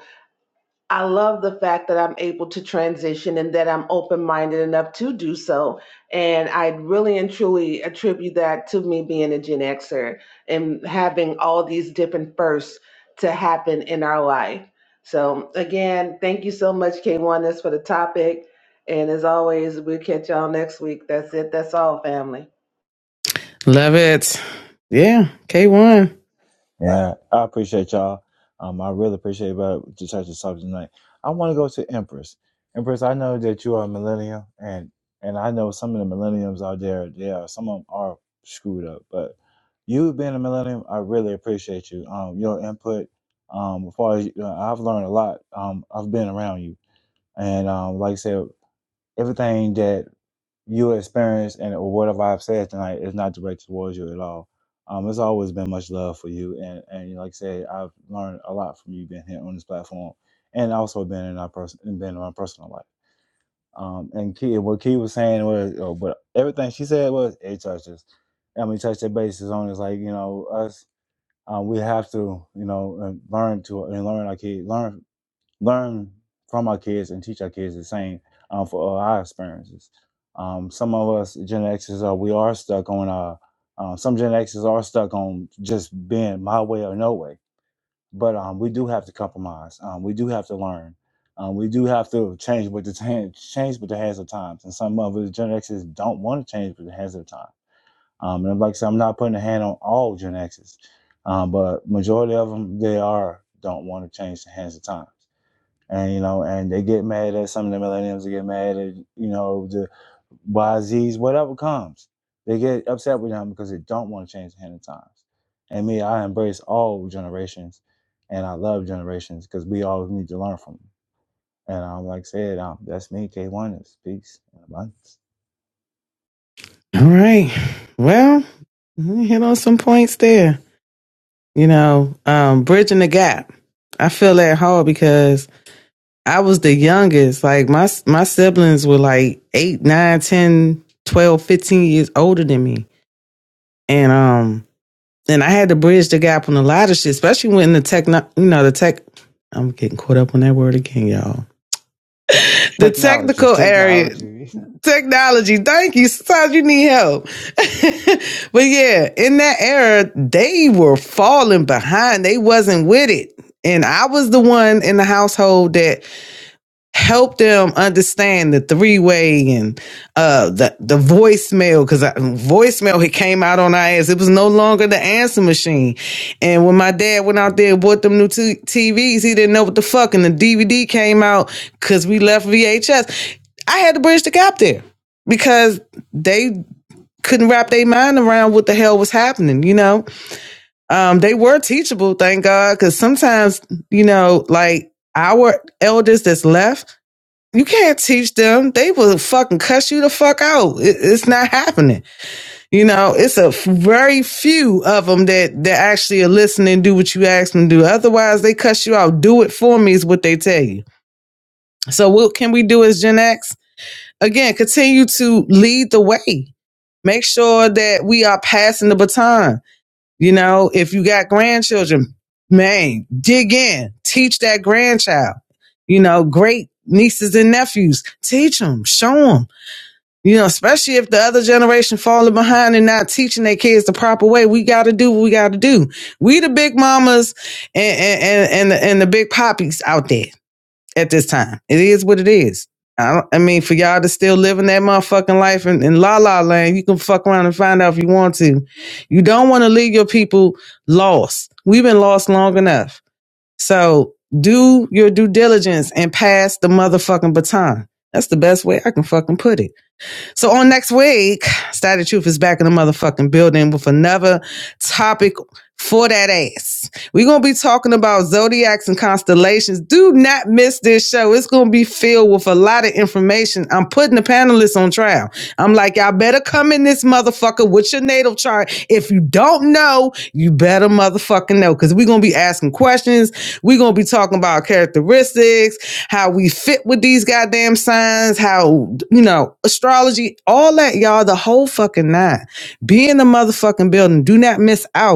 I love the fact that I'm able to transition and that I'm open minded enough to do so. And I really and truly attribute that to me being a Gen Xer and having all these different firsts to happen in our life. So, again, thank you so much, K1S, for the topic. And as always, we'll catch y'all next week. That's it. That's all, family.
Love it. Yeah, K1.
Yeah, I appreciate y'all. Um, I really appreciate about to touch the subject tonight. I want to go to Empress. Empress, I know that you are a millennial, and and I know some of the millenniums out there, yeah, some of them are screwed up. But you being a millennium, I really appreciate you. Um, your input. Um, as far as uh, I've learned a lot. Um, I've been around you, and um, like I said, everything that your experience and or whatever I've said tonight is not directed towards you at all. Um, it's always been much love for you, and and like I said, I've learned a lot from you being here on this platform, and also been in our person, been in my personal life. Um, and Key, what Key was saying was, or what everything she said was, it touches. And we touch the bases on is like you know us. Um, we have to you know and learn to and learn our kids, learn learn from our kids and teach our kids the same um, for uh, our experiences. Um, some of us Gen Xers are we are stuck on uh, uh, some Gen Xers are stuck on just being my way or no way. But um, we do have to compromise. Um, we do have to learn. Um, we do have to change with the t- change with the hands of times. And some of us Gen Xers don't want to change with the hands of time. Um, and like I said, I'm not putting a hand on all Gen Xers, um, but majority of them they are don't want to change the hands of times and you know, and they get mad at some of the millennials. They get mad at you know the YZs, whatever comes. They get upset with them because they don't want to change the hand of times. And me, I embrace all generations, and I love generations because we all need to learn from them. And I'm um, like I said, um, that's me, K1 is peace and abundance.
All right. Well, we hit on some points there. You know, um, bridging the gap. I feel that hard because I was the youngest. Like my my siblings were like 8, nine, ten, twelve, fifteen years older than me. And um and I had to bridge the gap on a lot of shit, especially when the tech you know, the tech I'm getting caught up on that word again, y'all. The
Technology,
technical area,
technology.
technology. Thank you. Sometimes you need help. but yeah, in that era, they were falling behind. They wasn't with it. And I was the one in the household that help them understand the three way and uh the the voicemail because voicemail it came out on our ass. It was no longer the answer machine. And when my dad went out there and bought them new t- TVs, he didn't know what the fuck. And the DVD came out because we left VHS. I had to bridge the gap there because they couldn't wrap their mind around what the hell was happening. You know, um, they were teachable, thank God, because sometimes you know, like our elders that's left you can't teach them. They will fucking cuss you the fuck out. It, it's not happening. You know, it's a f- very few of them that, that actually are listening and do what you ask them to do. Otherwise, they cuss you out. Do it for me is what they tell you. So what can we do as Gen X? Again, continue to lead the way. Make sure that we are passing the baton. You know, if you got grandchildren, man, dig in, teach that grandchild you know, great nieces and nephews. Teach them, Show them. You know, especially if the other generation falling behind and not teaching their kids the proper way, we got to do what we got to do. We the big mamas and and and and the, and the big poppies out there at this time. It is what it is. I, don't, I mean, for y'all to still living that motherfucking life in, in la la land, you can fuck around and find out if you want to. You don't want to leave your people lost. We've been lost long enough. So do your due diligence and pass the motherfucking baton. That's the best way I can fucking put it. So on next week, Static Truth is back in the motherfucking building with another topic for that ass. We're going to be talking about zodiacs and constellations. Do not miss this show. It's going to be filled with a lot of information. I'm putting the panelists on trial. I'm like, y'all better come in this motherfucker with your natal chart. If you don't know, you better motherfucking know because we're going to be asking questions. We're going to be talking about characteristics, how we fit with these goddamn signs, how, you know, astrology, all that, y'all, the whole fucking nine. Be in the motherfucking building. Do not miss out.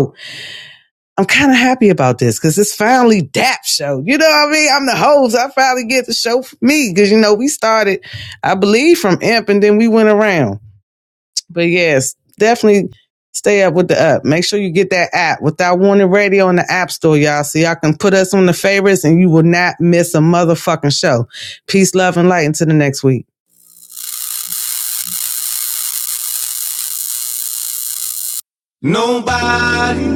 I'm kind of happy about this because it's finally DAP show. You know what I mean? I'm the host. I finally get the show for me because, you know, we started, I believe, from Imp and then we went around. But yes, definitely stay up with the app. Make sure you get that app without warning radio in the app store, y'all. So y'all can put us on the favorites and you will not miss a motherfucking show. Peace, love, and light until the next week. Nobody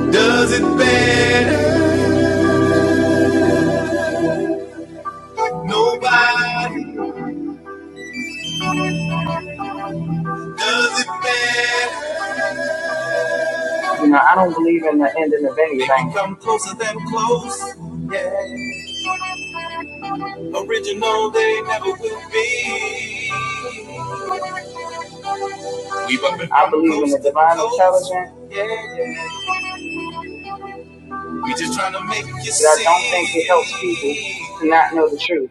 does it better. Nobody does it better. They can come closer than close. it never will be. Divine intelligence We just trying to make you that I don't think it helps people to not know the truth.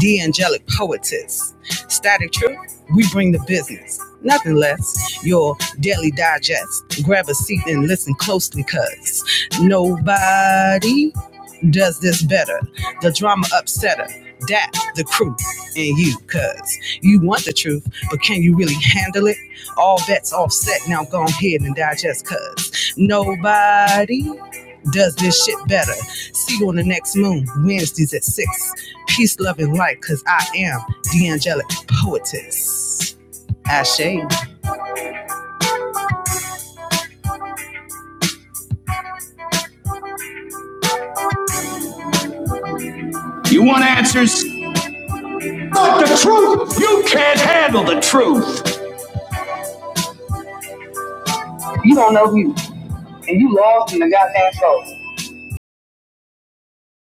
The Angelic Poetess. Static Truth, we bring the business. Nothing less. Your daily digest. Grab a seat and listen closely, cuz nobody does this better. The drama upsetter, that the crew and you, cuz you want the truth, but can you really handle it? All bets offset, now go ahead and digest, cuz nobody does this shit better. See you on the next moon, Wednesdays at 6. Peace, love, and light, cuz I am the angelic poetess. Ashe. You want answers?